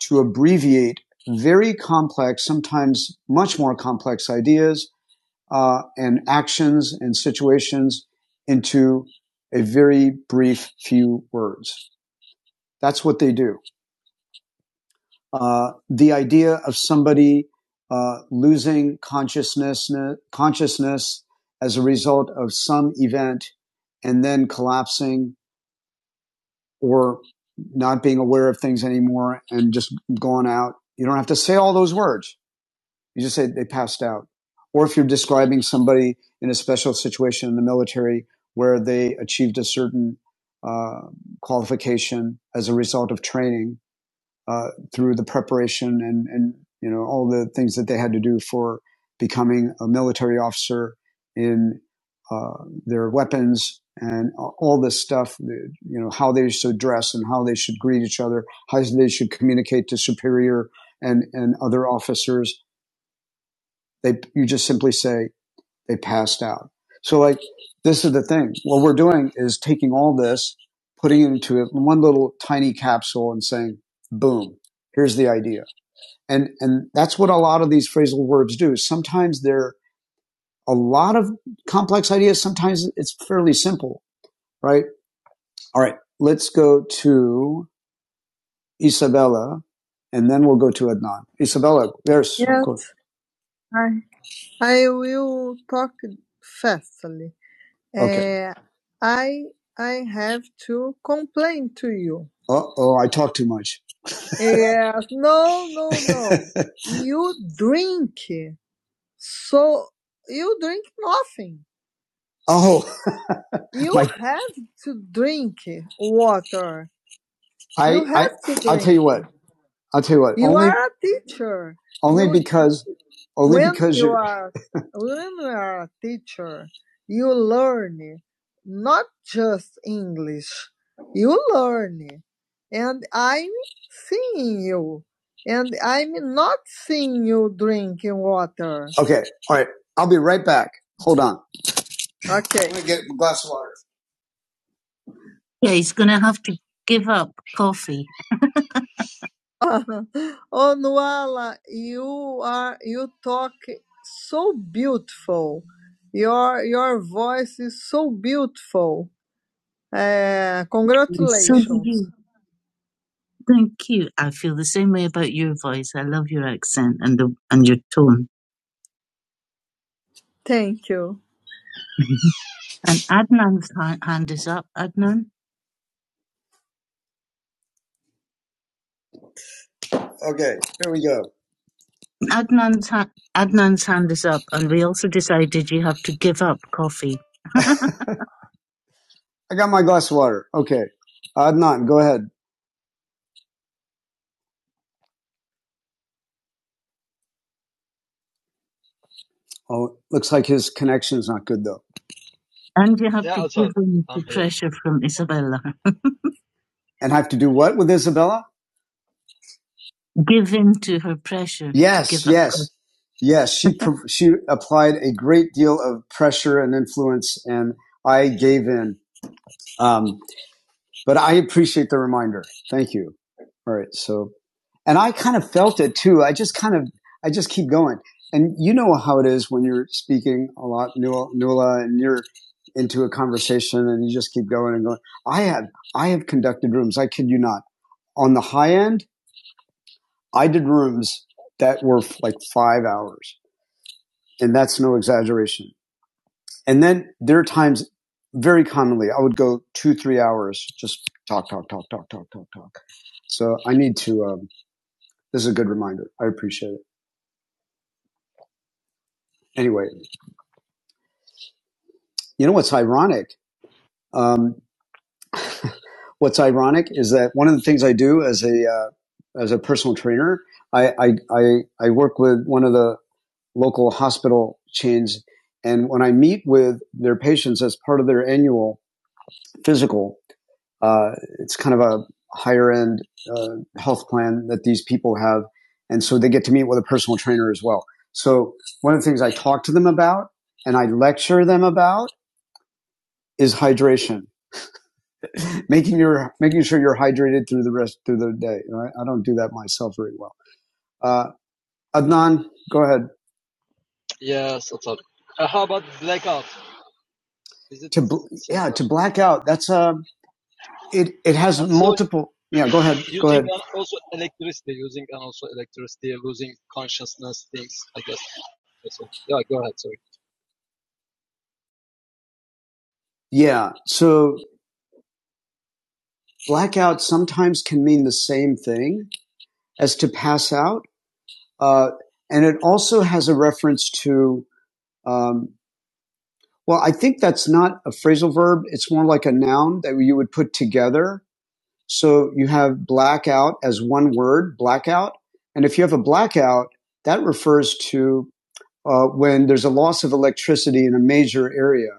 S1: to abbreviate very complex, sometimes much more complex ideas uh, and actions and situations into a very brief few words. That's what they do. uh, the idea of somebody uh, losing consciousness consciousness as a result of some event and then collapsing or not being aware of things anymore and just going out. You don't have to say all those words. You just say they passed out. Or if you're describing somebody in a special situation in the military where they achieved a certain uh, qualification as a result of training uh, through the preparation and, and you know all the things that they had to do for becoming a military officer in uh, their weapons and all this stuff, you know, how they should dress and how they should greet each other, how they should communicate to superior and, and other officers. They, you just simply say they passed out. So like, this is the thing. What we're doing is taking all this, putting it into one little tiny capsule and saying, boom, here's the idea and, and that's what a lot of these phrasal verbs do. Sometimes they're a lot of complex ideas. Sometimes it's fairly simple, right? All right. Let's go to Isabella and then we'll go to Adnan. Isabella, there's Yes, cool. I, I will talk fastly. Okay. Eh, I I have to complain to you. Uh oh, I talk too much. Yes, no, no, no. You drink. So you drink nothing. Oh, You like have to drink water. I, I, I'll tell you what. I'll tell you what. You only, are a teacher. only You because, only when because you you're. are when you are a teacher, you learn not just English. You learn, and I'm seeing you, and I'm not seeing you drinking water. Okay. All right. I'll be right back. Hold on. Okay. I'm gonna get a glass of water. Yeah, he's going to have to give up coffee. Oh, Nuala, you are you talk so beautiful. Your your voice is so beautiful. Uh, Yes, so do congratulations. you. Thank you. I feel the same way about your voice. I love your accent and the and your tone. Thank you. And Adnan's ha- hand is up. Adnan. Okay, here we go. Adnan's ha- Adnan's hand is up, and we also decided you have to give up coffee. I got my glass of water. Okay. Adnan, go ahead. Oh, looks like his connection's not good though. And you have been pressure from Isabella. And have to do what with Isabella? Give in to her pressure. Yes, yes, yes. She she applied a great deal of pressure and influence, and I gave in. Um, But I appreciate the reminder. Thank you. All right. So, and I kind of felt it too. I just kind of, I just keep going. And you know how it is when you're speaking a lot, Nuala, and you're into a conversation and you just keep going and going. I have, I have conducted rooms. I kid you not. On the high end, I did rooms that were like five hours. And that's no exaggeration. And then there are times very commonly I would go two, three hours just talk, talk, talk, talk, talk, talk, talk. So I need to, um, this is a good reminder. I appreciate it. Anyway, you know what's ironic? Um, what's ironic is that one of the things I do as a, uh, as a personal trainer, I, I, I, I work with one of the local hospital chains. And when I meet with their patients as part of their annual physical, Uh, it's kind of a higher end uh, health plan that these people have. And so they get to meet with a personal trainer as well. So one of the things I talk to them about and I lecture them about is hydration, making your making sure you're hydrated through the rest through the day. Right? I don't do that myself very well. Uh, Adnan, go ahead. To blackout, that's a it. It has multiple. Yeah, go ahead. Yeah, so blackout sometimes can mean the same thing as to pass out Uh, and it also has a reference to, um, well, I think that's not a phrasal verb. It's more like a noun that you would put together. So you have blackout as one word, blackout. And if you have a blackout, that refers to uh, when there's a loss of electricity in a major area,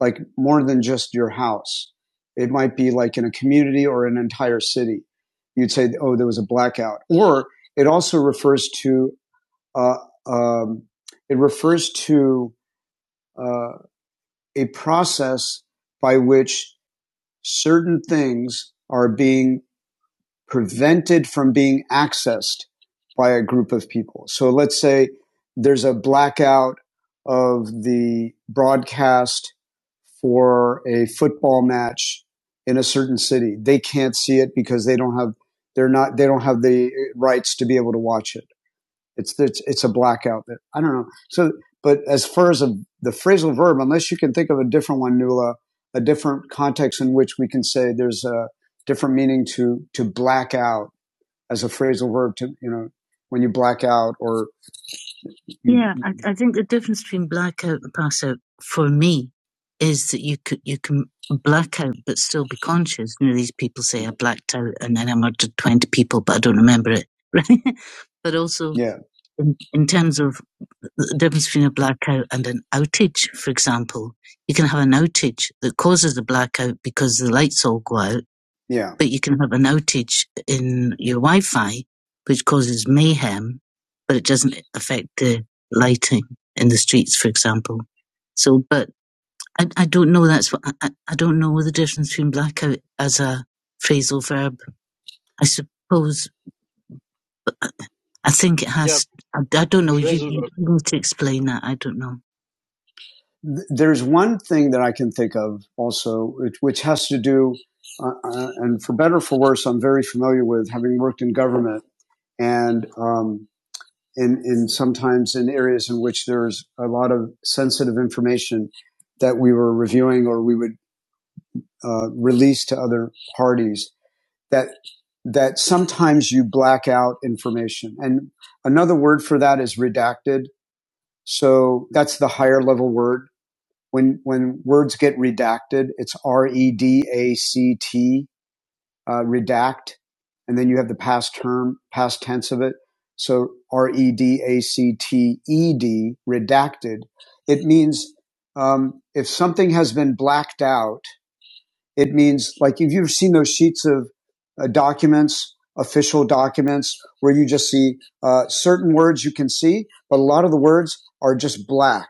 S1: like more than just your house. It might be like in a community or an entire city. You'd say, oh, there was a blackout. Or it also refers to uh, um, it refers to uh, a process by which certain things are being prevented from being accessed by a group of people. So let's say there's a blackout of the broadcast for a football match in a certain city. They can't see it because they don't have they're not they don't have the rights to be able to watch it it's it's, it's a blackout that I don't know. So, but as far as a, the phrasal verb, unless you can think of a different one, Nuala, a different context in which we can say there's a different meaning to to black out as a phrasal verb to you know when you black out or yeah, I, I think the difference between blackout and pass out for me is that you could you can black out but still be conscious. You know, these people say I blacked out and then I murdered twenty people, but I don't remember it, right? But also Yeah. in, in terms of the difference between a blackout and an outage, for example. You can have an outage that causes a blackout because the lights all go out, Yeah. but you can have an outage in your Wi Fi, which causes mayhem, but it doesn't affect the lighting in the streets, for example. So, but I, I don't know. That's what I, I don't know the difference between blackout as a phrasal verb. I suppose, but I I think it has, I, I don't know to explain that. I don't know. th- there's one thing that I can think of also, which, which has to do, uh, uh, and for better or for worse, I'm very familiar with having worked in government and um, in, in sometimes in areas in which there's a lot of sensitive information that we were reviewing or we would uh, release to other parties that that sometimes you black out information and another word for that is redacted so that's the higher level word when when words get redacted, it's R E D A C T uh, redact, and then you have the past term, past tense of it. So R E D A C T E D redacted. It means um, if something has been blacked out it means like if you've seen those sheets of uh, documents, official documents, where you just see uh, certain words you can see, but a lot of the words are just black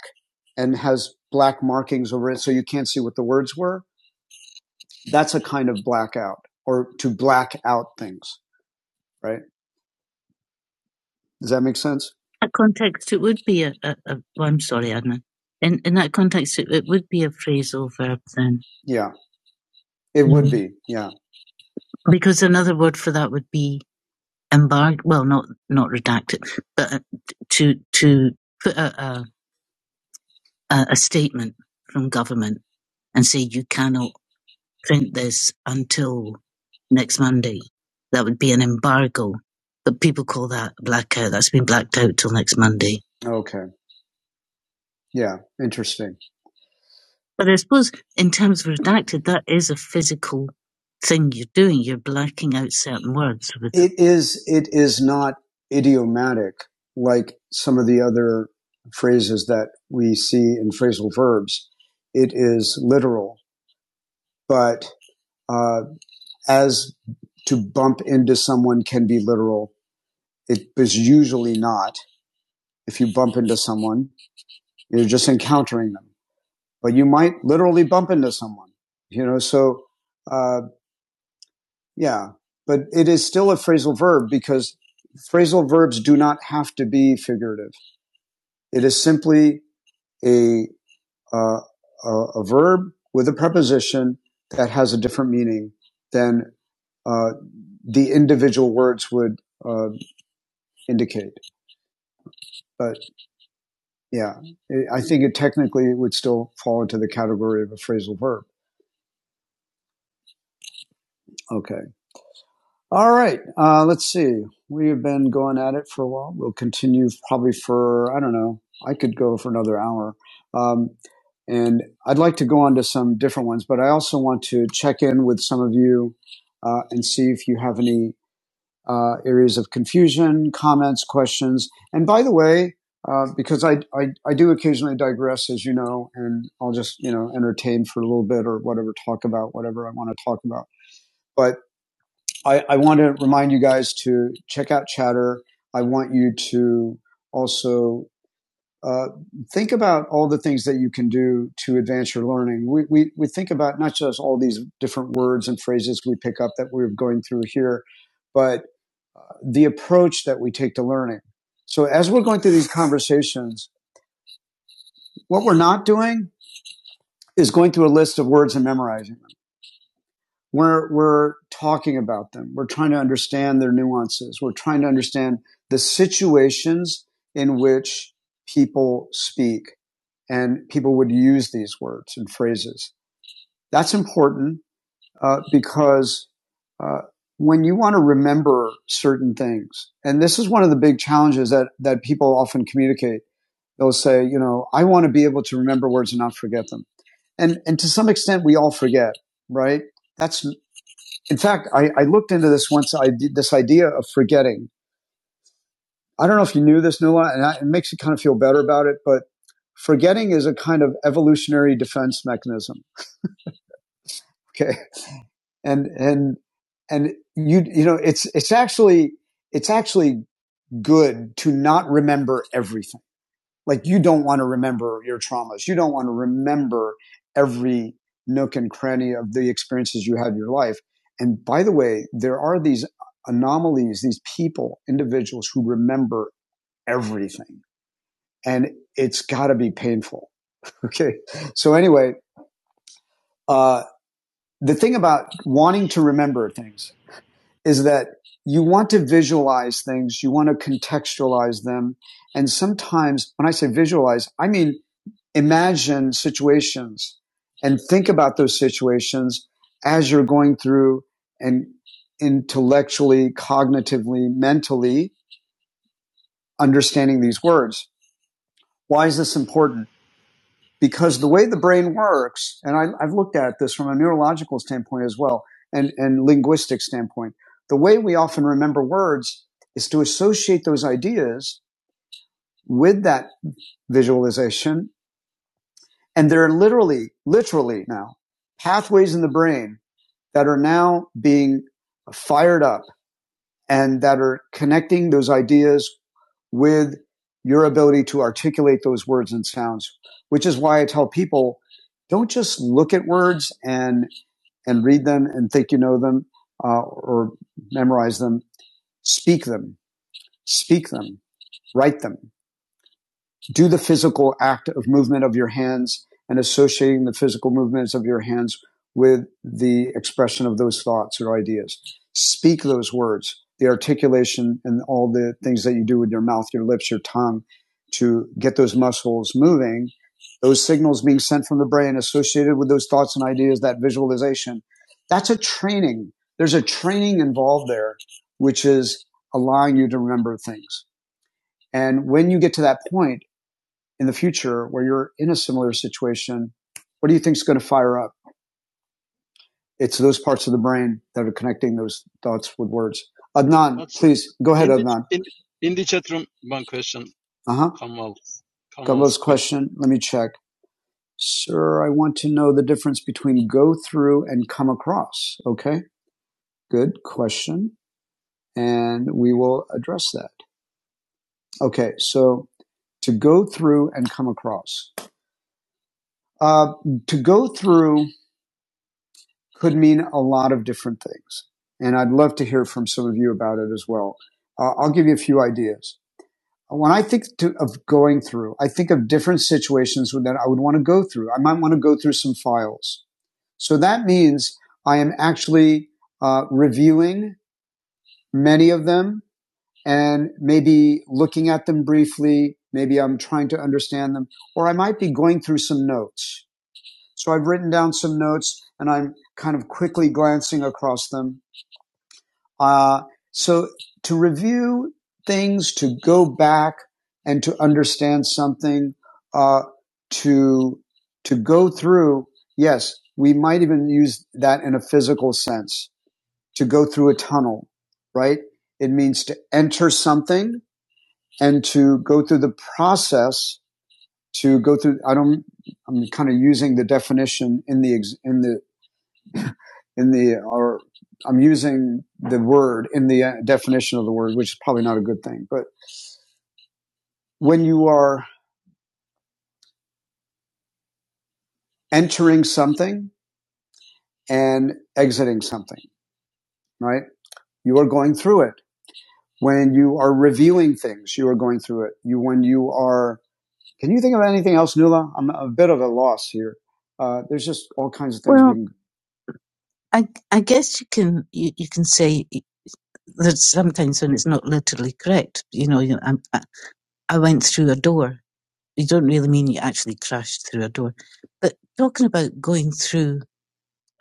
S1: and has black markings over it, so you can't see what the words were. That's a kind of blackout or to black out things, right? Does that make sense? That context, it would be a, a, a well, I'm sorry, Adnan. In, in that context, it, it would be a phrasal verb then. Yeah, it would be. Yeah. Because another word for that would be embargo, well, not not redacted, but uh, to to put out a, a, a statement from government and say you cannot print this until next Monday. That would be an embargo, but people call that blackout. That's been blacked out till next Monday. Okay. Yeah. Interesting. But I suppose in terms of redacted, that is a physical thing you're doing. You're blacking out certain words with It is it is not idiomatic like some of the other phrases that we see in phrasal verbs. It is literal, but uh, as to bump into someone can be literal, it is usually not. If you bump into someone, you're just encountering them, but you might literally bump into someone. You know, so. uh, Yeah, but it is still a phrasal verb because phrasal verbs do not have to be figurative. It is simply a uh, a, a verb with a preposition that has a different meaning than uh, the individual words would uh, indicate. But yeah, it, I think it technically would still fall into the category of a phrasal verb. Okay. All right. Uh, let's see. We have been going at it for a while. We'll continue probably for, I don't know, I could go for another hour. Um, and I'd like to go on to some different ones, but I also want to check in with some of you uh, and see if you have any uh, areas of confusion, comments, questions. And by the way, uh, because I, I, I do occasionally digress, as you know, and I'll just, you know, entertain for a little bit or whatever, talk about whatever I want to talk about. But I, I want to remind you guys to check out Chatter. I want you to also uh, think about all the things that you can do to advance your learning. We, we, we think about not just all these different words and phrases we pick up that we're going through here, but the approach that we take to learning. So as we're going through these conversations, what we're not doing is going through a list of words and memorizing. we're we're talking about them. We're trying to understand their nuances. We're trying to understand the situations in which people speak and people would use these words and phrases. That's important uh, because uh, when you want to remember certain things, and this is one of the big challenges that that people often communicate. They'll say, you know, I want to be able to remember words and not forget them. And and to some extent, we all forget, right? That's in fact, I, I looked into this once. I did this idea of forgetting. I don't know if you knew this, Nuala, and I, it makes you kind of feel better about it, but forgetting is a kind of evolutionary defense mechanism. Okay. And, and, and you, you know, it's, it's actually, it's actually good to not remember everything. like you don't want to remember your traumas you don't want to remember every nook and cranny of the experiences you had in your life and by the way there are these anomalies these people individuals who remember everything and it's got to be painful okay so anyway uh, the thing about wanting to remember things is that you want to visualize things you want to contextualize them and sometimes when i say visualize i mean imagine situations and think about those situations as you're going through and intellectually, cognitively, mentally understanding these words. Why is this important? Because the way the brain works, and I, I've looked at this from a neurological standpoint as well and, and linguistic standpoint, the way we often remember words is to associate those ideas with that visualization And there are literally, literally now pathways in the brain that are now being fired up and that are connecting those ideas with your ability to articulate those words and sounds, which is why I tell people don't just look at words and, and read them and think you know them uh, or memorize them. Speak them, speak them, write them, do the physical act of movement of your hands and associating the physical movements of your hands with the expression of those thoughts or ideas. Speak those words, the articulation and all the things that you do with your mouth, your lips, your tongue to get those muscles moving. Those signals being sent from the brain associated with those thoughts and ideas, that visualization. That's a training. There's a training involved there, which is allowing you to remember things. And when you get to that point, in the future where you're in a similar situation, what do you think is going to fire up? It's those parts of the brain that are connecting those thoughts with words. Adnan, please go Adnan. Uh-huh. Question. Let me check. Sir, I want to know the difference between go through and come across. Okay. Good question. And we will address that. Okay. So to go through and come across. Uh, to go through could mean a lot of different things. And I'd love to hear from some of you about it as well. Uh, I'll give you a few ideas. When I think to, of going through, I think of different situations that I would want to go through. I might want to go through some files. So that means I am actually uh, reviewing many of them and maybe looking at them briefly. Maybe I'm trying to understand them, or I might be going through some notes. So I've written down some notes and I'm kind of quickly glancing across them Uh, so to review things, to go back and to understand something, uh, to, to go through, yes, we might even use that in a physical sense to go through a tunnel, right? It means to enter something and to go through the process to go through. I don't, I'm kind of using the definition in the, in the in the or I'm using the word in the uh, definition of the word, which is probably not a good thing. But when you are entering something and exiting something, right? You are going through it. When you are reviewing things, you are going through it. You when you are. Can you think of anything else, Nuala? I'm a bit of a loss here. Uh, there's just all kinds of things. Well, we I, I guess you can you, you can say that sometimes when it's not literally correct, you know, you I, I I went through a door. you don't really mean you actually crashed through a door. But talking about going through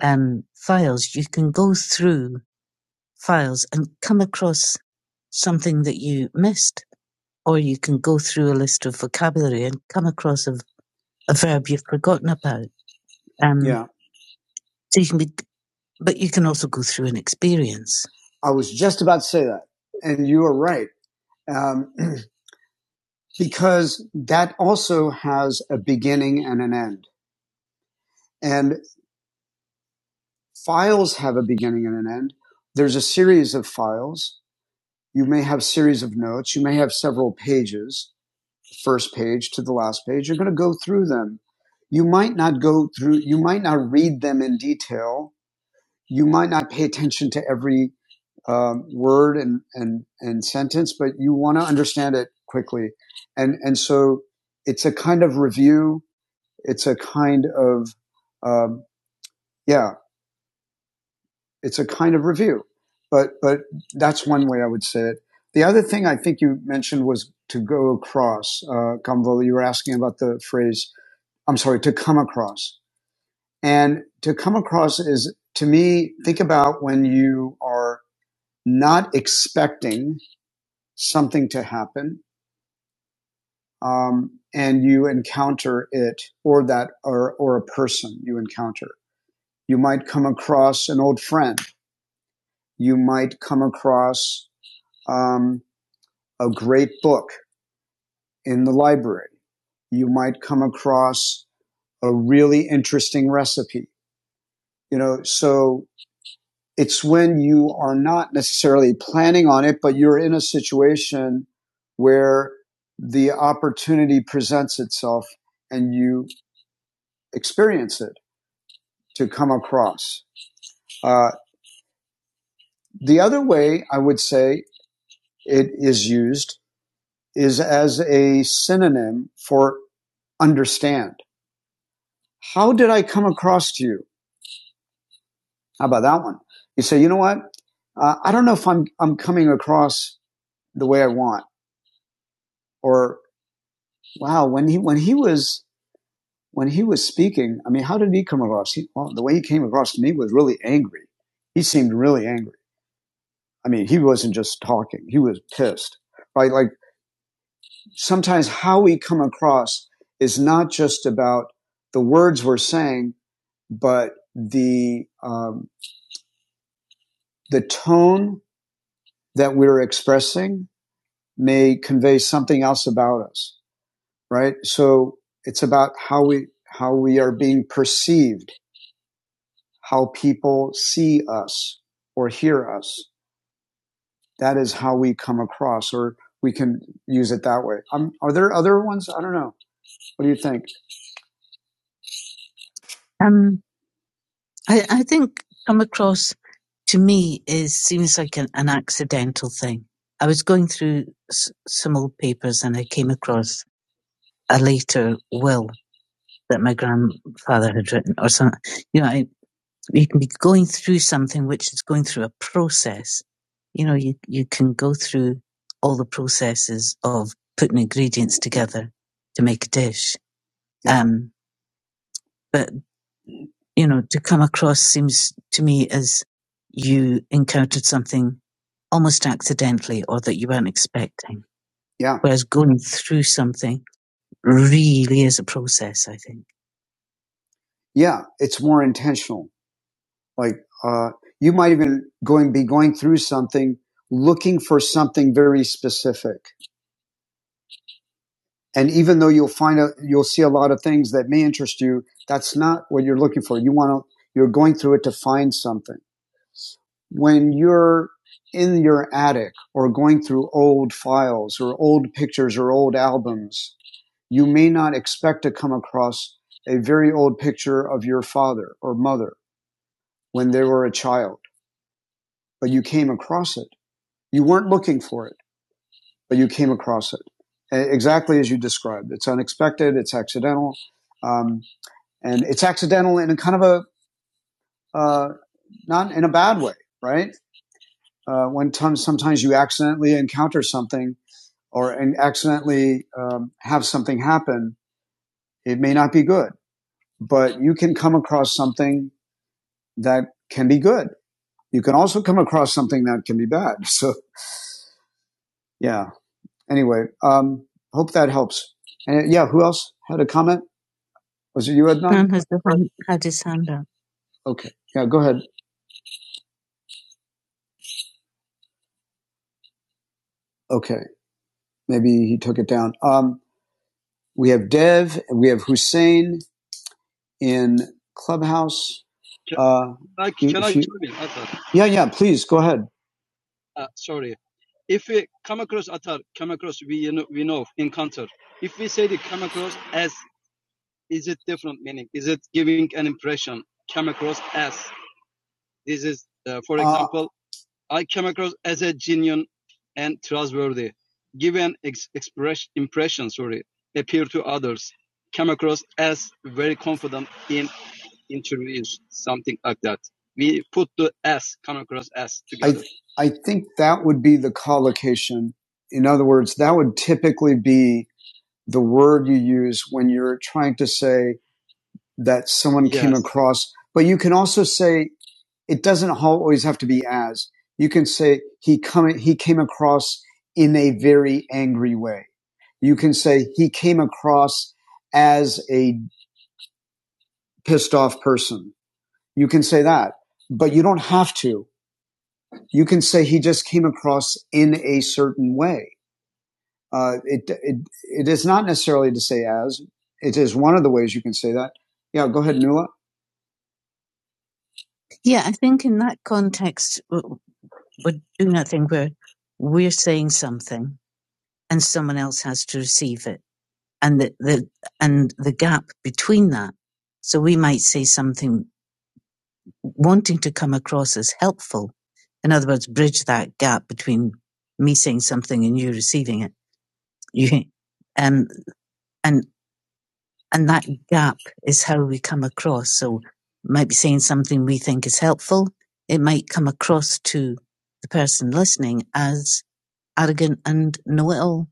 S1: um, files, you can go through files and come across something that you missed, or you can go through a list of vocabulary and come across a, a verb you've forgotten about. Um, Yeah. so you can be, but you can also go through an experience. I was just about to say that. And you are right. Um, because that also has a beginning and an end. and. Files have a beginning and an end. There's a series of files. You may have series of notes. You may have several pages, the first page to the last page. You're going to go through them. You might not go through, you might not read them in detail. You might not pay attention to every um, word and, and, and sentence, but you want to understand it quickly. And, and so it's a kind of review. It's a kind of, um, yeah, it's a kind of review. But but that's one way I would say it. The other thing I think you mentioned was to go across. Uh, Kamvola, you were asking about the phrase. I'm sorry, to come across. And to come across is to me. Think about when you are not expecting something to happen, um, and you encounter it or that or or a person you encounter. You might come across an old friend. You might come across um, a great book in the library. You might come across a really interesting recipe, you know, so it's when you are not necessarily planning on it, but you're in a situation where the opportunity presents itself and you experience it to come across. Uh, the other way I would say it is used is as a synonym for understand. How did I come across to you? How about that one? You say, you know what? Uh, I don't know if I'm I'm coming across the way I want. Or wow, when he when he was when he was speaking, I mean, how did he come across? He, well, the way he came across to me was really angry. He seemed really angry. I mean, he wasn't just talking; he was pissed. Right? Like sometimes how we come across is not just about the words we're saying, but the um, the tone that we're expressing may convey something else about us, right? So it's about how we, how we are being perceived, how people see us or hear us. That is how we come across or we can use it that way. Um, are there other ones? I don't know. What do you think? Um, I, I think come across to me is seems like an, an accidental thing. I was going through s- some old papers and I came across a later will that my grandfather had written or something. You know, I, you can be going through something which is going through a process. You know, you, you can go through all the processes of putting ingredients together to make a dish. Um, but, you know, to come across seems to me as you encountered something almost accidentally or that you weren't expecting. Yeah. Whereas going through something really is a process, I think. Yeah. It's more intentional. Like uh, you might even going be going through something, looking for something very specific. And even though you'll find out, you'll see a lot of things that may interest you. That's not what you're looking for. You want to. You're going through it to find something. When you're in your attic or going through old files or old pictures or old albums, you may not expect to come across a very old picture of your father or mother when they were a child, but you came across it you weren't looking for it, but you came across it E, exactly as you described. It's unexpected. It's accidental. Um, and it's accidental in a kind of a, uh, not in a bad way, right? Uh, when t- sometimes you accidentally encounter something or and accidentally um, have something happen, it may not be good, but you can come across something that can be good. You can also come across something that can be bad. So yeah. Anyway, um, hope that helps. And yeah, who else had a comment? Was it you, Adnan? Adnan has the had his hand up. Okay. Yeah, go ahead. Okay. Maybe he took it down. Um, we have Dev, we have Hussein in Clubhouse. Uh, yeah, yeah, please go ahead. I think that would be the collocation. In other words, that would typically be the word you use when you're trying to say that someone crossed. But you can also say it doesn't always have to be as. You can say he come he came across in a very angry way. You can say he came across as a pissed off person. You can say that, but you don't have to. You can say he just came across in a certain way. Uh, it, it it is not necessarily to say as. It is one of the ways you can say that. Yeah, go ahead, Nuala. Yeah, I think in that context, we are doing that thing where we're saying something. and someone else has to receive it and the, the and the gap between that so we might say something wanting to come across as helpful in other words bridge that gap between me saying something and you receiving it you um and and that gap is how we come across so might be saying something we think is helpful it might come across to the person listening as arrogant and know-it-all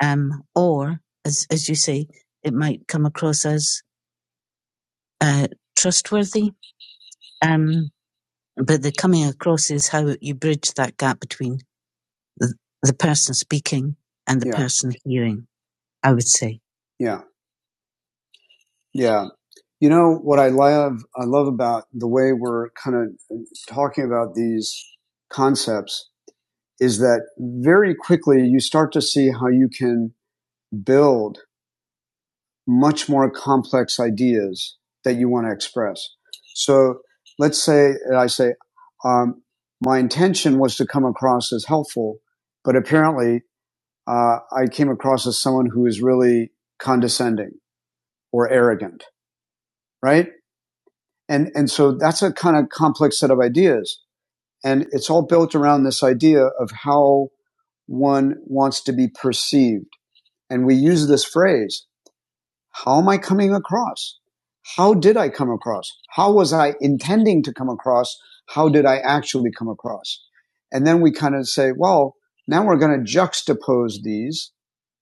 S1: Um, or as, as you say, it might come across as, uh, trustworthy. Um, but the coming across is how you bridge that gap between the, the person speaking and the Yeah. person hearing, I would say. Yeah. Yeah. You know what I love I love about the way we're kind of talking about these concepts is that very quickly you start to see how you can build much more complex ideas that you want to express. So let's say I say, um, my intention was to come across as helpful, but apparently uh, I came across as someone who is really condescending or arrogant, right? And and so that's a kind of complex set of ideas, and it's all built around this idea of how one wants to be perceived. And we use this phrase, how am I coming across? How did I come across? How was I intending to come across? How did I actually come across? And then we kind of say, well, now we're going to juxtapose these,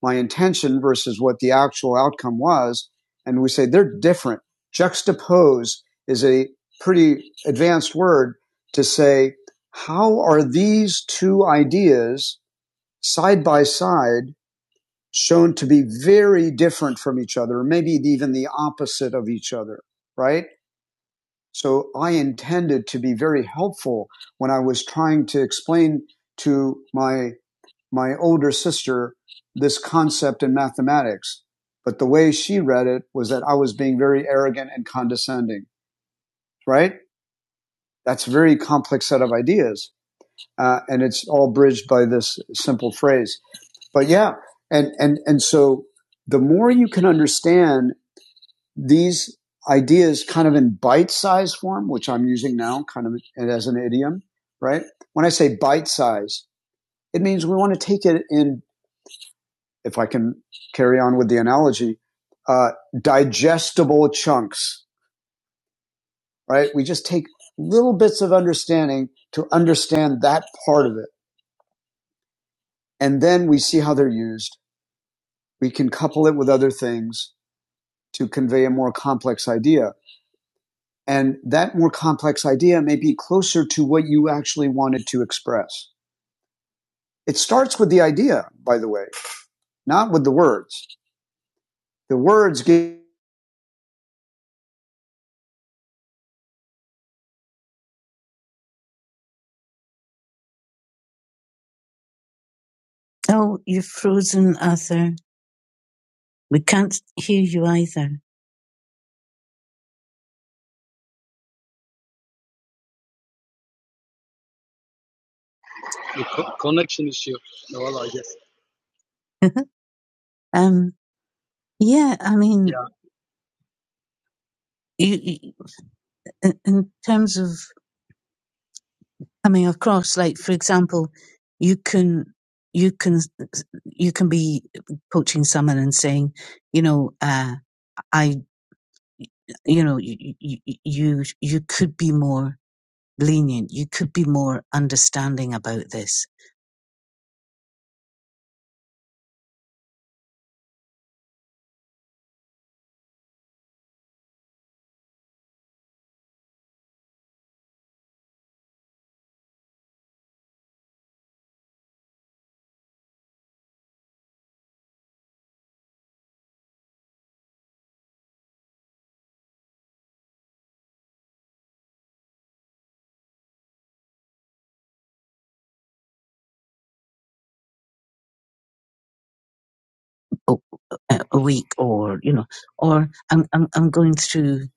S1: my intention versus what the actual outcome was. And we say they're different. Juxtapose is a pretty advanced word to say, how are these two ideas side by side shown to be very different from each other, maybe even the opposite of each other, right? So I intended to be very helpful when I was trying to explain to my, my older sister this concept in mathematics. But the way she read it was that I was being very arrogant and condescending, right? That's a very complex set of ideas. Uh, and it's all bridged by this simple phrase. But yeah, and, and, and so the more you can understand these ideas kind of in bite sized form, which I'm using now kind of as an idiom, right? When I say bite size, it means we want to take it in, if I can carry on with the analogy, uh, digestible chunks, right? We just take little bits of understanding to understand that part of it. And then we see how they're used. We can couple it with other things to convey a more complex idea. And that more complex idea may be closer to what you actually wanted to express. It starts with the idea, by the way, not with the words. The words give. Oh, you've frozen, Arthur. We can't hear you either. um, yeah, I mean, you, you, in terms of coming across, like for example, you can you can you can be coaching someone and saying, you know, uh, I y- you know you, you you you could be more lenient you could be more understanding about this a, a week or you know or I'm, I'm i'm going through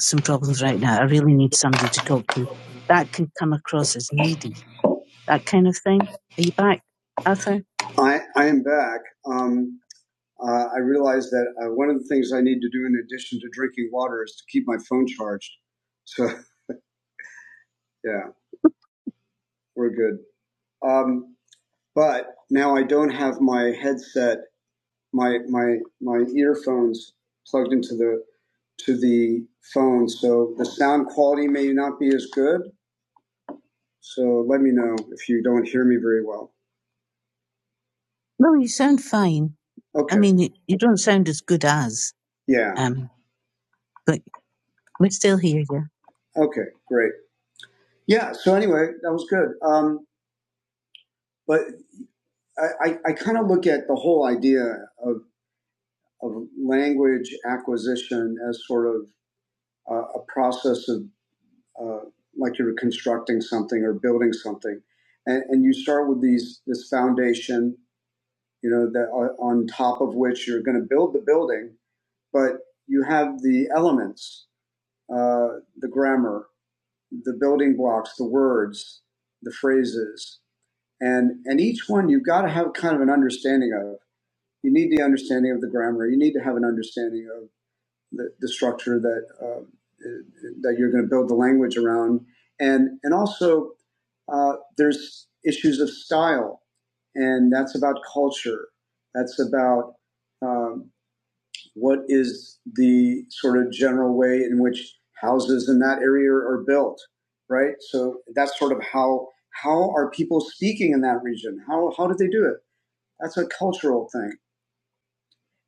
S1: some problems right now i really need somebody to talk to that can come across as needy that kind of thing are you back arthur I, I am back. Um, uh, I realized that uh, one of the things I need to do in addition to drinking water is to keep my phone charged. So, yeah, we're good. Um, but now I don't have my headset, my my my earphones plugged into the to the phone, so the sound quality may not be as good. So let me know if you don't hear me very well. No, you sound fine. Okay. I Okay. mean, you, don't sound as good as, Yeah. um, but we still hear you. Okay. Great. Yeah. So anyway, that was good. Um, but I I, I kind of look at the whole idea of. of language acquisition as sort of uh, a process of uh, like you're constructing something or building something, and, and you start with these this foundation, you know, that on on top of which you're going to build the building, but you have the elements, uh, the grammar, the building blocks, the words, the phrases, and and each one you've got to have kind of an understanding of. You need the understanding of the grammar. You need to have an understanding of the, the structure that uh, that you're going to build the language around, and and also uh, there's issues of style, and that's about culture. That's about um, what is the sort of general way in which houses in that area are built, right? So that's sort of how how are people speaking in that region? How how do they do it? That's a cultural thing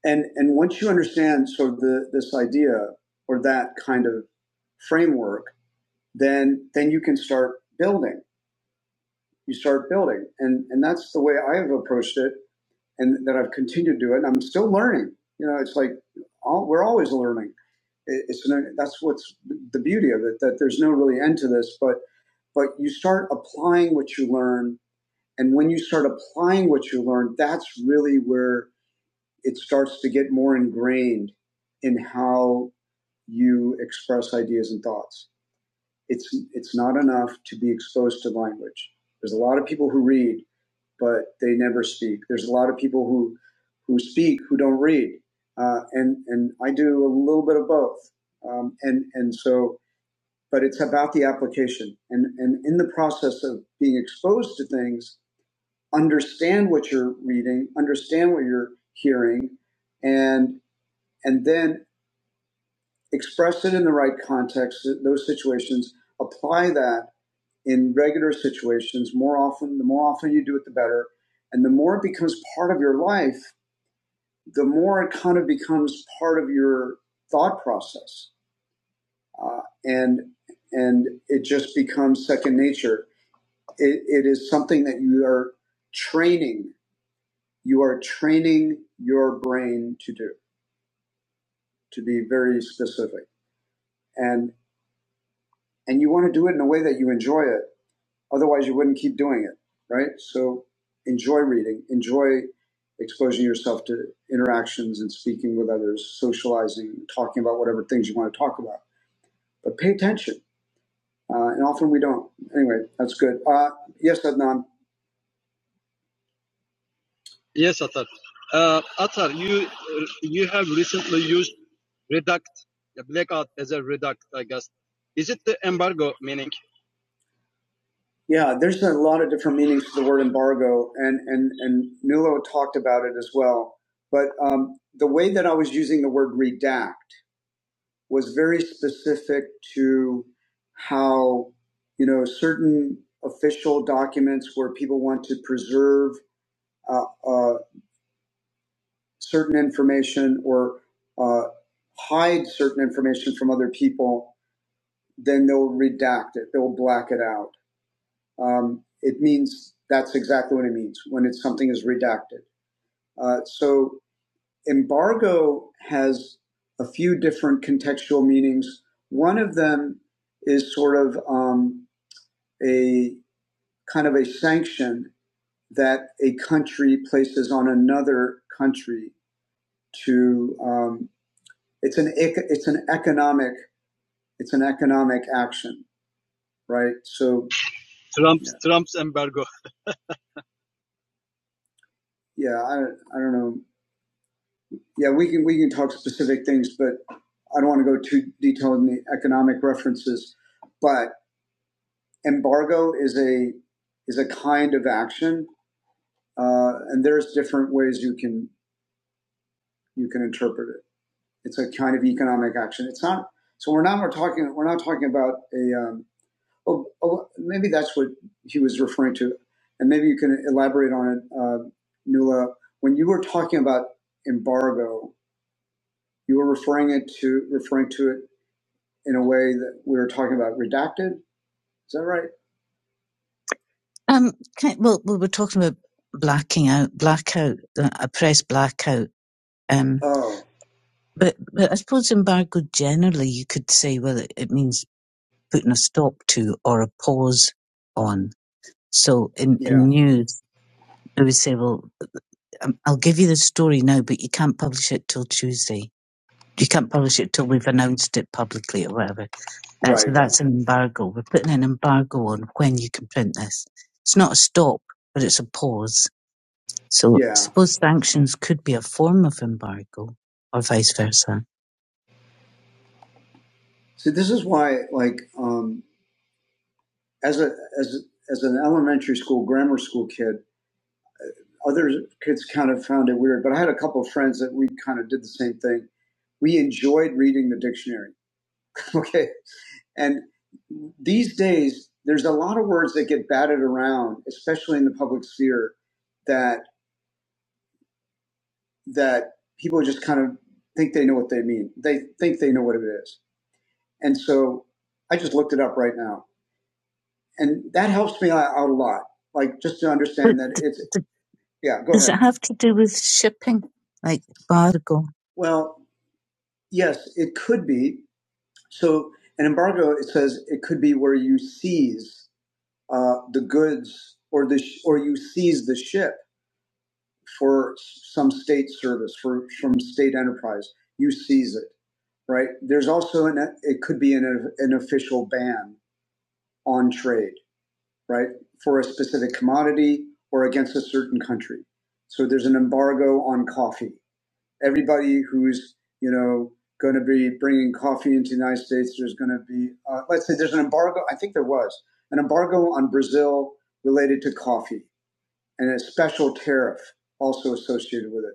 S1: and and once you understand sort of the this idea or that kind of framework then then you can start building you start building and and that's the way i have approached it and that i've continued to do it and i'm still learning you know it's like all, we're always learning It- it's no, that's what's the beauty of it that there's no really end to this but but you start applying what you learn and when you start applying what you learn that's really where it starts to get more ingrained in how you express ideas and thoughts. It's it's not enough to be exposed to language. There's a lot of people who read, but they never speak. There's a lot of people who who speak who don't read, uh, and and I do a little bit of both. Um, and and so, but it's about the application, and and in the process of being exposed to things, understand what you're reading, understand what you're hearing, and and then express it in the right context, those situations, apply that in regular situations more often. The more often you do it, the better. And the more it becomes part of your life, the more it kind of becomes part of your thought process. Uh, and, and it just becomes second nature. It, it is something that you are training. You are training your brain to do, to be very specific. And, and you want to do it in a way that you enjoy it Otherwise, you wouldn't keep doing it, right? So enjoy reading, enjoy exposing yourself to interactions and speaking with others, socializing, talking about whatever things you want to talk about. But pay attention. Uh, and often we don't. Anyway, that's good. Uh, yes, Adnan. Yeah, there's a lot of different meanings to the word embargo, and and and Nulo talked about it as well. But um, the way that I was using the word redact was very specific to how you know certain official documents where people want to preserve uh, uh, certain information or uh, hide certain information from other people, then they'll redact it. They'll black it out. Um, it means that's exactly what it means when it's something is redacted. Uh, so embargo has a few different contextual meanings. One of them is sort of um, a kind of a sanction that a country places on another country to um, it's an it's an economic it's an economic action, right? So yeah, I, I don't know. Yeah, we can we can talk specific things, but I don't want to go too detailed in the economic references. But embargo is a is a kind of action, uh, and there's different ways you can you can interpret it. It's a kind of economic action. It's not. So we're not we're talking we're not talking about a. Um, oh, oh, maybe that's what he was referring to, and maybe you can elaborate on it, uh, Nula. When you were talking about embargo, you were referring it to referring to it in a way that we were talking about redacted. Is that right? Um, can, well, we were talking about blacking out, blackout, uh, a press blackout. Um, Oh, but, but I suppose embargo generally, you could say, well, it, it means putting a stop to or a pause on. So in, yeah. in news, they would say, well, um, I'll give you the story now, but you can't publish it till Tuesday. You can't publish it till we've announced it publicly or whatever. Uh, so Right. that's an embargo. We're putting an embargo on when you can print this. It's not a stop, but it's a pause. So yeah. I Yeah. suppose sanctions could be a form of embargo or vice versa. See, this is why, like, um, as a as as an elementary school grammar school kid, other kids kind of found it weird. But I had a couple of friends that we kind of did the same thing. We enjoyed reading the dictionary. Okay, and these days there's a lot of words that get batted around, especially in the public sphere, that that people just kind of think they know what they mean. They think they know what it is. And so I just looked it up right now. And that helps me out a lot. Like just to understand but that it's, d- yeah, go Does ahead. Does it have to do with shipping? Like embargo? Well, yes, it could be. So an embargo, it says it could be where you seize uh, the goods or the, sh- or you seize the ship for some state service, for from state enterprise. You seize it, right? There's also an, it could be an, an official ban on trade right, for a specific commodity or against a certain country. So there's an embargo on coffee. Everybody who's, you know, going to be bringing coffee into the United States, there's going to be, uh, let's say there's an embargo, I think there was, an embargo on Brazil related to coffee and a special tariff also associated with it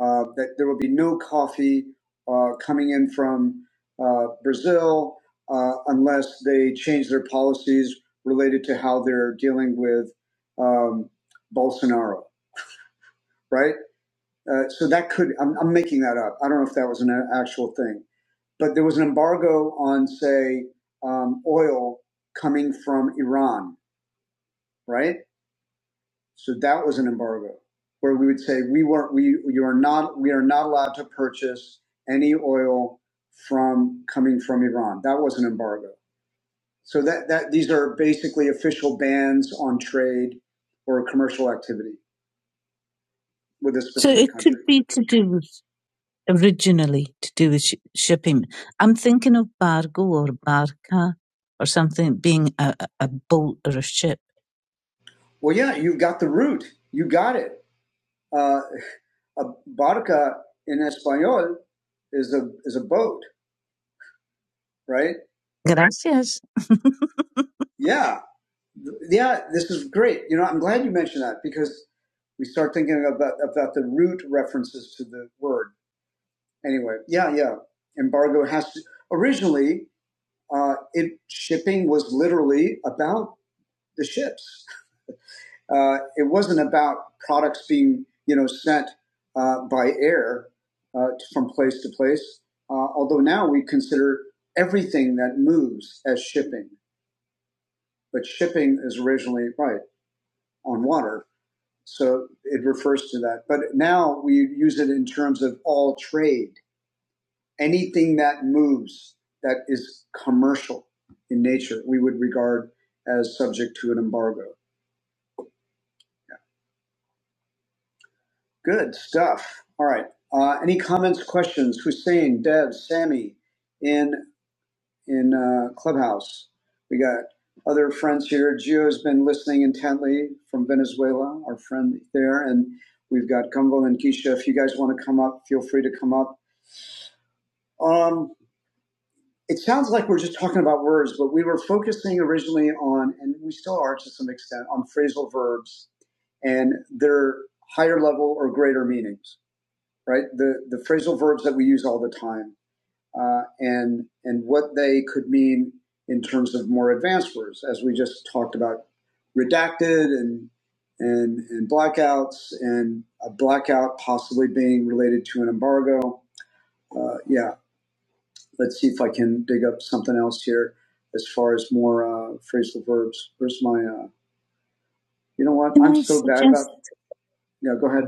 S1: uh, that there will be no coffee uh, coming in from uh, Brazil uh, unless they change their policies related to how they're dealing with um, Bolsonaro, right? Uh, so that could, I'm, I'm making that up. I don't know if that was an actual thing. But there was an embargo on, say, um, oil coming from Iran, right? So that was an embargo where we would say we weren't we you are not we are not allowed to purchase any oil from coming from Iran. That was an embargo. So that that these are basically official bans on trade or commercial activity with a So specific it could country. be to do with originally to do with sh- shipping. I'm thinking of bargo or barca or something being a, a a boat or a ship. Well, yeah, you got the root. You got it. Uh, a barca in Espanol is a is a boat, right? Gracias. Yeah, yeah. This is great. You know, I'm glad you mentioned that because we start thinking about about the root references to the word. Anyway, yeah, yeah. Embargo has to originally uh, it shipping was literally about the ships. Uh, it wasn't about products being, you know, sent uh, by air uh, from place to place. Uh, although now we consider everything that moves as shipping, but shipping is originally right on water, so it refers to that. But now we use it in terms of all trade, anything that moves that is commercial in nature, we would regard as subject to an embargo. Good stuff. All right. Uh, any comments, questions? Hussein, Dev, Sammy, in in uh, Clubhouse. We got other friends here. Gio's been listening intently from Venezuela, our friend there, and we've got Gumbo and Keisha. If you guys want to come up, feel free to come up. Um, it sounds like we're just talking about words, but we were focusing originally on, and we still are to some extent, on phrasal verbs and their higher level or greater meanings right? The the phrasal verbs that we use all the time, uh, and and what they could mean in terms of more advanced words, as we just talked about, redacted and and and blackouts, and a blackout possibly being related to an embargo. Uh, yeah, let's see if I can dig up something else here as far as more uh, phrasal verbs. Where's my? Uh, you know what? Can I'm I so suggest- bad about. Yeah, go ahead.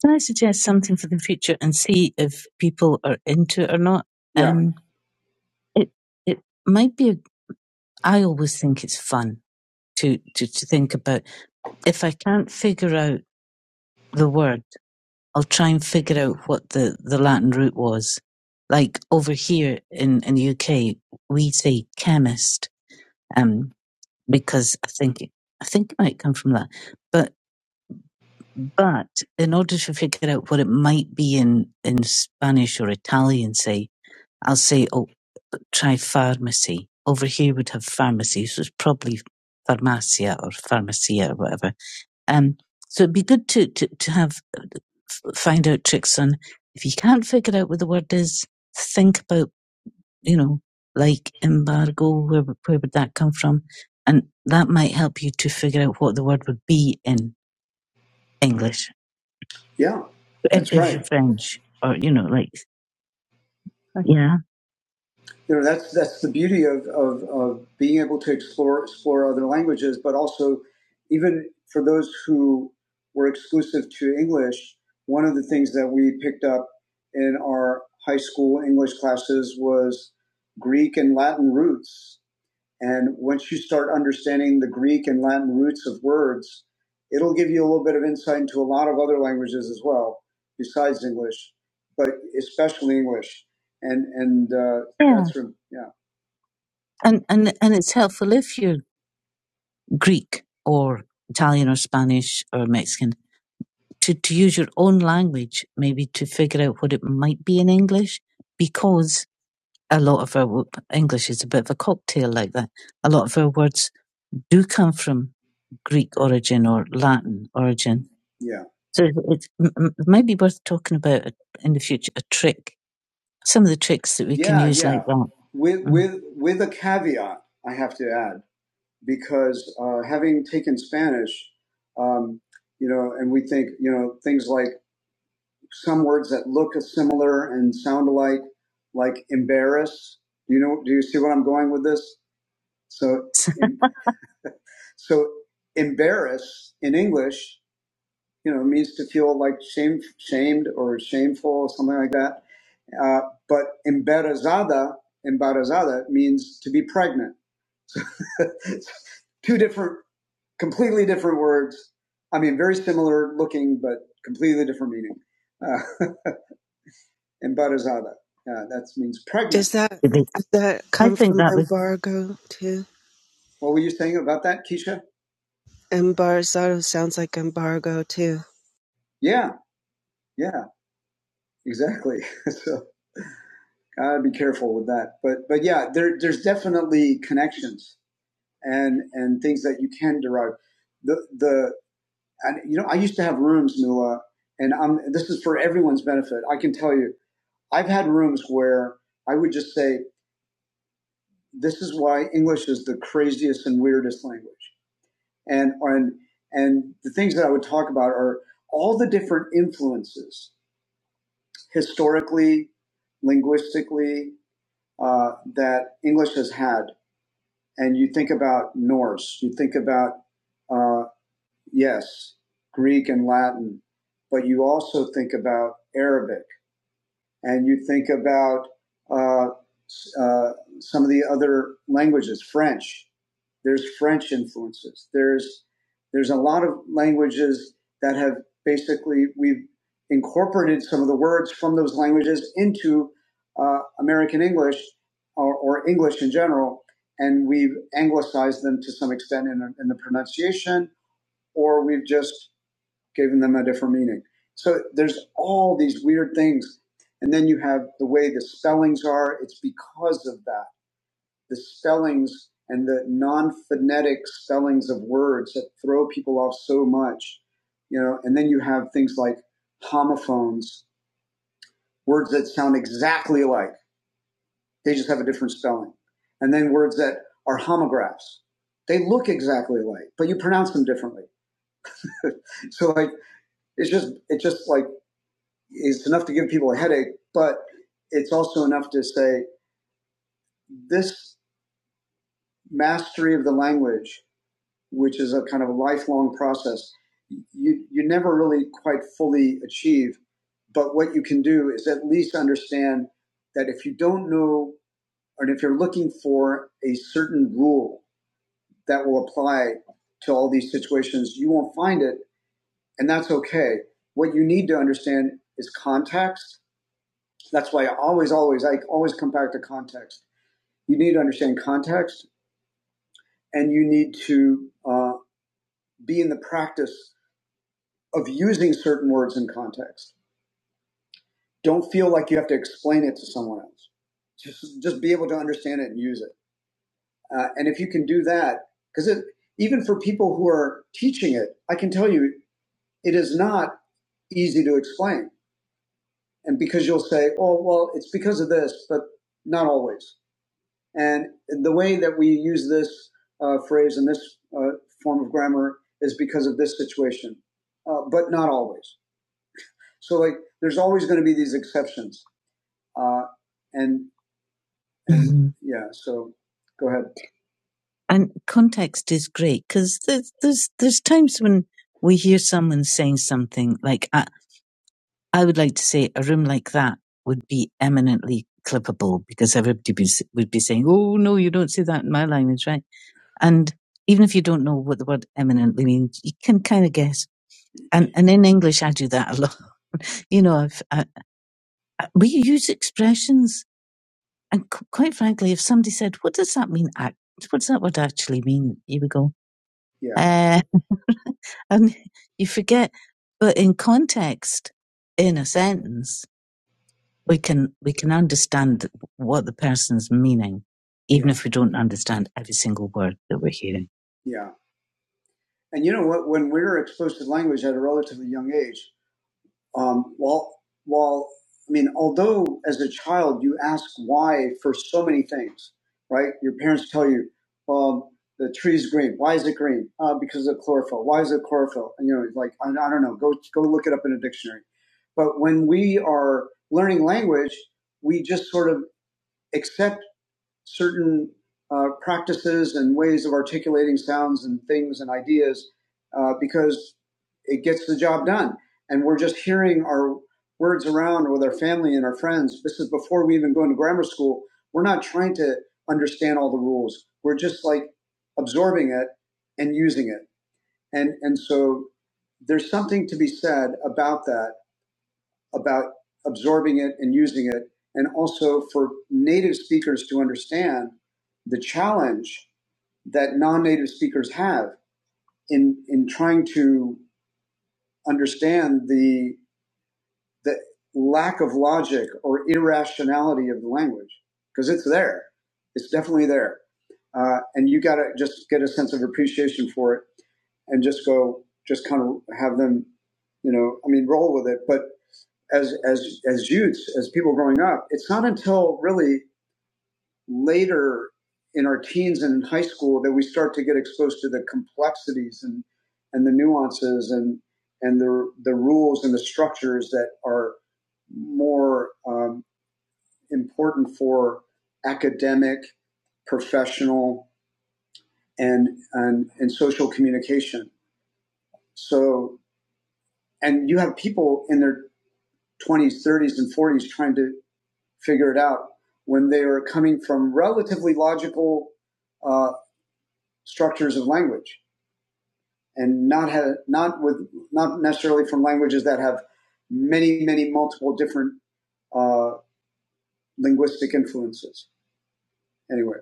S1: Can I suggest something for the future and see if people are into it or not? Yeah. Um, it it might be. A, I always think it's fun to, to to think about. If I can't figure out the word, I'll try and figure out what the the Latin root was. Like over here in in the UK, we say chemist, um, because I think it, I think it might come from that, but. But in order to figure out what it might be in, in Spanish or Italian, say, I'll say, oh, try pharmacy. Over here would have pharmacy, so it's probably pharmacia or pharmacia or whatever. Um, so it'd be good to, to, to have, find out tricks on if you can't figure out what the word is, think about, you know, like embargo, where, where would that come from? And that might help you to figure out what the word would be in English. Yeah, that's is right. French, or you know, like yeah, you know that's that's the beauty of, of of being able to explore explore other languages but also even for those who were exclusive to english one of the things that we picked up in our high school english classes was greek and latin roots and once you start understanding the Greek and Latin roots of words, it'll give you a little bit of insight into a lot of other languages as well, besides English, but especially English. And and uh, yeah. that's from- yeah. And and and it's helpful if you're Greek or Italian or Spanish or Mexican to to use your own language, maybe to figure out what it might be in English, because a lot of our English is a bit of a cocktail like that. A lot of our words do come from Greek origin or Latin origin. Yeah. So it it might be worth talking about in the future a trick, some of the tricks that we yeah, can Yeah, use yeah. like that. With Mm. with with a caveat, I have to add, because uh, having taken Spanish, um, you know, and we think, you know, things like some words that look similar and sound alike, like embarrass. You know, do you see what I'm going with this? So, em- so embarrass in English, you know, means to feel like shame, shamed or shameful or something like that. Uh, but embarazada, embarazada means to be pregnant. Two different, completely different words. I mean, very similar looking, but completely different meaning. Uh, and Bharazada. Uh, that means pregnant. Does that does that I come I think from that embargo was too? What were you saying about that, Keisha? Embarazado sounds like embargo too. Yeah, yeah, exactly. so gotta be careful with that. But but yeah, there there's definitely connections and and things that you can derive. The the and you know I used to have rooms, Nula, and I'm this is for everyone's benefit. I can tell you, I've had rooms where I would just say. this is why English is the craziest and weirdest language. And and and the things that I would talk about are all the different influences historically, linguistically uh, that English has had. And you think about Norse, you think about uh, yes, Greek and Latin, but you also think about Arabic and you think about uh, uh, some of the other languages, French. There's French influences. There's there's a lot of languages that have basically we've incorporated some of the words from those languages into uh, American English or, or English in general, and we've anglicized them to some extent in, in the pronunciation, or we've just giving them a different meaning. So there's all these weird things. And then you have the way the spellings are. It's because of that. The spellings and the non phonetic spellings of words that throw people off so much, you know, and then you have things like homophones, words that sound exactly alike. They just have a different spelling. And then words that are homographs. They look exactly alike, but you pronounce them differently. so like, it's just, it's just like, It's enough to give people a headache, but it's also enough to say this mastery of the language, which is a kind of a lifelong process, you, you never really quite fully achieve. But what you can do is at least understand that if you don't know, or if you're looking for a certain rule that will apply to all these situations, you won't find it, and that's okay. What you need to understand is context That's why I always, always, I always come back to context. You need to understand context and you need to uh, be in the practice of using certain words in context. Don't feel like you have to explain it to someone else. Just, just be able to understand it and use it. Uh, and if you can do that, because even for people who are teaching it, I can tell you it is not easy to explain. And because you'll say, oh, well, it's because of this, but not always. And the way that we use this uh, phrase and this uh, form of grammar is because of this situation, uh, but not always. So, like, there's always going to be these exceptions. Uh, and Mhm. yeah, so go ahead. And context is great because there's, there's there's times when we hear someone saying something like, I, I would like to say a room like that would be eminently clippable because everybody be, would be saying, oh, no, you don't say that in my language, right? And even if you don't know what the word eminently means, you can kind of guess. And, and in English, I do that a lot. You know, I've, I, I, we use expressions. And c- quite frankly, if somebody said, what does that mean? Act? What does that word actually mean? Here we go. Yeah. Uh, and you forget. But in context, in a sentence, we can, we can understand what the person's meaning, even Yeah. if we don't understand every single word that we're hearing. Yeah. And you know what? When we were exposed to language at a relatively young age, um, while while I mean, although as a child you ask why for so many things, right? Your parents tell you um, the tree's green. Why is it green? Uh, because of chlorophyll. Why is it chlorophyll? And, you know, like I, I don't know. Go go look it up in a dictionary. But when we are learning language, we just sort of accept certain uh, practices and ways of articulating sounds and things and ideas uh, because it gets the job done. And we're just hearing our words around with our family and our friends. This is before we even go into grammar school. We're not trying to understand all the rules. We're just like absorbing it and using it. And and so there's something to be said about that about absorbing it and using it, and also for native speakers to understand the challenge that non-native speakers have in in trying to understand the the lack of logic or irrationality of the language because it's there it's definitely there uh, and you got to just get a sense of appreciation for it and just go just kind of have them you know i mean roll with it but as as as youths, as people growing up, it's not until really later in our teens and in high school that we start to get exposed to the complexities and and the nuances and and the the rules and the structures that are more um, important for academic, professional, and and and social communication. So and you have people in their 20s, 30s, and 40s trying to figure it out when they are coming from relatively logical uh, structures of language and not have, not with not necessarily from languages that have many many multiple different uh, linguistic influences anyway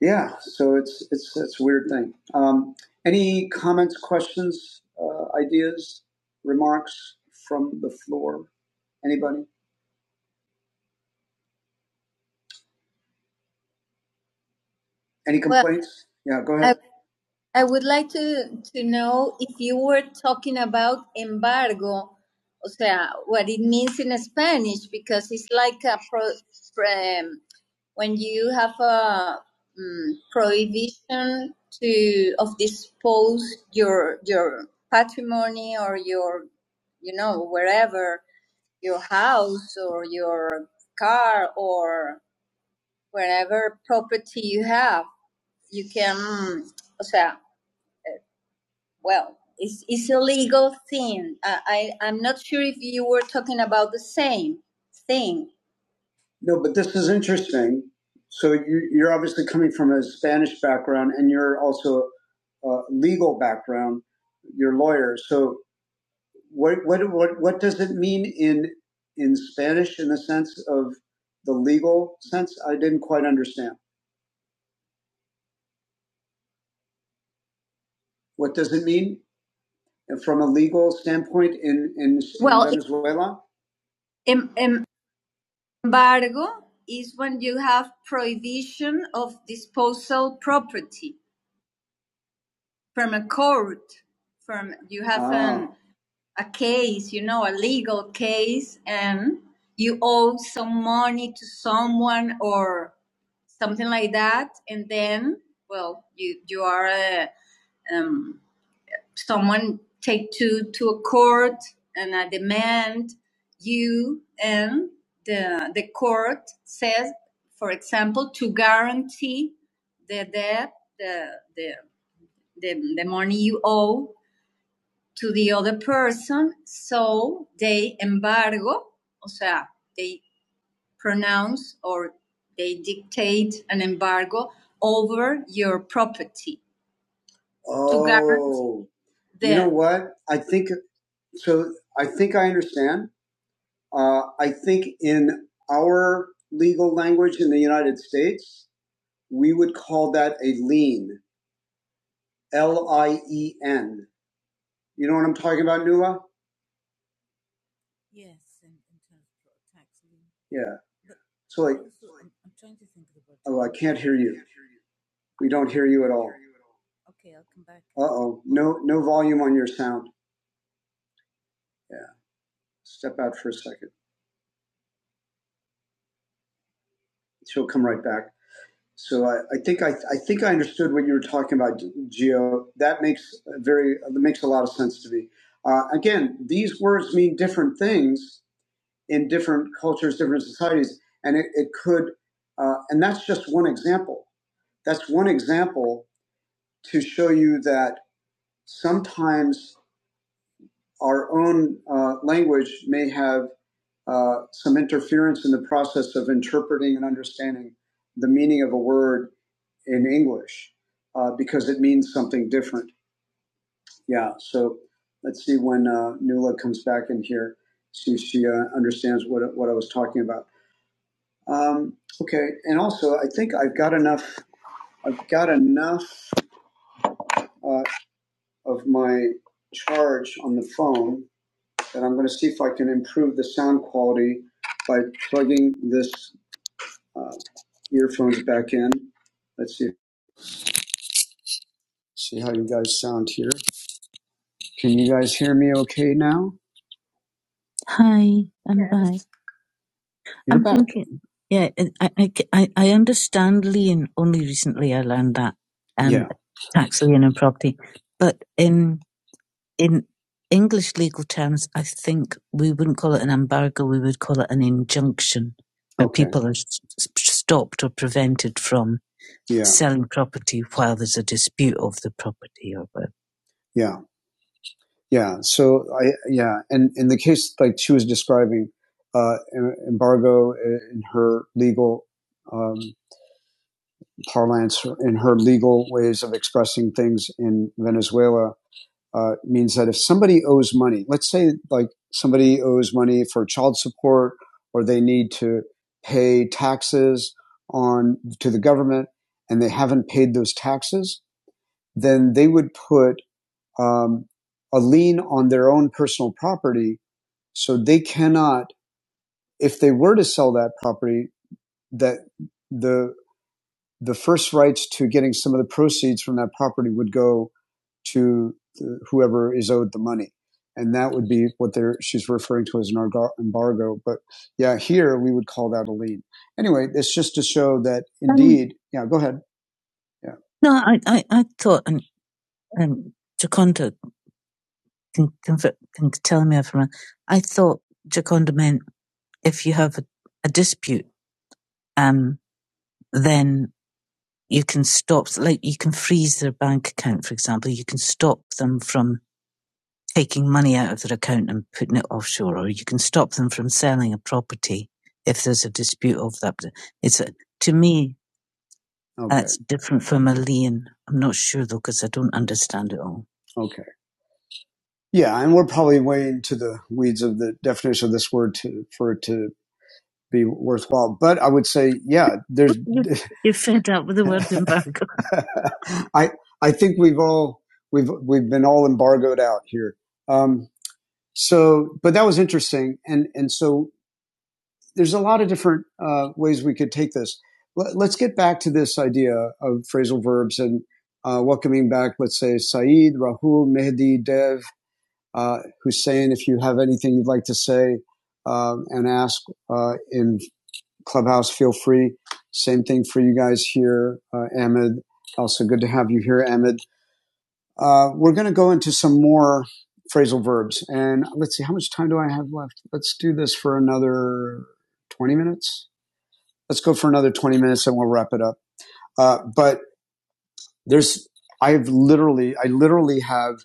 S1: yeah so it's it's it's a weird thing um, any comments questions uh, ideas remarks from the floor anybody any Well, complaints Well, yeah go ahead I would like to, to know if you were talking about embargo, o sea, what it means in Spanish, because it's like a pro, pro- um, when you have a um, prohibition to of dispose your your patrimony or your you know wherever your house or your car or wherever property you have you can o sea well, it's, it's a legal thing. I, I, I'm not sure if you were talking about the same thing. No, but this is interesting. So you, you're obviously coming from a Spanish background and you're also a legal background, you're a lawyer. So what, what, what, what does it mean in, in Spanish in the sense of the legal sense? I didn't quite understand. What does it mean from a legal standpoint in, in, well, in Well, in. in, Embargo is when you have prohibition of disposal property from a court, from you have ah. an, Ah, a case, you know, a legal case, and you owe some money to someone or something like that, and then, well, you you are uh, um, someone take to to a court and I demand you and the the court says, for example, to guarantee the debt, the the the, the money you owe to the other person, so they embargo, o sea, they pronounce or they dictate an embargo over your property Oh, to guarantee Oh, you know what? I think. So I think I understand. Uh, I think in our legal language in the United States, we would call that a lien. L I E N. You know what I'm talking about, Nuala? Yeah. So like, oh, I can't hear you. We don't hear you at all. Uh oh. No, no volume on your sound. Yeah. Step out for a second. She'll come right back. So I, I think I, I think I understood what you were talking about, Geo. That makes very that makes a lot of sense to me. Uh, again, these words mean different things in different cultures, different societies, and it, it could, uh, and that's just one example. That's one example to show you that sometimes our own uh, language may have uh, some interference in the process of interpreting and understanding the meaning of a word in English uh, because it means something different. Yeah. So let's see when uh, Nula comes back in here, see if she uh, understands what what I was talking about. Um, okay. And also, I think I've got enough. I've got enough uh, of my charge on the phone that I'm going to see if I can improve the sound quality by plugging this uh, earphones back in. Let's see. See how you guys sound here. Can you guys hear me okay now? Hi, I'm Yes. back. You're I'm back. thinking, yeah, I, I, I I understand lien. Only recently I learned that, um, Yeah. tax lien and property. But in, in English legal terms, I think we wouldn't call it an embargo. We would call it an injunction where Okay. people are s- s- stopped or prevented from Yeah. selling property while there's a dispute of the property or whatever. Yeah. So I yeah, and in the case like she was describing, uh, embargo in her legal um, parlance, in her legal ways of expressing things in Venezuela, uh, means that if somebody owes money, let's say like somebody owes money for child support, or they need to pay taxes on to the government, and they haven't paid those taxes, then they would put um, a lien on their own personal property so they cannot, if they were to sell that property, that the the first rights to getting some of the proceeds from that property would go to the, whoever is owed the money, and that would be what they're she's referring to as an embargo. But yeah, here we would call that a lien. Anyway, it's just to show that Um, indeed. um, Yeah, go ahead. Yeah. No, I, I, I thought, and um, Jaconda can, can, can tell me if I'm wrong. I thought Jaconda meant if you have a, a dispute um, then you can stop, like you can freeze their bank account, for example. You can stop them from taking money out of their account and putting it offshore, or you can stop them from selling a property if there's a dispute over that. It's a, to me, Okay. that's different from a lien. I'm not sure though, because I don't understand it all. Okay. Yeah, and we're probably way into the weeds of the definition of this word to for it to be worthwhile. But I would say, yeah, there's. You, you're fed up with the word embargo. I I think we've all we've we've been all embargoed out here. Um, so, but that was interesting, and and so there's a lot of different uh, ways we could take this. Let, us get back to this idea of phrasal verbs and uh, welcoming back, let's say, Saeed, Rahul, Mehdi, Dev, uh, Hussein. If you have anything you'd like to say um, and ask uh, in Clubhouse, feel free. Same thing for you guys here, uh, Ahmed. Also good to have you here, Ahmed. Uh, we're going to go into some more phrasal verbs. And let's see, how much time do I have left? Let's do this for another 20 minutes. Let's go for another 20 minutes and we'll wrap it up. Uh, but there's, I've literally, I literally have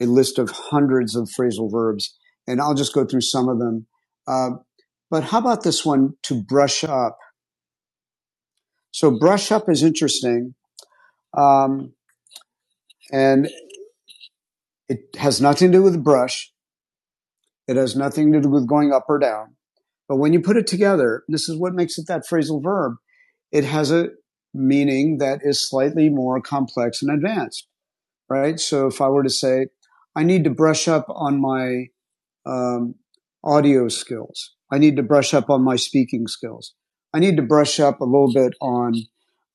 S1: a list of hundreds of phrasal verbs, and I'll just go through some of them. Uh, but how about this one to brush up? So brush up is interesting Um, and it has nothing to do with brush. It has nothing to do with going up or down. But when you put it together, this is what makes it that phrasal verb. It has a meaning that is slightly more complex and advanced, right? So if I were to say, I need to brush up on my um, audio skills. I need to brush up on my speaking skills. I need to brush up a little bit on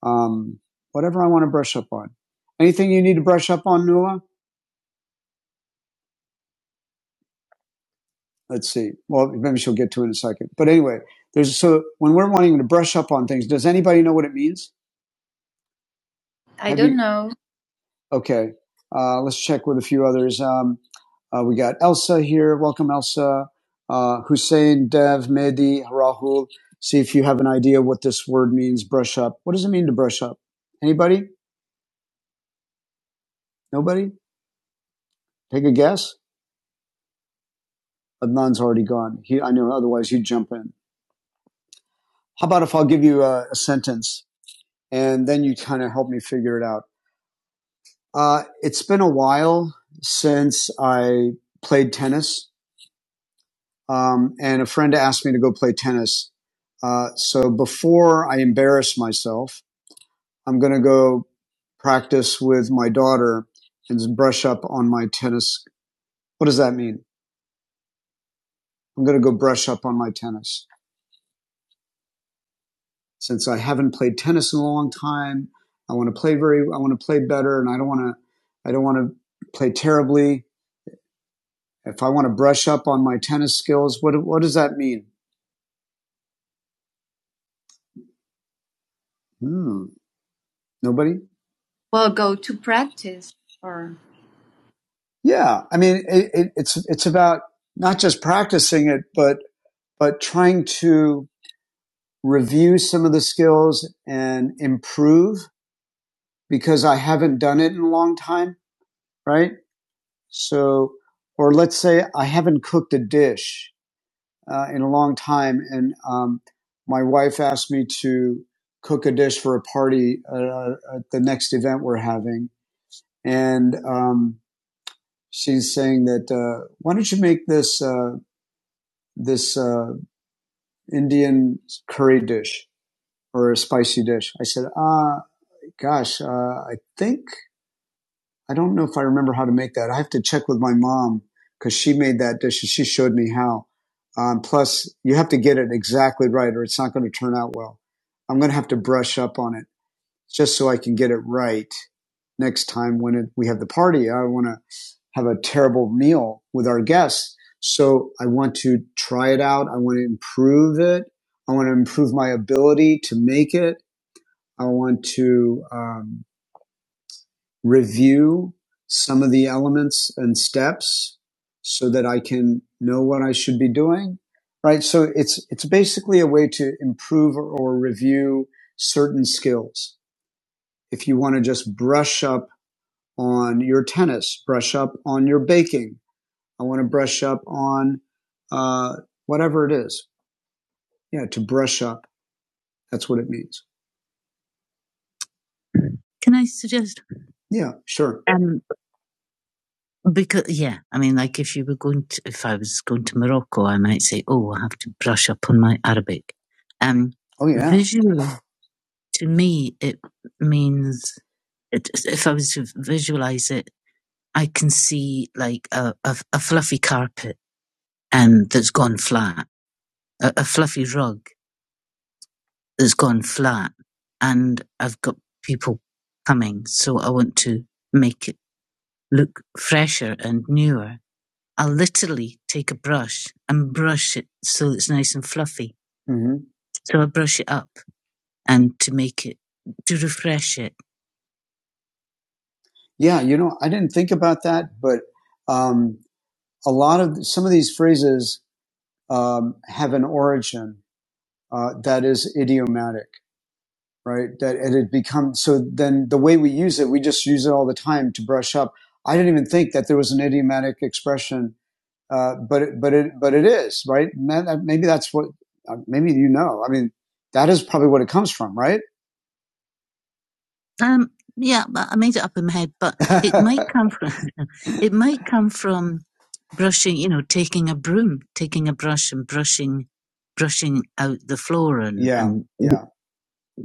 S1: um, whatever I want to brush up on. Anything you need to brush up on, Nuala? let's see. Well, maybe she'll get to it in a second. But anyway, there's so when we're wanting to brush up on things, does anybody know what it means? I Have don't you- know. Okay, uh, let's check with a few others. Um, uh, we got Elsa here. Welcome, Elsa. Uh, Hussein, Dev, Mehdi, Rahul. See if you have an idea what this word means. Brush up. What does it mean to brush up? Anybody? Nobody? Take a guess. Adnan's already gone. He, I know. Otherwise, he'd jump in. How about if I'll give you a, a sentence and then you kind of help me figure it out? Uh, it's been a while since I played tennis, um, and a friend asked me to go play tennis. Uh, so before I embarrass myself, I'm going to go practice with my daughter and brush up on my tennis. What does that mean? I'm going to go brush up on my tennis since I haven't played tennis in a long time. I want to play very, I want to play better and I don't want to, I don't want to play terribly. If I want to brush up on my tennis skills, what, what does that mean? Hmm. Nobody? Well, go to practice or Yeah, I mean, it, it, it's it's about not just practicing it, but but trying to review some of the skills and improve because I haven't done it in a long time, right? So, or let's say I haven't cooked a dish uh, in a long time, and um, my wife asked me to cook a dish for a party uh, at the next event we're having, and um, she's saying that uh, why don't you make this uh, this uh, Indian curry dish or a spicy dish? I said, ah, uh, gosh, uh, I think I don't know if I remember how to make that. I have to check with my mom because she made that dish and she showed me how. Um, plus, you have to get it exactly right, or it's not going to turn out well. I'm going to have to brush up on it. just so I can get it right next time when it, we have the party. I want to have a terrible meal with our guests. So I want to try it out. I want to improve it. I want to improve my ability to make it. I want to um, review some of the elements and steps so that I can know what I should be doing. Right. So it's, it's basically a way to improve or, or review certain skills. If you want to just brush up on your tennis, brush up on your baking. I want to brush up on uh, whatever it is. Yeah, to brush up. That's what it means. Can I suggest? Yeah, sure. Um, because yeah, I mean, like if you were going to, if I was going to Morocco, I might say, oh, I have to brush up on my Arabic. Um, Oh yeah. Visually, to me, it means it, if I was to visualize it, I can see like a, a, a fluffy carpet and that's gone flat, a, a fluffy rug that's gone flat, and I've got people coming, so I want to make it look fresher and newer. I'll literally take a brush and brush it so it's nice and fluffy. hmm So I brush it up and to make it, to refresh it. Yeah, you know, I didn't think about that, but um, a lot of some of these phrases um, have an origin uh, that is idiomatic. right? That it had become so. Then the way we use it, we just use it all the time to brush up. I didn't even think that there was an idiomatic expression, uh, but it, but it but it is right. Maybe that's what. uh, Maybe you know. I mean, that is probably what it comes from, right? Um, yeah, but I made it up in my head, but it might come from it might come from brushing, you know, taking a broom, taking a brush and brushing brushing out the floor and, yeah, and yeah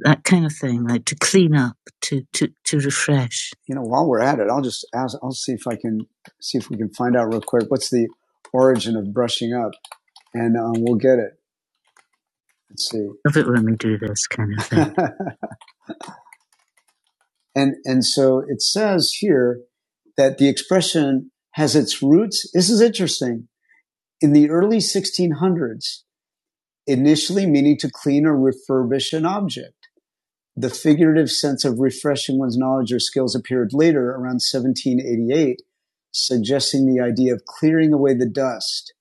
S1: that kind of thing, like to clean up, to, to, to refresh. You know, while we're at it, I'll just ask, I'll see if I can see if we can find out real quick what's the origin of brushing up, and um, we'll get it. Let's see. If it let me do this kind of thing. and and so it says here that the expression has its roots. This is interesting. In the early 1600s, initially meaning to clean or refurbish an object. The figurative sense of refreshing one's knowledge or skills appeared later, around 1788, suggesting the idea of clearing away the dust.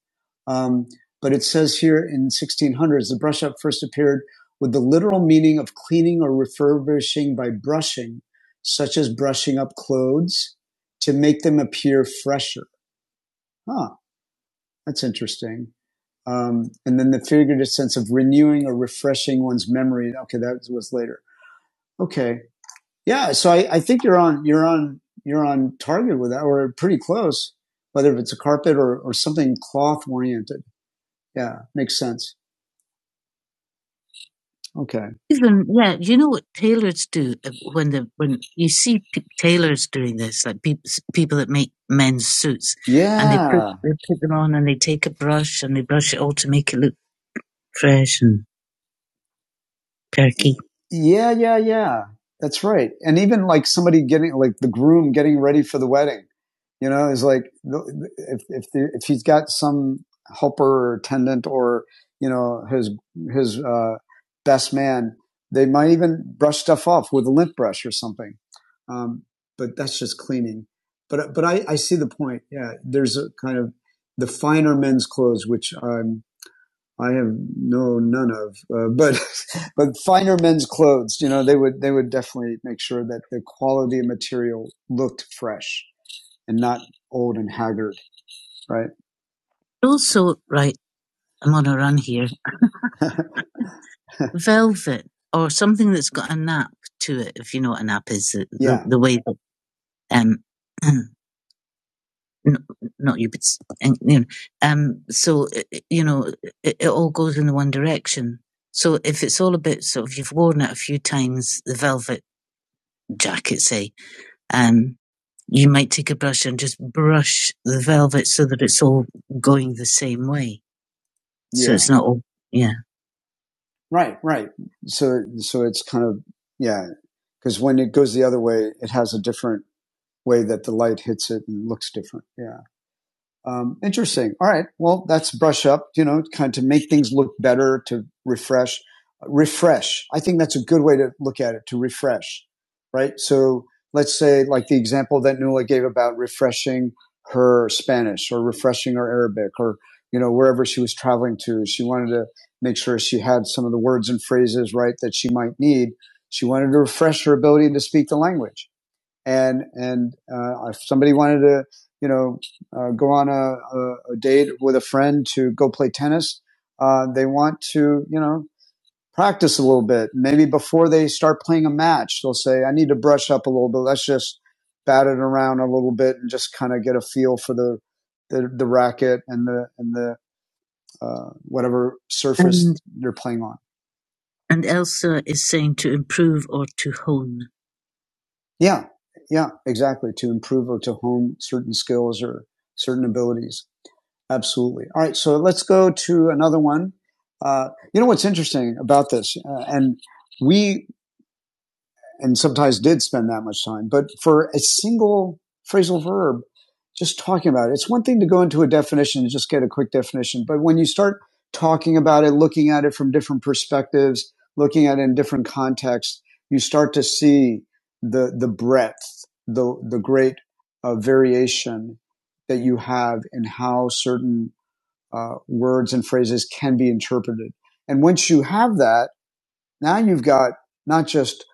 S1: Um, but it says here in 1600s, the brush up first appeared with the literal meaning of cleaning or refurbishing by brushing, such as brushing up clothes to make them appear fresher. Huh, that's interesting. Um, and then the figurative sense of renewing or refreshing one's memory. Okay, that was later. Okay, Yeah, so I, I think you're on you're on you're on target with that, or pretty close. Whether it's a carpet or, or something cloth oriented, yeah, makes sense. Okay, Even yeah, you know what tailors do uh, when the when you see tailors doing this, like people people that make men's suits, yeah, and they put yeah, they put them on and they take a brush and they brush it all to make it look fresh and Turkey. Yeah, yeah, yeah. That's right. And even like somebody getting like the groom getting ready for the wedding, you know, is like if if the, if he's got some helper or attendant or you know his his uh, best man, they might even brush stuff off with a lint brush or something. Um, but that's just cleaning. But but I, I see the point. Yeah, there's a kind of the finer men's clothes, which I'm I have no none of, uh, but but finer men's clothes. You know, they would they would definitely make sure that the quality of material looked fresh and not old and haggard, right? Also, right, I'm on a run here. Velvet or something that's got a nap to it, if you know what a nap is, the, the, yeah, the the way that um, n- not you, but you know, um, so uh, uh, you know, it, it all goes in the one direction. So if it's all a bit sort of you've worn it a few times, the velvet jacket, say, um, you might take a brush and just brush the velvet so that it's all going the same way. Yeah. So Yeah. it's not all, yeah, Right, right. So, so it's kind of yeah, because when it goes the other way, it has a different way that the light hits it and looks different. Yeah. Um, interesting. All right. Well, that's brush up, you know, kind of to make things look better, to refresh, refresh. I think that's a good way to look at it, to refresh, right? So let's say like the example that Nuala gave about refreshing her Spanish or refreshing her Arabic or, you know, wherever she was traveling to, she wanted to make sure she had some of the words and phrases, right, that she might need. She wanted to refresh her ability to speak the language and and uh, if somebody wanted to you know uh, go on a, a, date with a friend to go play tennis, uh, they want to you know practice a little bit. Maybe before they start playing a match, they'll say, "I need to brush up a little bit. Let's just bat it around a little bit and just kind of get a feel for the the, the racket and the and the uh, whatever surface And, they're playing on." and Elsa is saying to improve or to hone. Yeah, yeah, exactly. To improve or to hone certain skills or certain abilities. Absolutely. All right, so let's go to another one. Uh, you know what's interesting about this, uh, and we and sometimes did spend that much time. But for a single phrasal verb, just talking about it, it's one thing to go into a definition and just get a quick definition. But when you start talking about it, looking at it from different perspectives, looking at it in different contexts, you start to see the the breadth, the the great uh, variation that you have in how certain uh, words and phrases can be interpreted. And once you have that, now you've got not just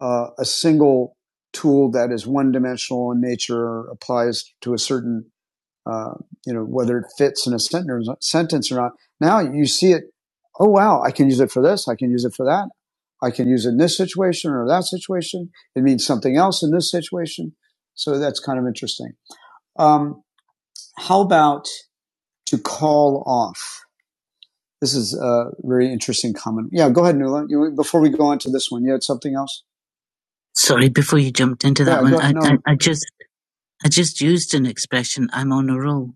S1: uh, a single tool that is one dimensional in nature or applies to a certain, uh, you know, whether it fits in a sentence or not. Now you see it. Oh, wow. I can use it for this. I can use it for that. I can use it in this situation or that situation. It means something else in this situation. So that's kind of interesting. Um, how about to call off? This is a very interesting comment. Yeah, go ahead, Nuala. You, before we go on to this one, you had something else? Sorry, before you jumped into that Yeah, one, I, no, I I just I just used an expression. I'm on a roll.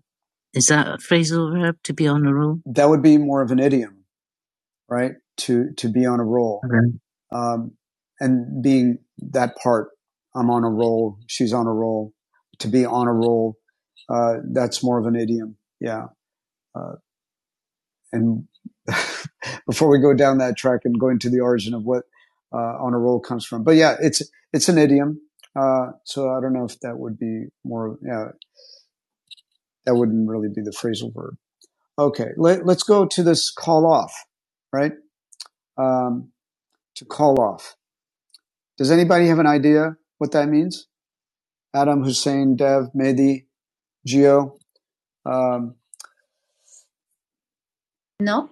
S1: Is that a phrasal verb to be on a roll? that would be more of an idiom, right? To to be on a roll, Okay. um, and being that part, I'm on a roll. She's on a roll. To be on a roll, uh, that's more of an idiom. Yeah, Uh, and before we go down that track and go into the origin of what uh, on a roll comes from. But yeah, it's it's an idiom. Uh, so I don't know if that would be more. Yeah, that wouldn't really be the phrasal verb. Okay, let, us go to this call off, right? Um, to call off. Does anybody have an idea what that means? Adam, Hussein, Dev, Mehdi, Gio. Um, No.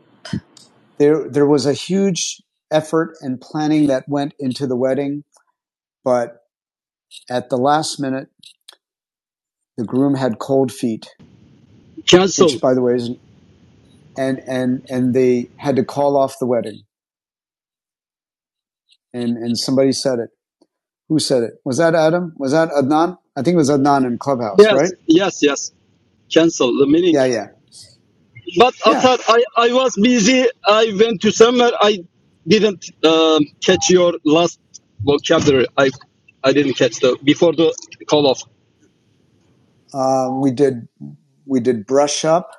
S1: there there was a huge effort and planning that went into the wedding, but at the last minute, the groom had cold feet, which
S5: Cancel.
S1: by the way is and and and they had to call off the wedding. And and somebody said it. Who said it? Was that Adam? Was that Adnan? I think it was Adnan in Clubhouse,
S5: Yes,
S1: right?
S5: yes, yes. Cancel the meaning.
S1: Yeah, yeah,
S5: But
S1: yeah.
S5: Atar, I, I was busy. I went to somewhere. I didn't um, catch your last vocabulary. I I didn't catch the before the call off.
S1: Uh, we did we did brush up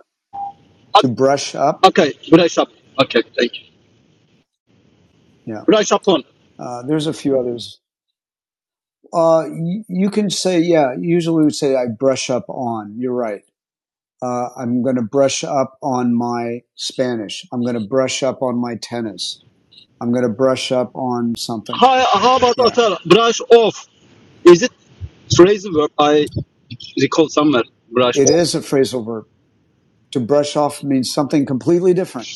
S5: O-
S1: to brush up.
S5: Okay, brush up. Okay, thank you.
S1: Yeah.
S5: Brush up on.
S1: Uh, there's a few others. Uh, y- you can say yeah. Usually we say I brush up on. You're right. Uh, I'm going to brush up on my Spanish. I'm going to brush up on my tennis. I'm going to brush up on something.
S5: How, how about
S1: Yeah.
S5: Atar? Brush off. Is it phrase verb? I recall somewhere. Brush
S1: It
S5: off.
S1: is a phrasal verb. To brush off means something completely different.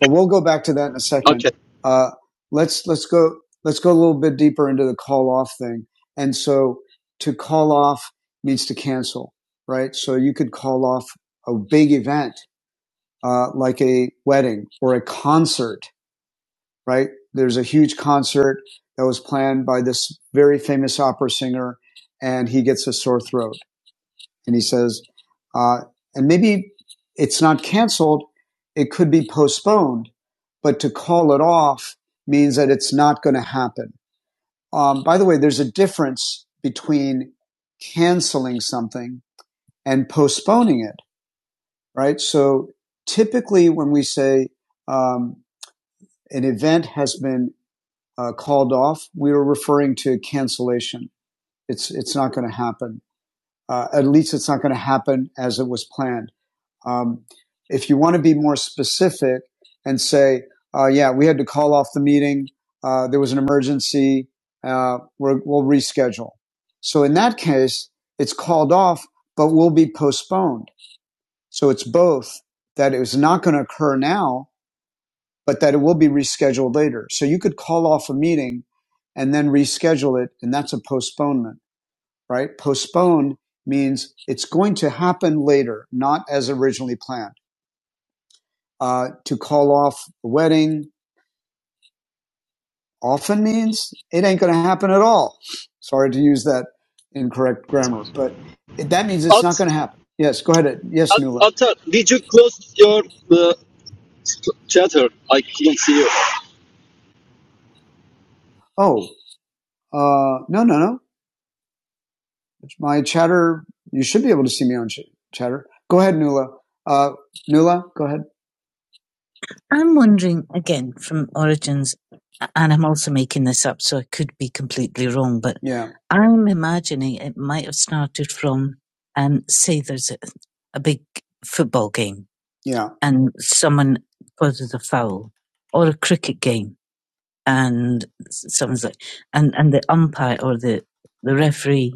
S1: But we'll go back to that in a second.
S5: Okay.
S1: Uh, let's let's go let's go a little bit deeper into the call off thing. And so to call off means to cancel, right? So you could call off a big event uh, like a wedding or a concert, right? There's a huge concert that was planned by this very famous opera singer, and he gets a sore throat And he says, uh, and maybe it's not canceled. It could be postponed, but to call it off means that it's not going to happen. Um, by the way, there's a difference between canceling something and postponing it, right? So typically when we say, um, an event has been uh, called off, we are referring to cancellation. It's, it's not going to happen. Uh, at least it's not going to happen as it was planned. Um, if you want to be more specific and say, uh, yeah, we had to call off the meeting. Uh, there was an emergency. Uh, we're, we'll reschedule. So in that case, it's called off, but will be postponed. So it's both that it was not going to occur now, but that it will be rescheduled later. So you could call off a meeting and then reschedule it. And that's a postponement, right? Postpone means it's going to happen later, not as originally planned. uh, to call off the wedding often means it ain't going to happen at all. Sorry to use that incorrect grammar, but it, that means it's not going to happen. Yes, go ahead. uh, Yes,
S5: At-
S1: Nula.
S5: Atar, did you close your uh, chatter? I couldn't see you.
S1: Oh, uh, no, no, no. My chatter, you should be able to see me on ch- chatter. Go ahead, Nula. Uh, Nula, go ahead. I'm wondering again from origins, and I'm also making this up, so I could be completely wrong, but Yeah. I'm imagining it might have started from, um, say there's a, a big football game Yeah. and someone causes a foul or a cricket game and someone's like, and, and the umpire or the, the referee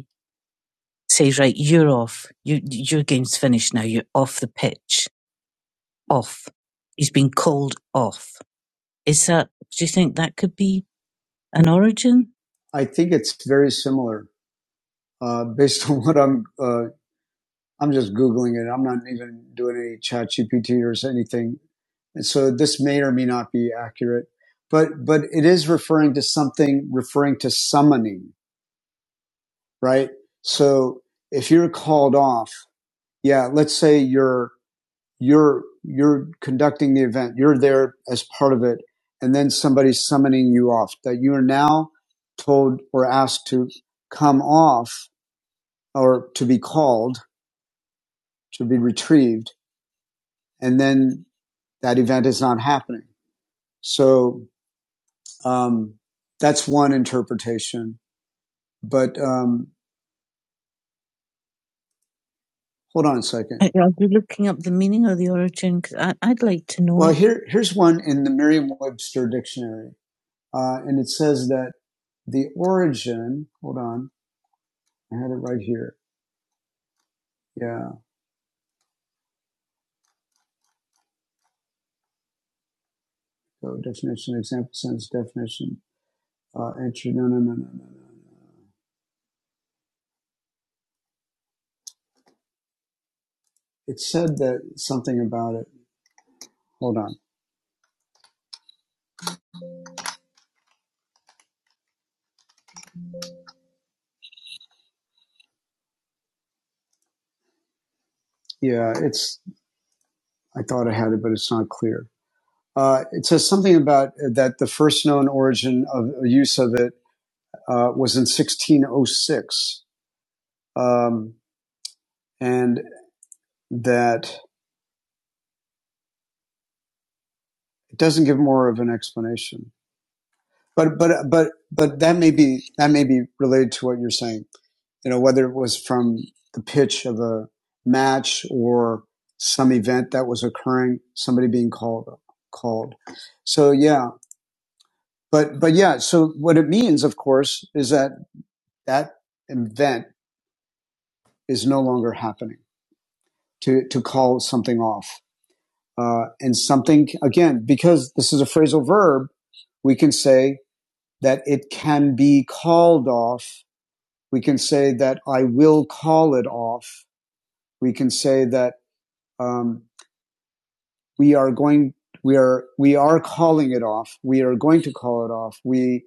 S1: says, right, you're off. You, your game's finished now. You're off the pitch. Off. He's been called off is that, do you think that could be an origin? I think it's very similar. Uh, based on what I'm, uh, I'm just googling it. I'm not even doing any chat GPT or anything. And so this may or may not be accurate, but but it is referring to something referring to summoning, right? So if you're called off, yeah, let's say you're you're you're conducting the event you're there as part of it and then somebody's summoning you off that you are now told or asked to come off or to be called to be retrieved and then that event is not happening so um, that's one interpretation but um, hold on a second I- i'll be looking up the meaning or the origin because i'd like to know well here, here's one in the merriam-webster dictionary Uh, and it says that the origin, hold on, I had it right here. Yeah. So definition, example sentence definition, uh, entry. No, no, no, no, no, no. It said that something about it. Hold on. Yeah. It's, I thought I had it, but it's not clear. Uh, it says something about that the first known origin of use of it uh, was in 1606, um, and that it doesn't give more of an explanation. But but but but that may be that may be related to what you're saying. You know, whether it was from the pitch of a match or some event that was occurring, somebody being called called. So yeah, but but yeah. So what it means, of course, is that that event is no longer happening. To to call something off, uh, and something again because this is a phrasal verb, we can say that it can be called off We can say that I will call it off. We can say that um, we are going, we are, we are calling it off. We are going to call it off. We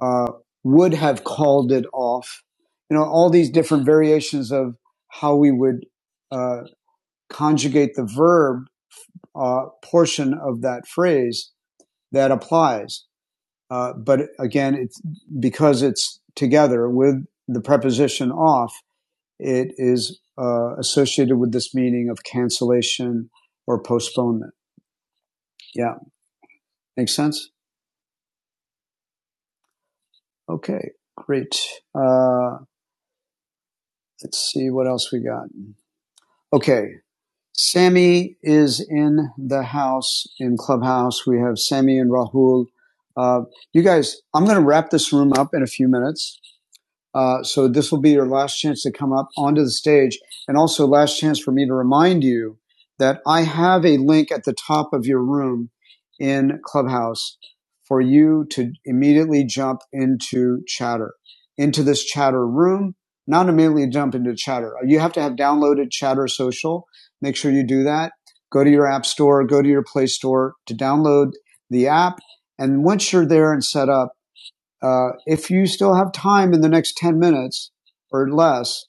S1: uh, would have called it off. You know, all these different variations of how we would uh, conjugate the verb uh, portion of that phrase that applies. Uh, but again, it's because it's together with the preposition off. it is uh, associated with this meaning of cancellation or postponement. Yeah, makes sense. Okay, great. Uh, let's see what else we got. Okay, Sammy is in the house in Clubhouse. We have Sammy and Rahul. Uh, you guys, I'm going to wrap this room up in a few minutes. Uh, so this will be your last chance to come up onto the stage, and also last chance for me to remind you that I have a link at the top of your room in Clubhouse for you to immediately jump into Chatter, into this Chatter room. Not immediately jump into Chatter. You have to have downloaded Chatter Social. Make sure you do that. Go to your app store, go to your play store to download the app. And once you're there and set up, uh, if you still have time in the next 10 minutes or less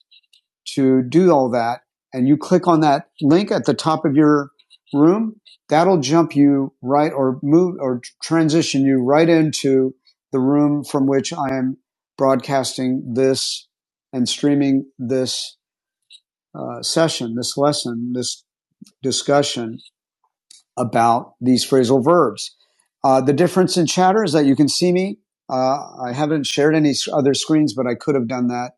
S1: to do all that, and you click on that link at the top of your room, that'll jump you right or move or transition you right into the room from which I am broadcasting this and streaming this uh, session, this lesson, this discussion about these phrasal verbs. Uh, the difference in chatter is that you can see me. Uh, I haven't shared any other screens, but I could have done that.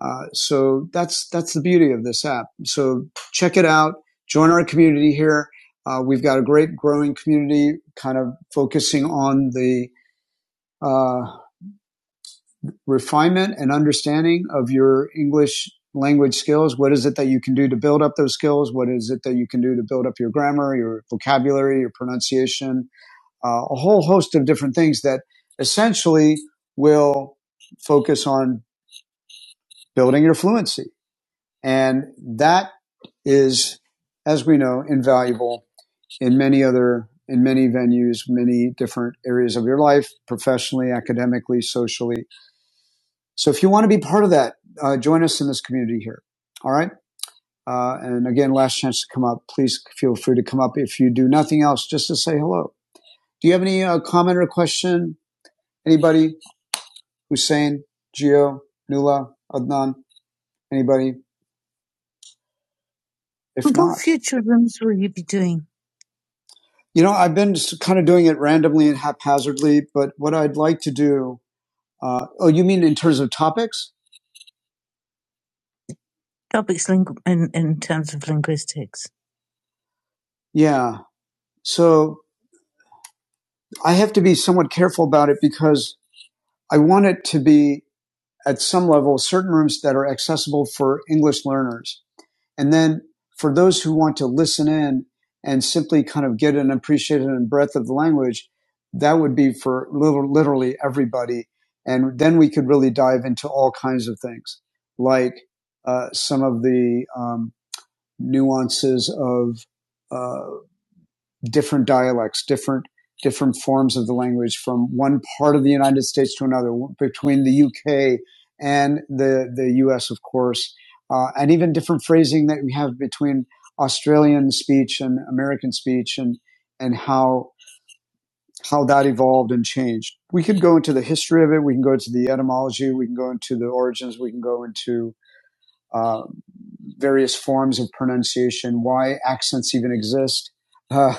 S1: Uh, so that's that's the beauty of this app. So check it out. Join our community here. Uh, we've got a great growing community, kind of focusing on the uh, refinement and understanding of your English language skills. What is it that you can do to build up those skills? What is it that you can do to build up your grammar, your vocabulary, your pronunciation, uh, a whole host of different things that essentially will focus on building your fluency. And that is, as we know, invaluable in many other, in many venues, many different areas of your life, professionally, academically, socially. So if you want to be part of that, uh, join us in this community here. All right. Uh, and again, last chance to come up. Please feel free to come up if you do nothing else, just to say hello. Do you have any uh, comment or question? Anybody? Hussein, Gio, Nula, Adnan, anybody? If What not, future rooms will you be doing? you know, I've been s- kind of doing it randomly and haphazardly, but what I'd like to do, uh, oh, you mean in terms of topics? Topics lingu- in, in terms of linguistics. Yeah. So I have to be somewhat careful about it because I want it to be at some level certain rooms that are accessible for English learners. And then for those who want to listen in and simply kind of get an appreciation and breadth of the language, that would be for little, literally everybody. And then we could really dive into all kinds of things, like uh, some of the um, nuances of uh, different dialects, different different forms of the language from one part of the United States to another, between the UK and the the US, of course, uh, and even different phrasing that we have between Australian speech and American speech, and and how how that evolved and changed. We could go into the history of it. We can go into the etymology. We can go into the origins. We can go into uh, various forms of pronunciation, why accents even exist. Uh,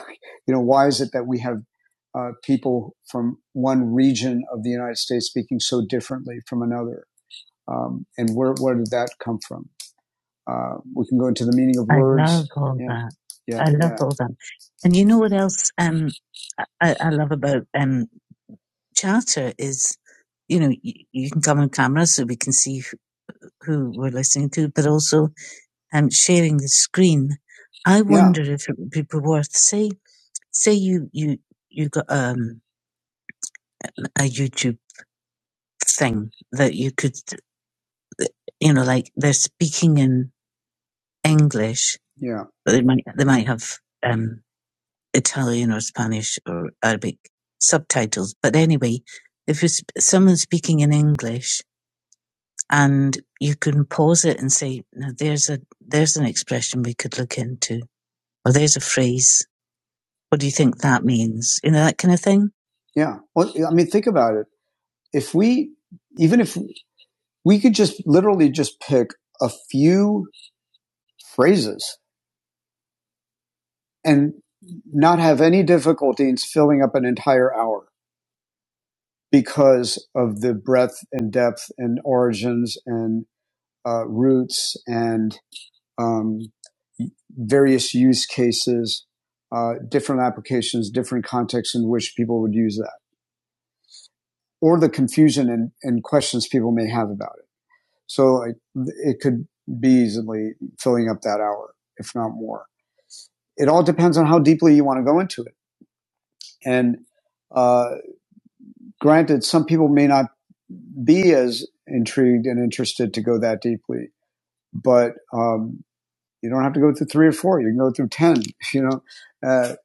S1: you know, why is it that we have uh, people from one region of the United States speaking so differently from another? Um, and where, where did that come from? Uh, we can go into the meaning of words. I love all Yeah, that. yeah, I love yeah. all that. And you know what else um, I, I love about um, Chatter is, you know, you, you can come on camera so we can see who, who we're listening to, but also um, sharing the screen. I Yeah. wonder yeah. if it would be worth say say you you you got um a YouTube thing that you could you know like they're speaking in English, Yeah. but they might they might have um Italian or Spanish or Arabic subtitles. But anyway, if it's someone speaking in English and you can pause it and say, now there's a there's an expression we could look into, or there's a phrase What do you think that means? You know, that kind of thing. Yeah. Well, I mean, think about it. If we, even if we could just literally just pick a few phrases and not have any difficulty in filling up an entire hour because of the breadth and depth and origins and uh, roots and um, various use cases, uh, different applications, different contexts in which people would use that. or the confusion and, and questions people may have about it. So it, it could be easily filling up that hour, if not more. It all depends on how deeply you want to go into it. And uh, granted, some people may not be as intrigued and interested to go that deeply, but um, you don't have to go through three or four. You can go through ten. You know, uh,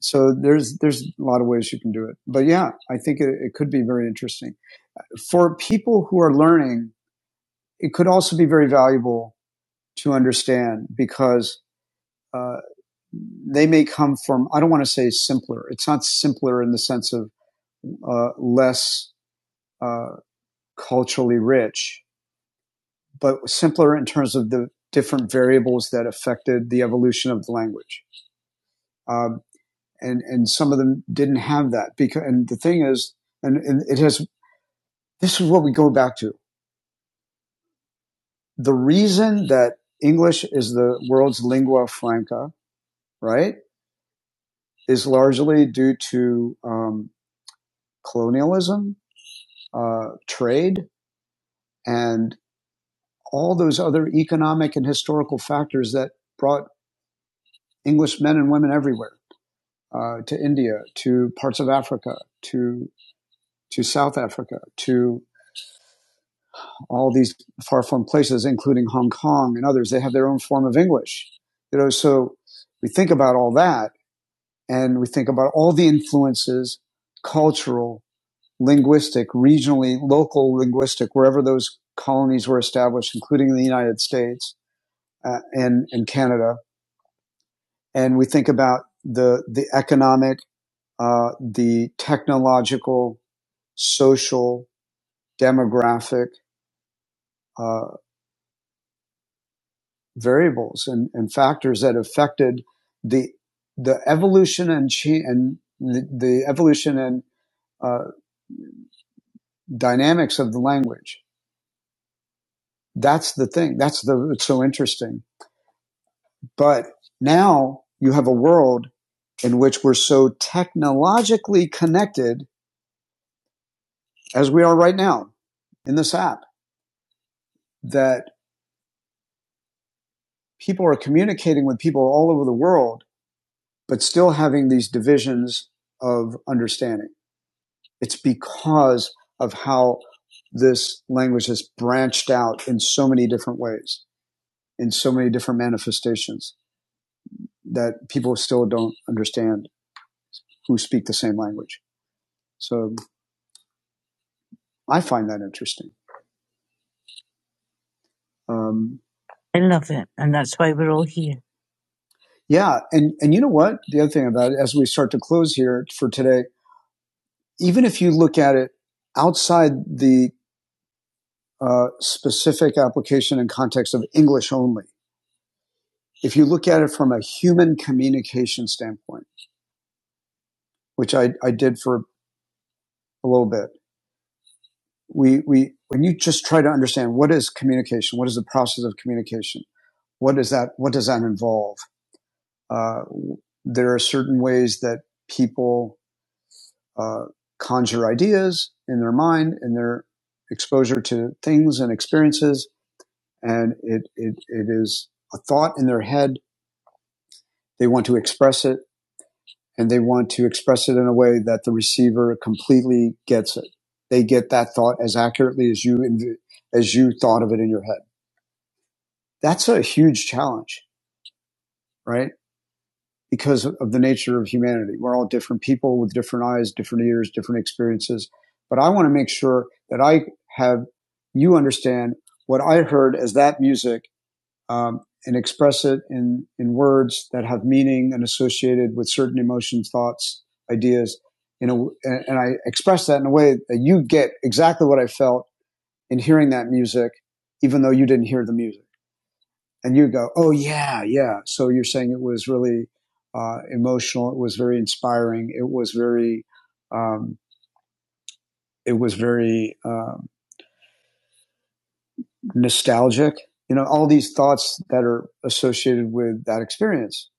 S1: so there's there's a lot of ways you can do it. But yeah, I think it, it could be very interesting for people who are learning it could also be very valuable to understand because uh, they may come from, I don't want to say simpler. It's not simpler in the sense of uh, less uh, culturally rich, but simpler in terms of the different variables that affected the evolution of the language. Um, and, and some of them didn't have that because, and the thing is, and, and it has, this is what we go back to. The reason that English is the world's lingua franca, right? is largely due to um, colonialism, uh, trade, and all those other economic and historical factors that brought English men and women everywhere uh, to India, to parts of Africa, to to South Africa, to all these far-flung places, including Hong Kong and others. They have their own form of English, you know. So we think about all that, and we think about all the influences, cultural, linguistic, regionally, local linguistic, wherever those colonies were established, including the United States uh, and, and Canada. And we think about the, the economic, uh, the technological, social, demographic uh, variables and, and factors that affected the the evolution and chi- and the, the evolution and uh, dynamics of the language. That's the thing. That's the it's so interesting But now you have a world in which we're so technologically connected as we are right now in this app that people are communicating with people all over the world, but still having these divisions of understanding. It's because of how this language has branched out in so many different ways, in so many different manifestations that people still don't understand who speak the same language. So I find that interesting. Um, I love it. And that's why we're all here. Yeah, and and you know what? The other thing about it, as we start to close here for today, even if you look at it outside the uh, specific application and context of English only, if you look at it from a human communication standpoint, which I, I did for a little bit, we we when you just try to understand what is communication, what is the process of communication, what is that, what does that involve? Uh, there are certain ways that people uh, conjure ideas in their mind and their exposure to things and experiences. And it, it, it is a thought in their head. They want to express it and they want to express it in a way that the receiver completely gets it. They get that thought as accurately as you, as you thought of it in your head. That's a huge challenge, right? because of the nature of humanity. We're all different people with different eyes, different ears, different experiences. But I want to make sure that I have you understand what I heard as that music um, and express it in, in words that have meaning and associated with certain emotions, thoughts, ideas. You know, and, and I express that in a way that you get exactly what I felt in hearing that music, even though you didn't hear the music and you go, oh yeah, yeah. So you're saying it was really uh, emotional. It was very inspiring. It was very, um, it was very um nostalgic. You know, all these thoughts that are associated with that experience,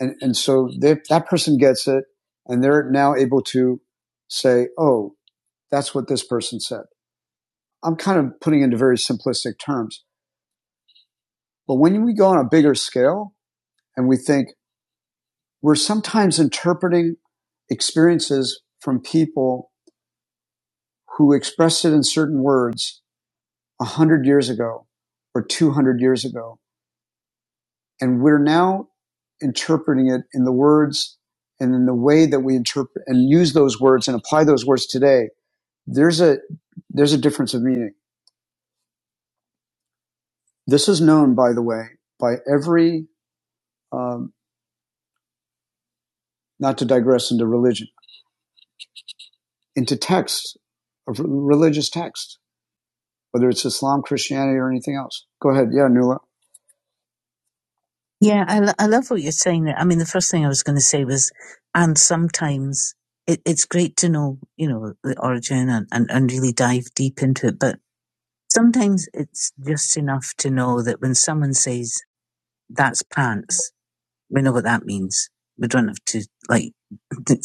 S1: and and so they, that person gets it, and they're now able to say, oh, that's what this person said. I'm kind of putting into very simplistic terms, but when we go on a bigger scale and we think, we're sometimes interpreting experiences from people who expressed it in certain words 100 years ago or 200 years ago. And we're now interpreting it in the words and in the way that we interpret and use those words and apply those words today. There's a, there's a difference of meaning. This is known, by the way, by every, um, not to digress into religion, into texts, of religious texts whether it's Islam, Christianity, or anything else. Go ahead. Yeah, Nuala. Yeah, I, lo- I love what you're saying there. I mean, the first thing I was going to say was, and sometimes it, it's great to know, you know, the origin and, and, and really dive deep into it. But sometimes it's just enough to know that when someone says, that's pants, we know what that means. We don't have to like,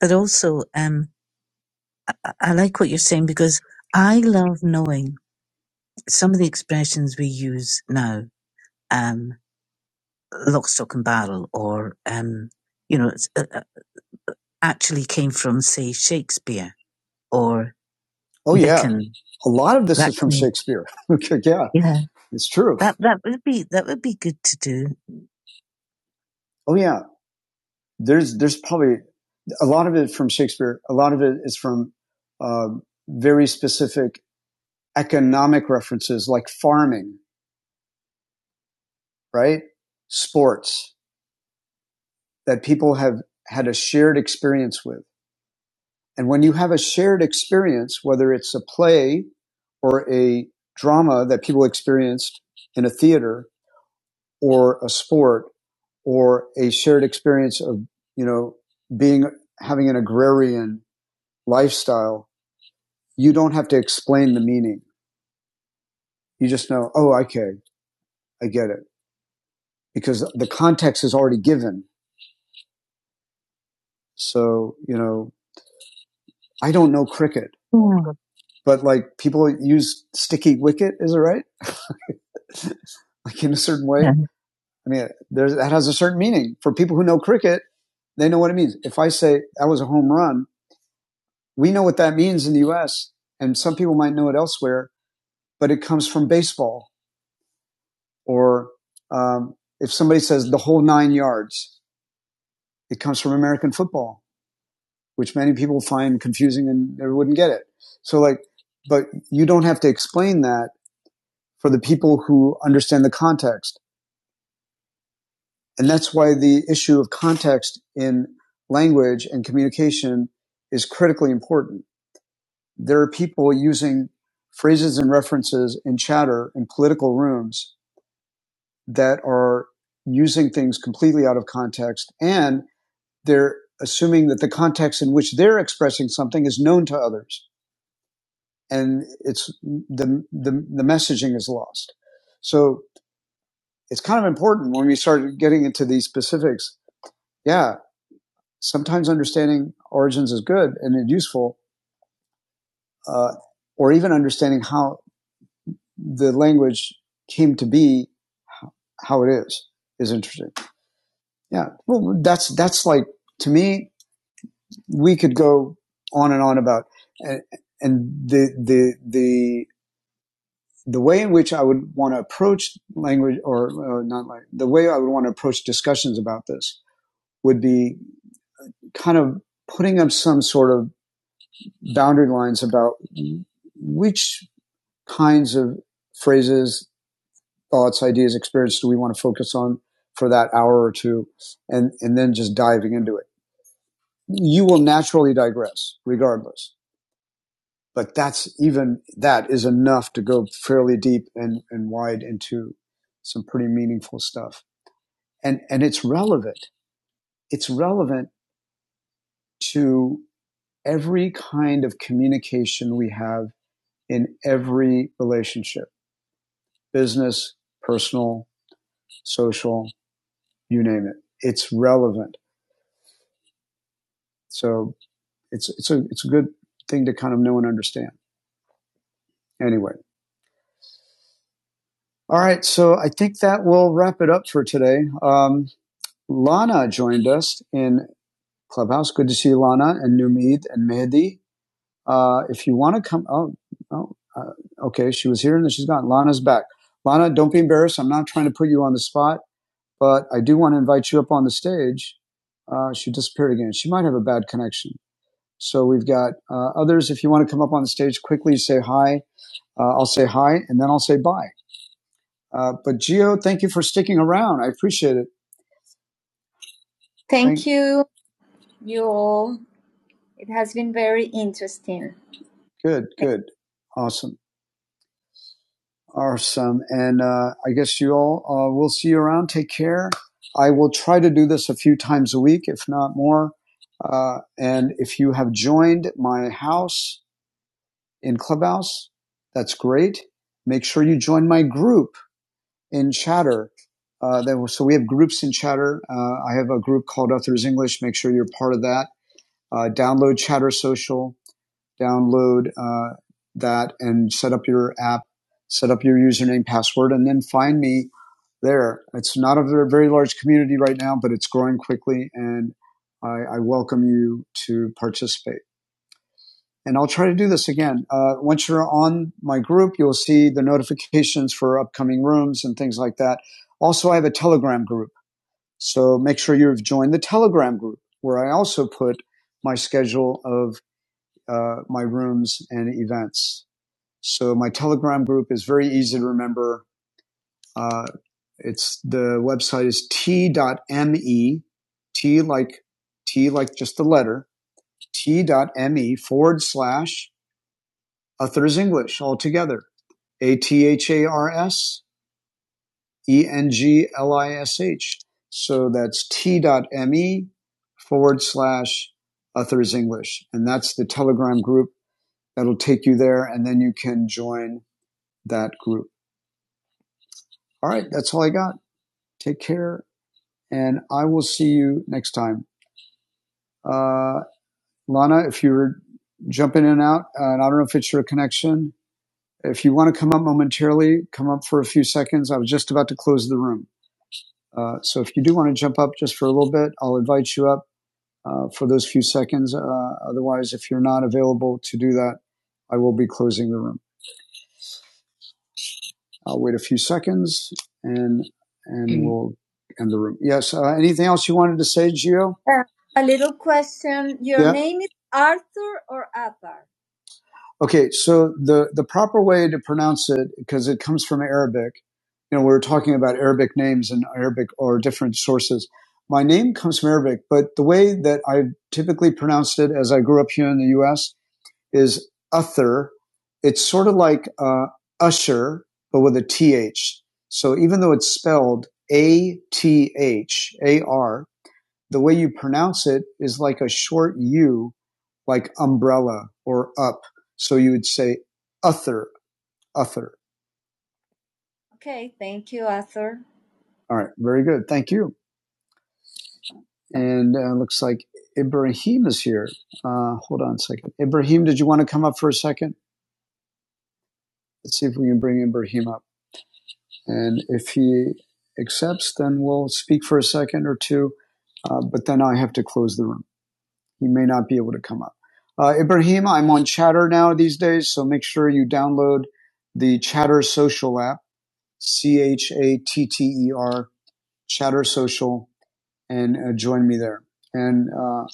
S1: but also, um, I I like what you're saying because I love knowing some of the expressions we use now. Um, Lockstock and Barrel or, um, you know, it's, uh, uh, actually came from, say, Shakespeare or Oh Dickens. yeah, a lot of this That is from kind Shakespeare. yeah, yeah, it's true. that that would be that would be good to do. Oh yeah, there's there's probably a lot of it from Shakespeare. A lot of it is from uh, very specific economic references like farming, right? Sports that people have had a shared experience with. And when you have a shared experience, whether it's a play or a drama that people experienced in a theater or a sport or a shared experience of, you know, being, having an agrarian lifestyle, you don't have to explain the meaning. You just know, oh, okay, I get it because the context is already given. So, you know, I don't know cricket, but like people use sticky wicket. Is it right? like in a certain way. Yeah. I mean, there's, that has a certain meaning. For people who know cricket, they know what it means. If I say that was a home run, we know what that means in the U.S., and some people might know it elsewhere, but it comes from baseball. Or um, if somebody says the whole nine yards, it comes from American football, which many people find confusing and they wouldn't get it. So, like, but you don't have to explain that for the people who understand the context. And that's why the issue of context in language and communication is critically important. There are people using phrases and references in chatter in political rooms that are using things completely out of context and they're assuming that the context in which they're expressing something is known to others and it's the the, the messaging is lost so it's kind of important when we start getting into these specifics yeah sometimes understanding origins is good and is useful, uh, or even understanding how the language came to be, how it is, is interesting. Yeah. Well, that's, that's like, to me, we could go on and on about, and, and the, the, the, the way in which I would want to approach language or, or not like the way I would want to approach discussions about this would be kind of putting up some sort of boundary lines about which kinds of phrases, thoughts, ideas, experiences do we want to focus on for that hour or two and, and then just diving into it. You will naturally digress regardless, but that's even that is enough to go fairly deep and, and wide into some pretty meaningful stuff. And, and it's relevant. It's relevant to every kind of communication we have in every relationship business, personal, social, you name it. It's relevant. So it's, it's a, it's a good thing to kind of know and understand. Anyway. All right. So I think that will wrap it up for today. Um, Lana joined us in Clubhouse. Good to see you, Lana and Numid and Mehdi. Uh, if you want to come, oh, oh uh, okay. She was here and then she's gone. Lana's back. Lana, don't be embarrassed. I'm not trying to put you on the spot. but I do want to invite you up on the stage. Uh, she disappeared again. She might have a bad connection. So we've got uh, others. If you want to come up on the stage quickly, say hi. Uh, I'll say hi, and then I'll say bye. Uh, but Geo, thank you for sticking around. I appreciate it. Thank Thank- you, you all. It has been very interesting. Good, good, awesome. Awesome. And uh, I guess you all uh, will see you around. Take care. I will try to do this a few times a week, if not more. Uh, and if you have joined my house in Clubhouse, that's great. Make sure you join my group in Chatter. Uh, there so we have groups in Chatter. Uh, I have a group called Authors English. Make sure you're part of that. Uh, download Chatter Social download uh, that and set up your app, set up your username, password, and then find me there. It's not a very large community right now, but it's growing quickly, and I, I welcome you to participate. And I'll try to do this again. Uh, once you're on my group, you'll see the notifications for upcoming rooms and things like that. Also, I have a Telegram group. So make sure you've joined the Telegram group where I also put my schedule of uh, my rooms and events. So my Telegram group is very easy to remember. Uh, it's the website is t.me, t like t like just the letter t.me forward slash Uthers English all together. A T H A R S E N G L I S H. So that's t.me forward slash Uthers English. And that's the Telegram group that'll take you there. And then you can join that group. All right. That's all I got. Take care, and I will see you next time. Uh, Lana, if you're jumping in and out, uh, and I don't know if it's your connection, if you want to come up momentarily, come up for a few seconds. I was just about to close the room. Uh, so if you do want to jump up just for a little bit, I'll invite you up uh, for those few seconds. Uh, otherwise, if you're not available to do that, I will be closing the room. I'll wait a few seconds and and we'll end the room. Yes. Uh, anything else you wanted to say, Gio? Uh, a little question. Your Yeah. name is Arthur or Athar? Okay. So the the proper way to pronounce it, because it comes from Arabic. You know, we are talking about Arabic names and Arabic or different sources. My name comes from Arabic, but the way that I typically pronounced it as I grew up here in the U.S is Uther. It's sort of like uh, Usher, but with a TH. So even though it's spelled A T H A R, the way you pronounce it is like a short U, like umbrella or up. So you would say Uther, Uther. Okay, thank you, Arthur. All right, very good. Thank you. And it uh, looks like Ibrahim is here. Uh, hold on a second. Ibrahim, did you want to come up for a second? Let's see if we can bring Ibrahim up. And if he accepts, then we'll speak for a second or two, uh, but then I have to close the room. He may not be able to come up. Uh, Ibrahim, I'm on Chatter now these days, so make sure you download the Chatter Social app, C H A T T E R, Chatter Social, and uh, join me there. And uh,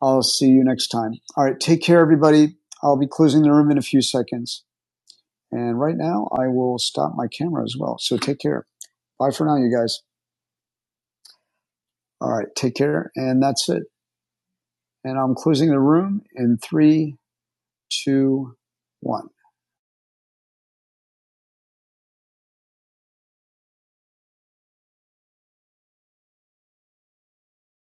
S1: I'll see you next time. All right, take care, everybody. I'll be closing the room in a few seconds. And right now, I will stop my camera as well. So take care. Bye for now, you guys. All right, take care. And that's it. And I'm closing the room in three, two, one.